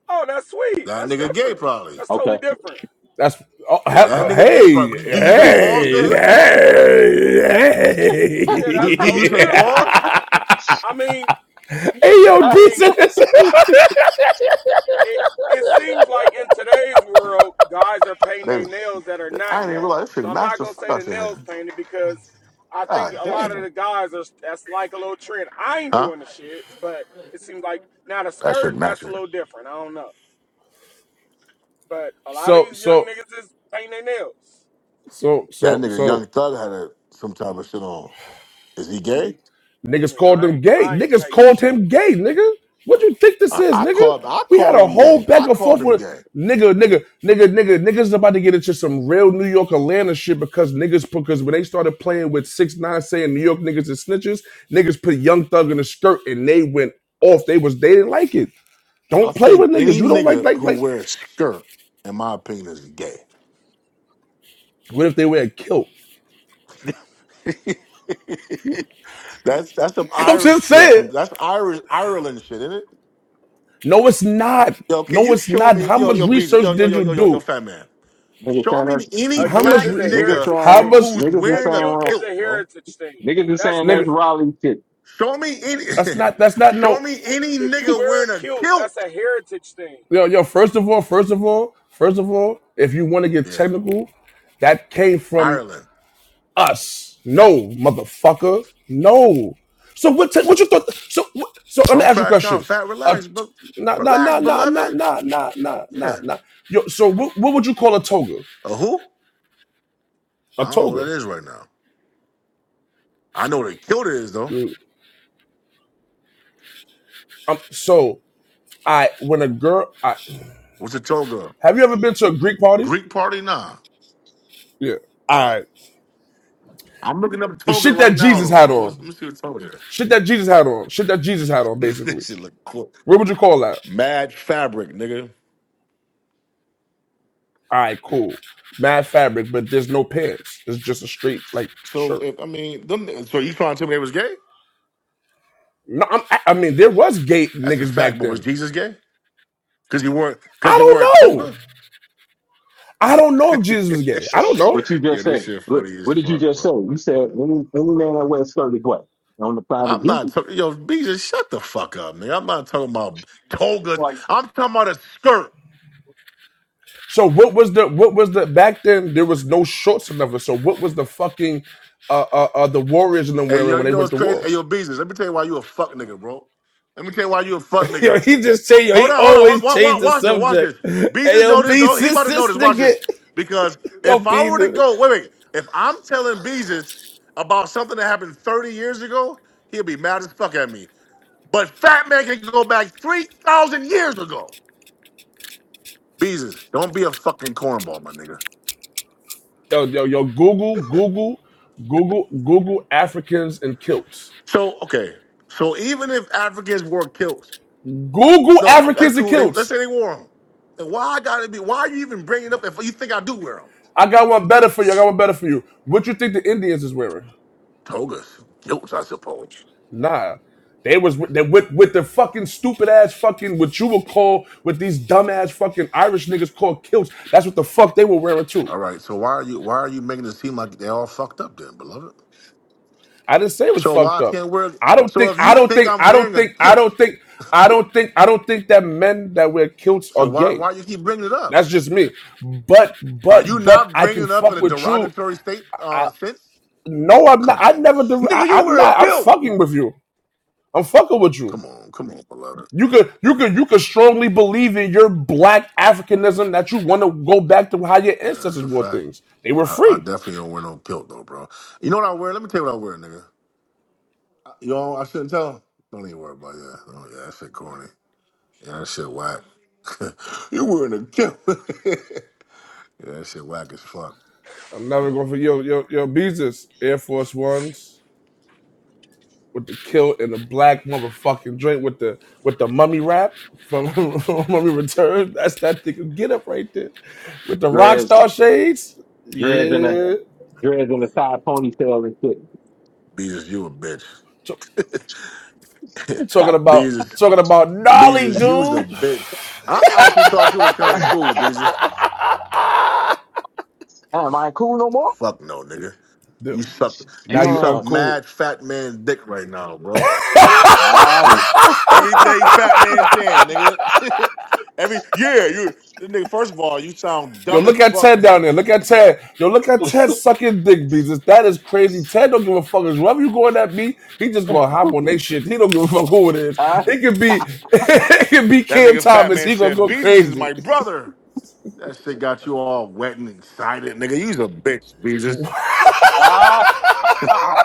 Oh, that's sweet.
That
That's
nigga gay
different.
probably.
That's totally
Okay,
different.
That's oh,
Yeah,
That's
that
to-
nigga gay
hey
probably. Do you say pause
he,
to
hey
him?
hey
yeah,
Do
that's
Do you
totally
hey.
say
different.
pause?
I mean,
hey yo,
I mean,
Jesus.
it it seems like in today's world, guys are painting their
Baby,
nails that are
I
not
didn't even
gay.
realize this
So
shit
I'm
matched
not
the
gonna
fuck
say the
out your
nails
hair.
painted because I think
God
a lot of
damn.
the guys are that's like a little trend. I ain't
Huh?
doing the shit, but it seems like now the
That shit
skirt
matched
that's a
it.
little different. I don't know, but a lot of
So
these young
so
niggas is painting their nails.
so
That
so
nigga
so
Young Thug had a, some type of shit on. Is he gay?
Niggas
Yeah,
called
I ain't
him gay.
I ain't
Niggas
painting
called
shit.
him gay, nigga. What you think this
I,
is,
I
nigga?
called I
We had
called
a
him gay.
whole back
I
and
called
forth
him
with
gay.
nigga, nigga, nigga, nigga, niggas about to get into some real New York Atlanta shit because niggas because when they started playing with six nine saying New York niggas is snitches, niggas put Young Thug in a skirt and they went off. They was they didn't like it.
I
Don't play
think
with niggas.
any
You don't like
nigga
like
who
like.
wears skirt, in my opinion, is gay.
What if they wear a kilt?
that's that's some
I'm
Irish
just
Uh,
shit from
saying.
that's Irish Ireland shit, isn't it?
No, it's not.
Yo, can
No,
you
it's
show
not.
me
How
yo
much
yo bees
research
yo yo
did
yo
you
yo yo yo
do?
fat man?
niggas
Show
saying
me
that's
any
A
How
kilt
much?
black
is
Re-
a
niggas
nigga
heritage
how
saying
thing.
much?
who's
niggas is
A
wearing a
kilt
saying
is a
kilt, bro.
heritage thing.
niggas is
That's
saying
Nigga.
that's
different.
Raleigh shit.
Show me any
That's not. That's not
show
no.
me any
If you
nigga
wear a
wearing a
kilt, that's
kilt.
a heritage thing.
Yo, yo. First of all, first of all, first of all, if you want to get
Yeah.
technical, that came from
Ireland.
us. No, motherfucker. No. So what? Te- what you thought? So what, so let me
Don't
ask you a
crash
question.
out. Fat
A
relax, bro.
t- nah, nah,
Relax,
nah, nah, nah,
beloved.
nah, nah, nah, nah,
Yeah.
nah. Yo. So what? What would you call a toga?
A who?
A
I don't know what
toga.
that is right now. I know what a kilt is though.
Mm, Um, so I when a girl. I,
What's a toga?
have you ever been to a Greek party?
Greek party? Nah.
Yeah. All right.
I'm looking up
The
toga
shit
right
that
now
Jesus
though,
had
bro. What's,
on.
let me see what toga
Shit that Jesus had on. Shit that Jesus had on,
is. that
basically.
shit look cool.
What would you call that?
Mad fabric, nigga.
All right, cool. Mad fabric, but there's no pants. It's just a straight like
So
shirt.
if I mean them so you trying to tell me they was gay?
No, I'm, I mean there was gay
That's a
niggas
fact.
back
But was
then.
Jesus gay? Because he wore
I
because he wore a
don't know.
toga.
I don't know if Jesus was gay. I don't know.
What you
yeah,
just
this
said?
shit
What,
funny as
what did you
fuck,
just say?
bro.
You said any any man that wears a shirt is what on the side of
I'm
Jesus,
not talking. Yo, Jesus, shut the fuck up, nigga. I'm not talking about togas. I'm talking about a skirt.
So what was the what was the back then? There was no shorts or nothing. So what was the fucking uh uh, uh the warriors in them
Hey,
wearing
yo,
when
you
they
know
went
what's
to
crazy?
war?
Hey, yo, Jesus, let me tell you why you a fuck nigga, bro. Let me tell you why you a fuck
Yo,
nigga.
he just changed. Yo,
Hold
he
on, hold on.
always
Watch, watch,
changed the
watch this. Watch
subject.
this.
Hey,
Beezus
yo,
know this
B,
though. He
this
about to know
this
this. Watch this.
nigga.
Because
Yo,
if
B,
I were to
this,
go, wait, wait. If I'm telling Beezus about something that happened 30 years ago, he'll be mad as fuck at me. But Fat Man can go back 3,000 years ago. Beezus, don't be a fucking cornball, my nigga.
Yo, yo, yo, Google, Google, Google, Google Africans and kilts.
So okay. So even if Africans wore kilts,
Google
no, that's
Africans and
cool. They, let's
kilts.
say they wore them. Then why I gotta be? Why are you even bringing up if you think I do wear them?
I got one better for you. I got one better for you. What you think the Indians is wearing?
Togas, kilts, I suppose.
Nah. They was with- they with with the fucking stupid ass fucking what you would call with these dumb ass fucking Irish niggas called kilts. That's what the fuck they were wearing too.
All right. So why are you why are you making it seem like they're all fucked up then, beloved?
I didn't say it was
So why
fucked
I
up.
can't wear
I don't
so
think
if
I
you
don't
think
think
I'm
I don't
wearing a
think I
kilt,
don't think I don't think I don't think that men that wear kilts
so
are
why
gay.
why you keep bringing it up?
That's just me. But
Are
but
you
but
not
I
bringing
can
it up in
fuck
a
with you.
derogatory state
I
uh sense?
no, I'm not.
Come
I
on.
never. I,
Nigga, you
I'm
wear a
not. I'm
kilt.
fucking with you. I'm fucking with you.
Come on, come on, beloved.
You could you could you could strongly believe in your black Africanism that you want to go back to how your
Yeah, it's
ancestors
a
wore
fact.
things. They were
I, I
free.
definitely don't wear no kilt though, bro. You know what I wear? Let me tell you what I wear, nigga. I- You know, I shouldn't tell. Don't even worry about that. Oh yeah, that shit corny. Yeah, that shit whack. you wearing a kilt. Yeah, that shit whack as fuck.
I'm never going for yo yo yo. Beezus Air Force Ones. with the kilt and the black motherfucking drink with the with the mummy rap from Mummy Return. That's that nigga get up right there with the rock
dreads,
star shades.
dreads in a
Yeah,
dreads in a side ponytail and shit.
Beezus, you a bitch.
T- talking
Like,
about
Beezus,
talking about gnarly
Beezus, you's a
dude.
bitch. I actually thought you was kind of cool, Beezus.
Am I cool no more?
Fuck no, nigga.
Dude,
You suck.
Now
You
you
suck
Uh,
uncool.
mad fat man dick right now, bro.
ah,
Everything fat man saying, nigga. Every yeah, you this nigga. First of all, you sound
Yo,
dumb as
look at
fuck.
Ted down there. Look at Ted. Yo, look at Ted sucking dick beats. That is crazy. Ted don't give a fuck. Whoever you going at me, he just gonna hop on that shit. He don't give a fuck who it is.
ah,
It could be, it could be
that
Cam
nigga fat
Thomas.
man
He gonna
said,
go
"Beezus is
crazy.
my brother." That shit got you all wet and excited, nigga. You's a bitch, Beezus.
ah, ah.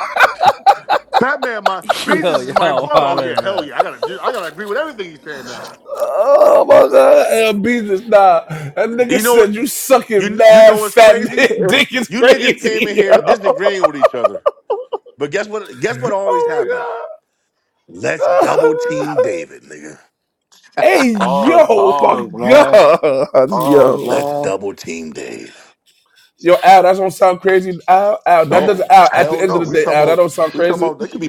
Fat man, my Beezus
Yo,
is my
yo,
brother. Oh
wildin',
yeah, hell
man.
yeah. I gotta do. I gotta agree with everything he's saying now.
Oh my god, and beat this nah. That
You
nigga
know
said
what?
you sucking
You you know
mad
what's
fat
crazy?
man dick is
You niggas came in
crazy. Yo.
here disagreeing with each other. But guess what? Guess what always happens?
Oh
Let's
my god.
double team David, nigga.
hey
Pause,
yo, my
pause, man.
god,
Pause,
yo,
Let's
man.
double team Dave.
yo, Al, that don't sound crazy. Al, Al, that doesn't.
No,
Al, at the
hell
end
no.
of the
We
day,
talking
Al, that
about
don't sound
we talking
crazy.
about. That could be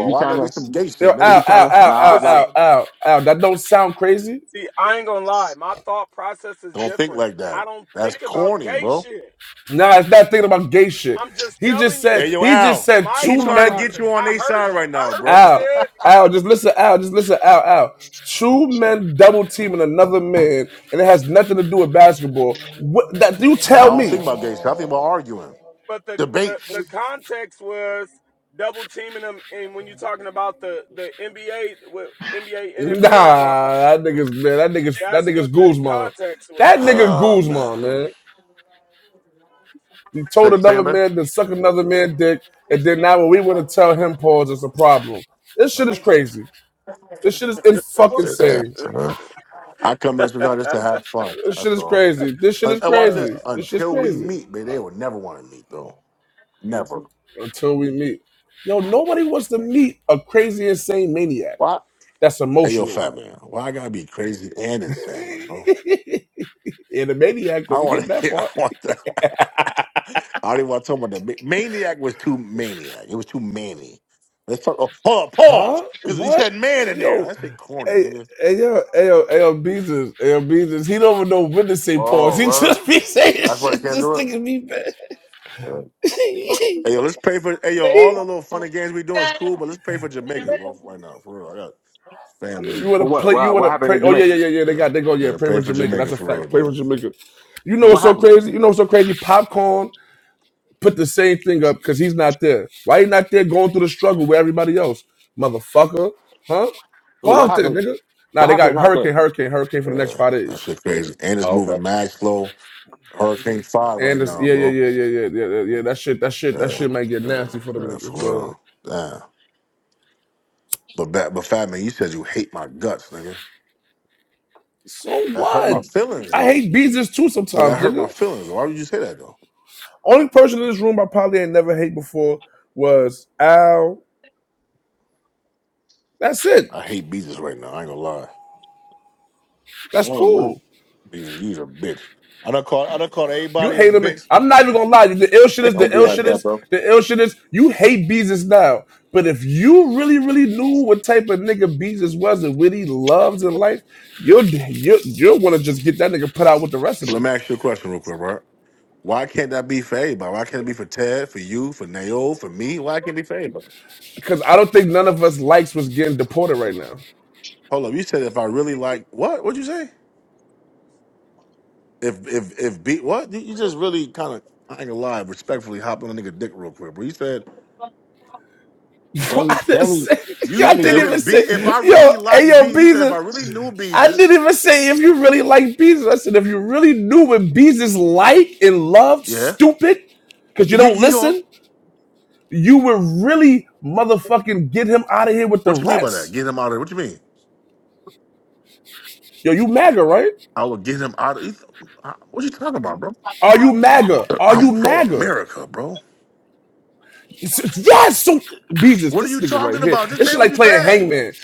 If you
Why
trying
gotta
to,
be some
if
gay
Yo,
shit, nigga?
Al,
you trying
Al,
to,
Al,
nah,
Al,
But
nah.
see,
Al, Al, Al, that don't sound crazy.
see, I ain't gonna lie. My thought process is
Don't think
different.
like
I
that.
don't
That's
think about
corny,
gay
bro.
shit.
Nah, it's not thinking about gay shit.
I'm just
He just
telling
said.
Hey
you
yo,
He just
Al.
said
my
He
two
thought
trying to
men.
get
process.
you on
I
their
heard
side
you.
right
I
now,
heard what he
bro.
Al,
said,
Al, just listen, Al, just listen, Al, Al. Two men double teaming another man, and it has nothing to do with basketball. What that you
I
tell
don't
me?
think about gay shit. I think about arguing,
but the the,
debates.
the context was double teaming them. And when you're talking about the the NBA, with NBA,
Nah,
NFL talking
that
shit,
nigga's man, that nigga's that
that's
nigga's
what the
Guzman.
context
That
was.
nigga
Oh
Guzman,
man,
man. He told
say, say it,
another
man.
man to suck another man dick, and then now when we want to tell him pause, it's a problem. This shit is crazy. This shit is in fucking
Yeah,
insane.
man. I come here sometimes just to have fun.
This shit
That's
is
all.
crazy. This shit
And,
is
and watch
Uh.
this.
crazy. This shit's
Until we
crazy.
meet, man, they will never want to meet though. Never.
until we meet. Yo, nobody wants to meet a crazy, insane maniac
Why?
that's
Hey, yo,
emotional.
fat man. Why I gotta be crazy and insane, bro?
and a maniac,
I
don't
don't
we
want
get that
to. I
part?
want that. I didn't want to talk about that. Ma- Maniac was too maniac. It was too manny. Let's talk. Oh, hold on, pause.
Huh?
Because he
What?
said man in there.
Yo,
That shit corny,
hey,
nigga.
hey, yo, hey, yo, hey, yo, Beezus, hey, yo, Beezus, he don't even know when to say
Oh,
pause. He just be saying
that's why they
shit,
can't
just
do
thinking me bad.
it. Hey yo, let's pray for hey yo, all
He,
the little funny games we doing is cool, but let's pray for Jamaica, bro, right now. For real. I got
you
family.
want
For
to
what?
play, you
What,
want
what
to
happened
pray.
in
Oh, yeah,
Jamaica?
yeah, yeah, yeah, they
Yeah.
got, they go, yeah,
Yeah,
play
pray
with
for
Jamaica. That's
Jamaica
a
for real,
fact. Play
bro.
with Jamaica. You know
What
what's so
happened?
crazy? You know what's so crazy? Popcorn put the same thing up because he's not there. Why he not there going through the struggle with everybody else? Motherfucker. Huh? Go
What
out there,
happened?
nigga. Nah,
What
they got
happened out there?
hurricane, hurricane, hurricane for the next
Yeah.
five
That
days.
shit crazy. And it's
Oh,
moving
okay.
mad slow. Hurricane five right
And it's,
now,
yeah, yeah,
bro.
yeah, yeah, yeah, yeah, yeah, yeah. That shit, that shit, that
Yeah.
shit might get
Yeah.
nasty for them
Yeah,
niggas,
for
bro.
real. Damn. But back but Fat Man, you said you hate my guts, nigga.
So
That hurt
what?
my feelings
I
though.
hate beaches too
But that
sometimes,
hurt my
nigga.
feelings. Why would you say that though?
Only person in this room I probably ain't never hate before was Al. That's it.
I hate Beezus right now, I ain't gonna lie.
That's
Oh, man.
cool.
Beezus, you's a bitch. I done called I done called
You
everybody a
hate him.
bitch.
I'm not even gonna lie. The ill shit is
Don't
the
be
ill
like
shit
that,
is
bro.
the ill shit is. You hate Beezus now, but if you really, really knew what type of nigga Beezus was and what he loves in life, you'll you'll, you'll want to just get that nigga put out with the rest of
So let
them.
me ask you a question real quick, right? Why can't that be for everybody? Why can't it be for Ted, for you, for Nayo, for me? Why can't it be for everybody?
Because I don't think none of us likes what's getting deported right now.
Hold up, you said if I really like what? What'd you say? If if if be what? You you just really kind of I ain't gonna lie, respectfully hop on a nigga dick real quick, bro. You said
I
Jamie,
didn't
Jamie,
say,
you
y'all
Jamie,
said
didn't
do
even
if B
say,
if I
yo,
really
hey
like B,
yo,
you said if I
Beezus.
really knew
I
Beezus,
didn't even say if you really like Beezus. I said if you really knew what Beezus like and loved,
yeah.
stupid, because
He,
you
he,
don't
he
listen.
going.
you would really motherfucking get him out of here with the
What you mean by that?
rest.
Get him out of there. What you mean?
Yo, you MAGA, right?
I will get him out of. you- What you talking about, bro?
Are you MAGA? Are
I'm
you
pro
MAGA?
America, bro.
It's- Yes! So, Beavis,
What are
this
you
nigga right
talking
here.
about? Just
This
say
shit
what
like
you
playing
said.
Hangman.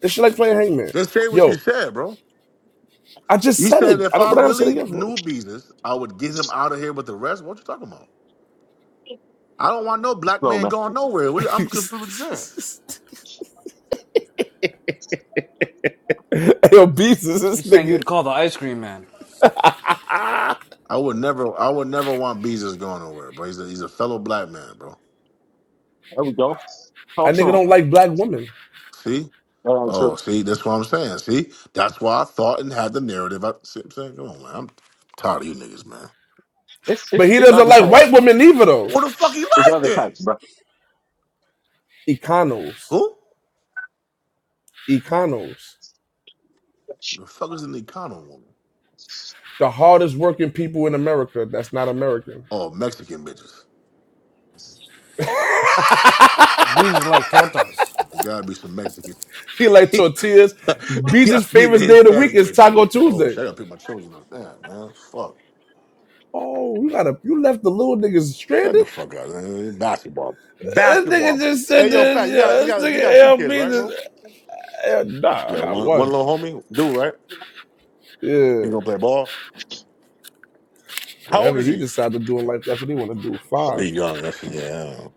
This shit like playing Hangman.
Just say what you
Yo,
said, bro.
I just
You
said
said
it. I
if
don't,
I
what I gotta say it
really
again for?
knew Jesus, I would get him out of here with the rest. What you talking about? I don't want no black
slow,
man
man.
going nowhere. What you- I'm confused what you said.
Yo, Beavis, this
He's saying
nigga.
you'd call the ice cream man.
a
I would never, I would never want Jesus going nowhere, bro. He's a, he's a fellow black man, bro.
There we go. Talk to
nigga
him.
don't like black women.
See?
Uh, so
Oh, see, that's what I'm saying. See, that's why I thought and had the narrative. I, see what I'm saying, come on, man. I'm tired of you niggas, man.
it's,
But
it's,
he
it's
doesn't
other
like
types.
white women either, though.
What the fuck he
It's
like
other
then?
types, bro.
Econos.
Who?
Econos.
The fuck is an Econo woman?
The hardest working people in America that's not American.
Oh, Mexican bitches.
Bees is like tortas.
It gotta be some Mexican.
He like
you
tortillas. Beez's
gotta be the
favorite day of the week
Hispanic
is
bitches.
Taco
Oh,
Tuesday.
shut up, pick my children up. Damn, man. Fuck.
Oh, you got a you left the little niggas
Shut the
stranded.
fuck up, man. Basketball.
This nigga
Basketball.
just said
Hey yo,
this.
fat, you got you
Yeah, this
got you got
nigga
two
L
kids,
Beez
right, bro?
eh, nah.
You
I
got
got
one one
one.
little homie? Dude, right?
Yeah,
He gonna play ball? How old
whatever
is
he
he?
decided to do in life, that's what he want to do.
Oh,
Fine.
he young. That's yeah. I don't know.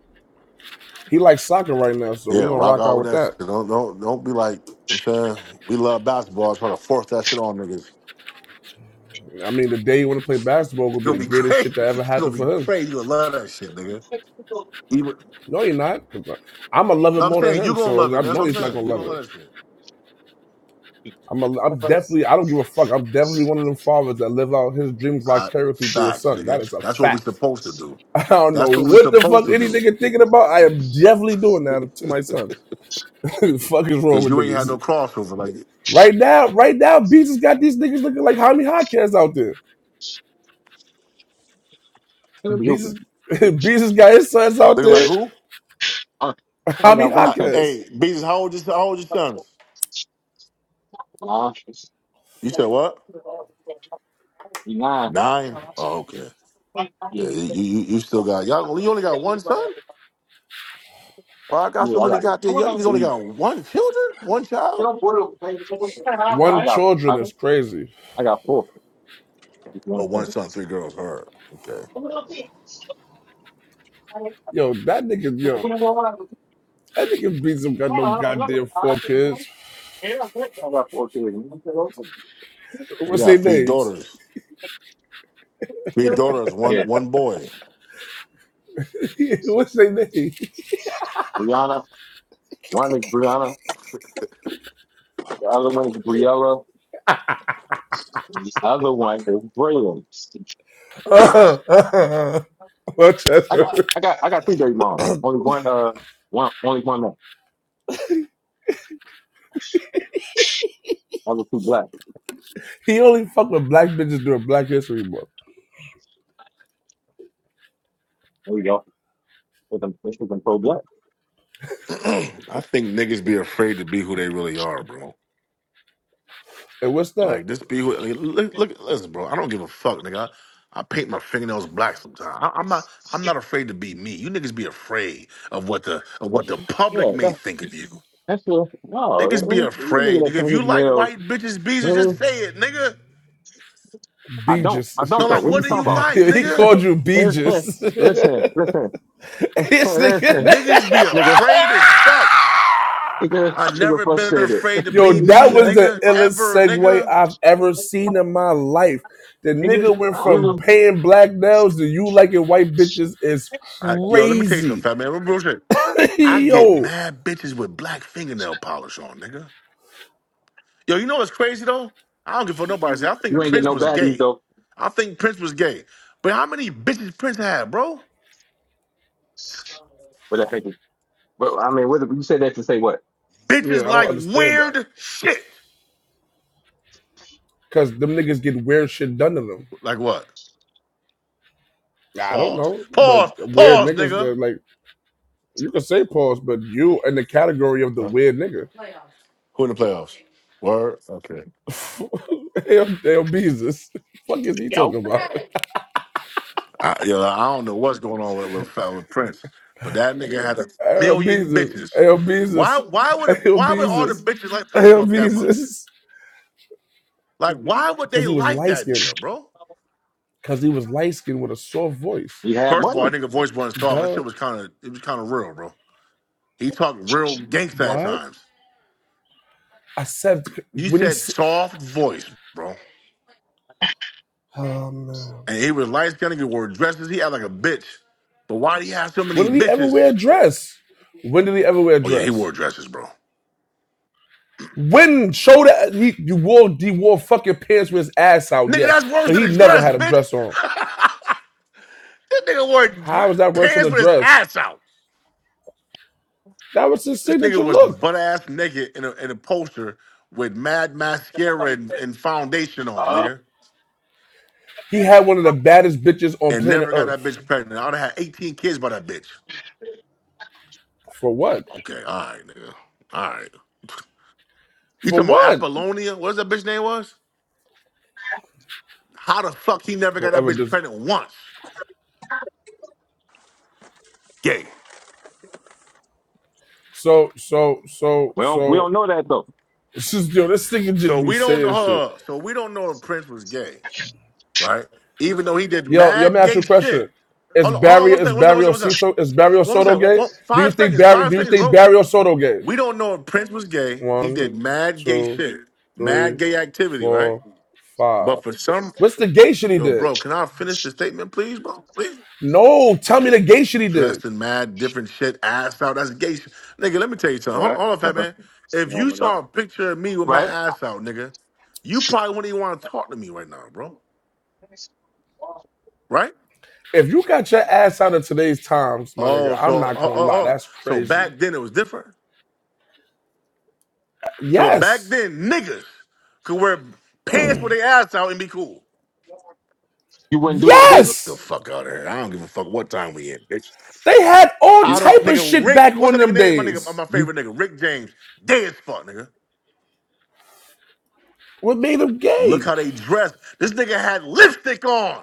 He likes soccer right now, so
Yeah,
we're gonna
rock
rock
out
out
with
with
that
that.
shit. Don't don't don't be like you know what I'm saying we love basketball, trying to force that shit on niggas. It's
I mean, the day you want to play basketball will be
gonna
the
be
greatest
great.
shit that ever
It's gonna
happened
be
for him.
crazy. you gonna love that shit, nigga. Even,
No, you're not. I'm gonna love it
no, I'm
more than
saying you
him,
gonna love
so
it.
I
That's
know
what I'm
he's not
saying.
gonna
you
love
gonna
it.
love that shit.
I'm a, I'm definitely I don't give a fuck. I'm definitely one of them fathers that live out his dreams
I,
vicariously through his
facts,
son. That
nigga.
is a
That's what we
fact.
supposed to do.
I don't know
That's what we
what the
supposed
fuck
to
any
do.
nigga thinking about. I am definitely doing that to my son. the fuck is wrong
Cause
with
you ain't had
niggas?
no crossover. Like
Right now, right now, Beats has got these niggas looking like Jaime Hotcats out there.
We open.
Beats has, Beats has got his sons out
looking like
there.
who?
Uh, I only
Jaime
got one
How,
thing.
Hotcats.
hey, Beavis, how old is how old your son?
Nah,
You said what?
you lying.
Nine. Oh, okay.
Yeah,
Yeah, you, you you still got y'all. You only got one son. Well, I
I
got so many
got
goddamn. Y'all niggas only
three.
got one children, one child.
One
I got,
children
I,
is crazy.
I got four. If you want
But one
something.
son, three girls. Her. Okay.
Yo, that nigga,
Yeah.
yo, that nigga Beats him got no goddamn four kids.
They
What's their
got three
names?
daughters. Three daughters, one one boy.
What's their name?
Brianna. One is Brianna. The other one is Briella. The other one is Braylon.
Uh-huh, uh-huh.
I
Rochester.
got I got I got three dirty moms. Only one uh one only one man. Other two black.
He only fuck with black bitches during Black History Month.
There we go. With them with them pro black.
I think niggas be afraid to be who they really are, bro.
And what's that?
Like this be who like, look look listen, bro. I don't give a fuck, nigga. I, I paint my fingernails black sometimes. I, I'm not I'm not afraid to be me. You niggas be afraid of what the of what the public
Yeah,
may
that's
think of you.
that's what
Niggas be
no look
afraid. Nigga,
at that
if
thing his
you like
nails.
white bitches, bees, just
Really?
say it, nigga.
I don't
Beeges.
I
No,
don't though.
like
What
what do you
are
like,
he
you talking
nigga?
called
about?
you
listen,
Beeges.
listen, listen.
This
nigga,
nigga-
Niggas be
nigga,
afraid as fuck. I
nigga
never been
frustrated.
afraid to
Yo,
be
that
me,
yeah.
was the
nigga,
illest
ever,
segue
nigga.
I've ever seen in my life. The
Nigga,
nigga went from
nigga,
paying black nails to you liking white bitches is
I, yo, let me tell you something,
crazy.
fat man. Real shit. I get
Yo.
mad bitches with black fingernail polish on, nigga. Yo, you know what's crazy though? I don't give for nobody. Say, I think
you ain't get
Prince
no
was
baddies
gay.
though.
I think Prince was gay. But how many bitches Prince had, bro?
But I think, but I mean, what you said that to say what?
Bitches
Yeah, I don't
like
understand that.
weird shit.
Cause them niggas get weird shit done to them.
Like what?
I don't
Pause.
know, but
Pause.
weird
Pause,
niggas
nigga.
that like You can say pause, but you in the category of the
Huh?
weird nigga.
Who in the playoffs? Word. Okay.
L. L. Beezus. Fuck is he talking
Yo,
about?
I, yo, I don't know what's going on with, with, uh, with Prince, but that nigga had a
L.
million
Beezus.
bitches.
L. Beezus.
Why? Why would? A,
L.
why would all the
Beezus.
bitches like Prince
L.
up that much?
Beezus.
Like, why would they
Because he was
like
light
that
skinned.
nigga, bro?
Because he was light skinned with a soft voice.
you have
First of all, I
money.
think a voice when I saw that
Duh.
shit was kind of it was kind of real, bro. He talked real gangsta at
What?
times.
I said,
You
when he.
said soft voice, bro,
Oh, man.
and he was light skinned. He wore dresses. He had like a bitch. But why do you have so
When
many
did he ever
bitches?
wear a dress? When did he ever wear a
Oh yeah, he
dress?
wore dresses, bro.
When show that he you wore he wore fucking pants with his ass out,
Nigga,
yes,
that's worse
but
than
he
a
never
dress,
had a
bitch.
dress on.
this nigga wore dre-
How is that worse than
pants
a
with his
dress?
ass out.
That was his
This nigga
signature
was
look.
butt ass naked in a, in a poster with mad mascara and, and foundation on,
Uh,
nigga,
He had one of the baddest bitches on
and
planet
never got that
Earth.
bitch pregnant. I'd have had 18 kids by that bitch.
For what?
Okay, all right, nigga. All right. You
For
talking about
what?
Apollonia? What's that bitch name was? How the fuck he never got
Don't
that
ever
bitch
dis-
pregnant once? Gay.
So, so, so,
well, we
so.
don't know that though.
It's just, yo, this thing can just
So
be
we don't know.
saying shit.
Uh, so we don't know if Prince was gay, right? Even though he did
Yo, yo, let me
mad
ask you
gay
a question.
shit.
Is
Hold on, hold on.
Barry,
What's
is
that? What's that?
Barry
What's that? What's that?
Osito, is Barry
What was that?
Osoto
One,
gay?
one,
Do you
five
think
seconds.
Barry,
Five
do you
seconds,
think
bro.
Barry Osoto gay?
We don't know if Prince was gay. He
One,
did mad gay
two,
shit, mad
three,
gay activity, right?
four, five.
But for some,
What's the gay shit he
yo,
did?
bro, can I finish the statement, please, bro? Please.
No, tell me the gay shit he did.
dressed in mad different shit, ass out. That's gay shit. Nigga, let me tell you something. Hold,
Yeah,
hold on, fat
uh-huh.
man. If you
Warming
saw
up.
a picture of me with my
right?
ass out, nigga, you probably wouldn't even want to talk to me right now, bro. Right?
If you got your ass out of today's times, my nigga,
Oh,
I'm
so
not
oh,
gonna
oh,
lie,
oh.
that's
so
crazy.
back then it was different. So back
Yes,
then, niggas could wear pants with their ass out and be cool.
You wouldn't do that, David.
The
yes,
fuck out of here. I don't give a fuck what time we in, bitch.
they had all
I
You,
don't,
type of
nigga.
shit
Rick,
back
what's
on
that nigga
them
name? My nigga,
days.
my
you,
favorite nigga, Rick James. Dead as fuck, nigga.
What made them
Look
gay?
how they dressed. This nigga had lipstick on.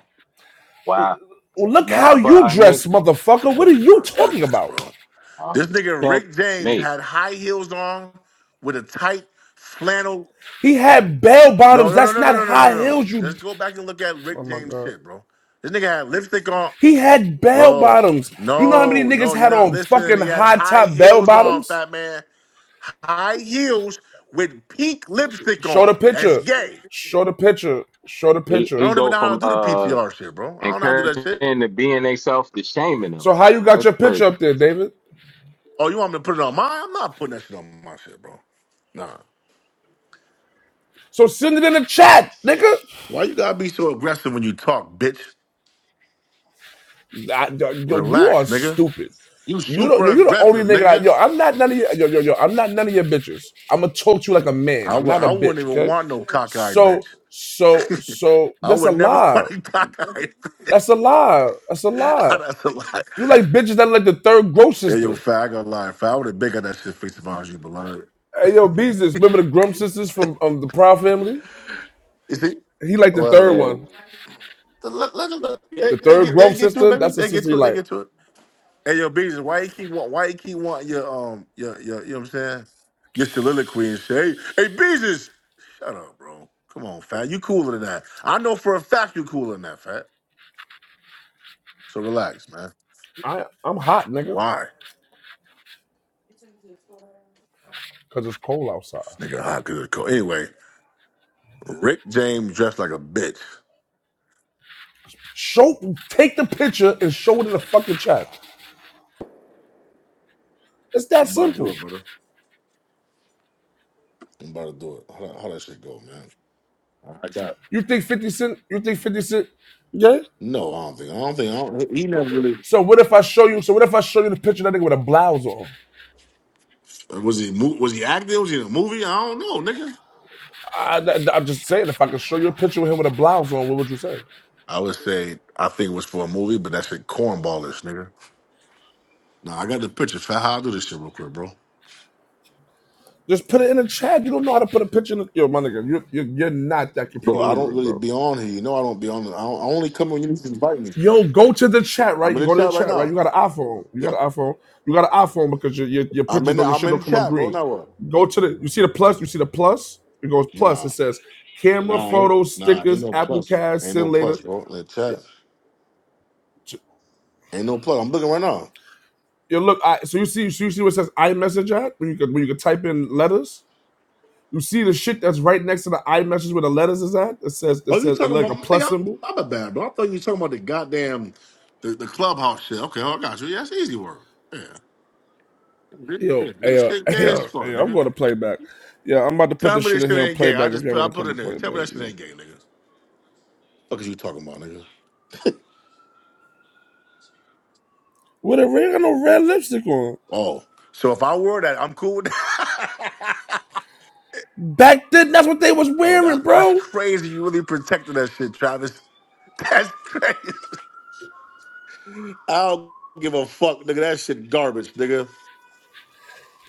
wow.
Well, look how
Not- but
you
our
dress,
next
motherfucker. What are
Oh
you
my
talking
goodness,
about?
bro.
uh,
This nigga Rick James
checkmate.
had high heels on with a tight flannel.
He had bell
No,
bottoms.
no, no,
That's
no, no,
not
no, no, no,
high
no.
heels. You.
Just go back and look at
Oh
Rick
my
James
god.
shit, bro. This nigga had lipstick on.
He had bell
Bro,
bottoms. You know how many
no,
niggas
no, you're
had
not
on
listening.
fucking
He had
high
high
top bell
heels on,
bottoms?
fat man. High heels with pink lipstick
Show the
on. That's
picture.
gay.
Show the picture. Show the
He
I
picture.
he
don't even
go
know how to
from
do the
uh
PTR shit, bro. I don't know how to do that
encouraging
shit.
to being they self to shaming them.
So how you got
That's
your
crazy.
picture up there, David?
Oh, you want me to put it on mine? I'm not putting that shit on my shit, bro. Nah.
So send it in the chat, nigga.
Why you gotta be so aggressive when you talk, bitch?
I, yo, you are
Relax, nigga.
stupid.
You
You don't. Yo,
super
you're the only
aggressive,
nigga. I,
nigga.
yo, I'm not none of your. Yo, yo, yo, I'm not none of your bitches. I'm gonna talk to you like a man.
I
I'm
would
not a
I wouldn't
bitch.
even
Okay.
want no cockeyed bitch.
So, so, so
I
that's a
would never
lie.
want a cockeyed.
That's a lie. That's a lie.
That's a lie.
You like bitches that are like the third gross
Hey, yo,
sister.
fag, I gotta lie. Fag, I would have bigger that shit face about you, beloved.
Hey, yo, business. Remember the Grum sisters from um the Proud Family?
You see?
He like the
Well,
third
Yeah.
look,
one.
look, look. They,
The
they
third
get, they
growth
get to it,
sister.
baby.
That's the
They get
sister he
to it. They
like.
get to it. Hey, yo, business. Why you keep want? Why you keep wanting your um your your you know what I'm saying? Your soliloquy and shit. Hey, hey, business. Shut up, bro. Come on, fat. You cooler than that. I know for a fact you cooler than that, fat. So relax, man.
I, I'm hot, nigga.
Why?
because it's cold outside.
This nigga hot good cold. Anyway, Rick James dressed like a bitch.
Show, take the picture and show it in the fucking chat. It's that
I'm about to do
simple.
it, brother. I'm about to do it. How, how that shit go, man? I got.
You think Fifty Cent? You think Fifty Cent? Yeah.
No, I don't think. I don't think. I don't, he he never really.
So what if I show you? So what if I show you the picture of that nigga with a blouse on?
Was he? mo- Was he acting? Was he in a movie? I don't know, nigga.
I, am just saying, if I could show you a picture with him with a blouse on, what would you say?
I would say I think it was for a movie, but that shit cornballish, nigga. Nah, I got the picture. Fat, how I do this shit real quick, bro.
Just put it in the chat. You don't know how to put a picture in. The, yo, my nigga, you, you you're not that
Bro,
computer
I don't
literate,
really
bro.
be on here. You know I don't be on. I, don't, I only come when you invite me.
Yo, go to the chat,
I'm
right?
in
You
the
go to the
chat right
chat, right? You
now.
got an iPhone. You
Yeah,
got an iPhone. You got an iPhone because your, your, your
I'm
pictures
in. The,
don't your
I'm
shit
in
don't
the
come up
chat, bro.
green.
Now what?
Go to the you see the plus, you see the plus? It goes plus. It
Nah,
says camera,
nah, ain't,
photos,
nah, ain't
stickers,
no
Apple
plus.
Cash,
Ain't no
send later.
plus, bro. In the chat, ain't no plus. I'm looking right now.
You look, I so you see so you see what it says iMessage at when you could when you could type in letters. You see the shit that's right next to the iMessage where the letters is at? It says it
Oh, you
says
talking
like
about
a
nigga?
plus
I'm,
symbol.
I'm a bad bro. I thought you were talking about the goddamn the, the clubhouse shit. Okay, oh, I got you. Yeah, that's easy work. Yeah. This,
Yo,
shit- this
hey, uh,
shit
hey,
gay
uh,
as fuck,
hey,
nigga.
I'm going to playback. Yeah, I'm about to put
Tell
this
me
shit
this
in
shit
here and
ain't gay. I
playback if
just
y'all
put I
want to
put
come
it in
and
there.
play it
Tell me
back.
that
you
shit
know.
ain't gay, nigga. Fuck is you talking about, nigga?
With a red, no red lipstick on.
Oh, so if I wore that, I'm cool with that.
Back then, that's what they was
oh,
wearing,
that, that's
bro.
crazy. You really protected that shit, Travis. That's crazy. I don't give a fuck, nigga. That shit garbage, nigga.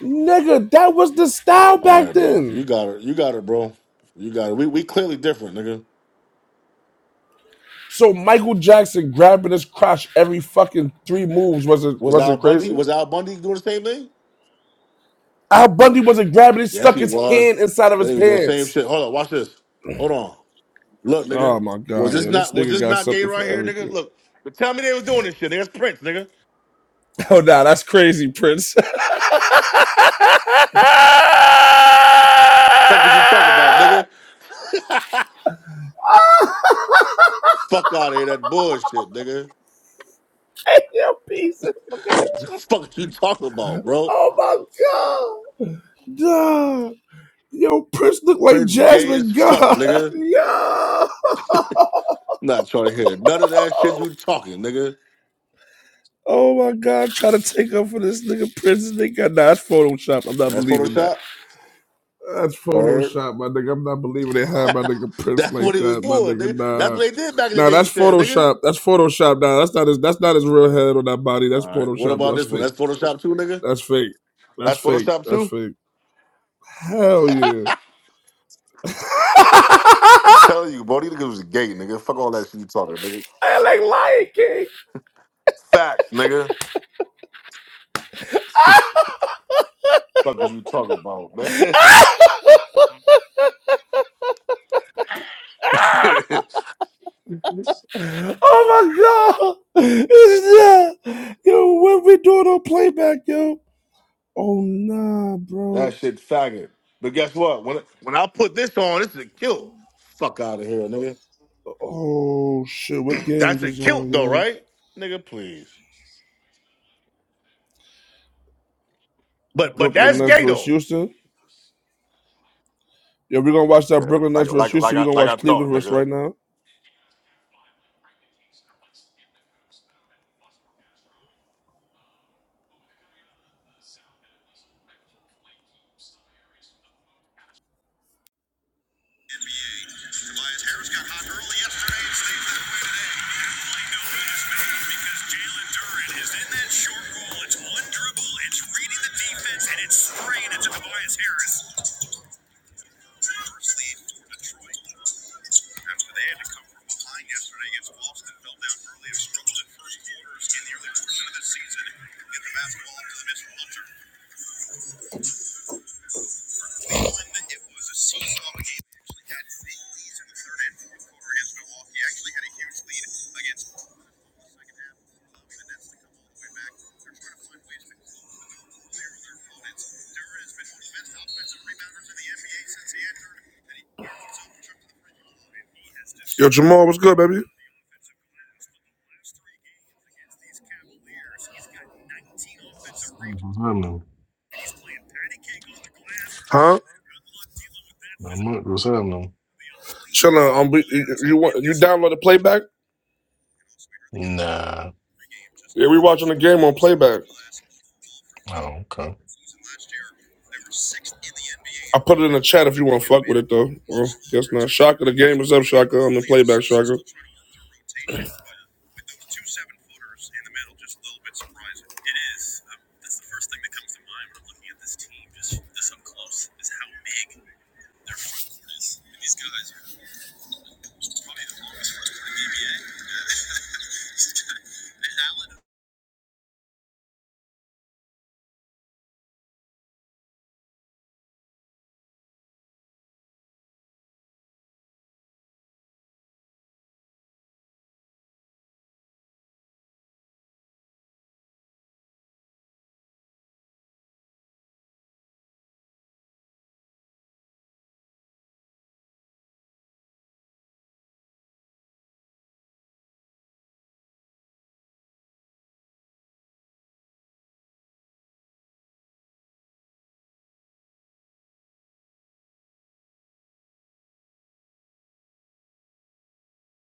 Nigga, that was the style
All
back
right, bro.
then.
You got it. You got it, bro. You got it. We we clearly different, nigga.
So Michael Jackson grabbing his crotch every fucking three moves wasn't
Was Al
wasn't
Bundy?
crazy.
Was Al Bundy doing the same thing?
Al Bundy wasn't grabbing; he
Yes,
stuck
he
his
was.
hand inside of
Then
his
he was doing the same
pants.
shit. Hold on, watch this. Hold on. Look, nigga.
Oh my god,
Was this
yo, this
not was
nigga
this
got
not gay
something
right
for
here, nigga?
everything.
Look, but tell me they was doing this shit. There's Prince, nigga.
Oh nah, that's crazy, Prince.
Fuck is you talking about, nigga? fuck out of here, that bullshit, nigga.
Hey, yo, pieces, look at the chat.
Fuck is you talking about, bro?
Oh my god. duh. Yo, Prince looked like
Prince gay as
Jasmine
fuck,
God.
nigga.
Yo.
Not trying to hear none of that shit you talking, nigga.
Oh my God, try to take up for this nigga Prince nigga. Nah, that's Photoshop. I'm not
That's
believing that.
Photoshop.
That's
Heard.
Photoshop, my nigga. I'm not believing they had my nigga Prince
That's what
like
he was
that, my
doing,
nigga.
nigga. That's
Nah.
what they did back in the
Nah,
day,
that's
you said, nigga.
Photoshop. That's Photoshop. Nah, that's not his that's not his real head on that body.
All
That's
right. What
Photoshop, bro.
about
That's
this one?
fake.
That's Photoshop too, nigga.
That's fake. That's
That's
fake.
Photoshop
That's
too.
fake. Hell yeah.
I'm
I
telling you, bro, these niggas was gay, nigga. Fuck all that shit you talking, nigga.
like Lion King.
Facts, nigga. Fuckers you talking about, man?
Oh my god! It's that yo, what we doing on playback, yo? Oh nah, bro.
that shit faggot. But guess what? When when I put this on, this is a kilt. fuck out of here, nigga.
Oh shit, what
That's
games
a
is on,
kilt though,
yo?
right? Nigga, please. But but
Brooklyn
that's
Nets
gay
versus
though.
Houston. Yo, we gonna watch that Brooklyn
Like
Nets versus
like like
Houston. we
I
gonna
like
watch
I
Cleveland
thought,
versus
nigga.
right now. Yo, Jamal, what's good, baby?
What's happening?
Huh?
Not much. What's happening?
Chillin'. Um, you, you want you download the playback?
Nah.
Yeah, we watching the game on playback.
Oh, okay.
I put it in the chat if you want to fuck with it though. Well, guess not. Shaka, the game is up. Shaka I'm the playback. Shaka.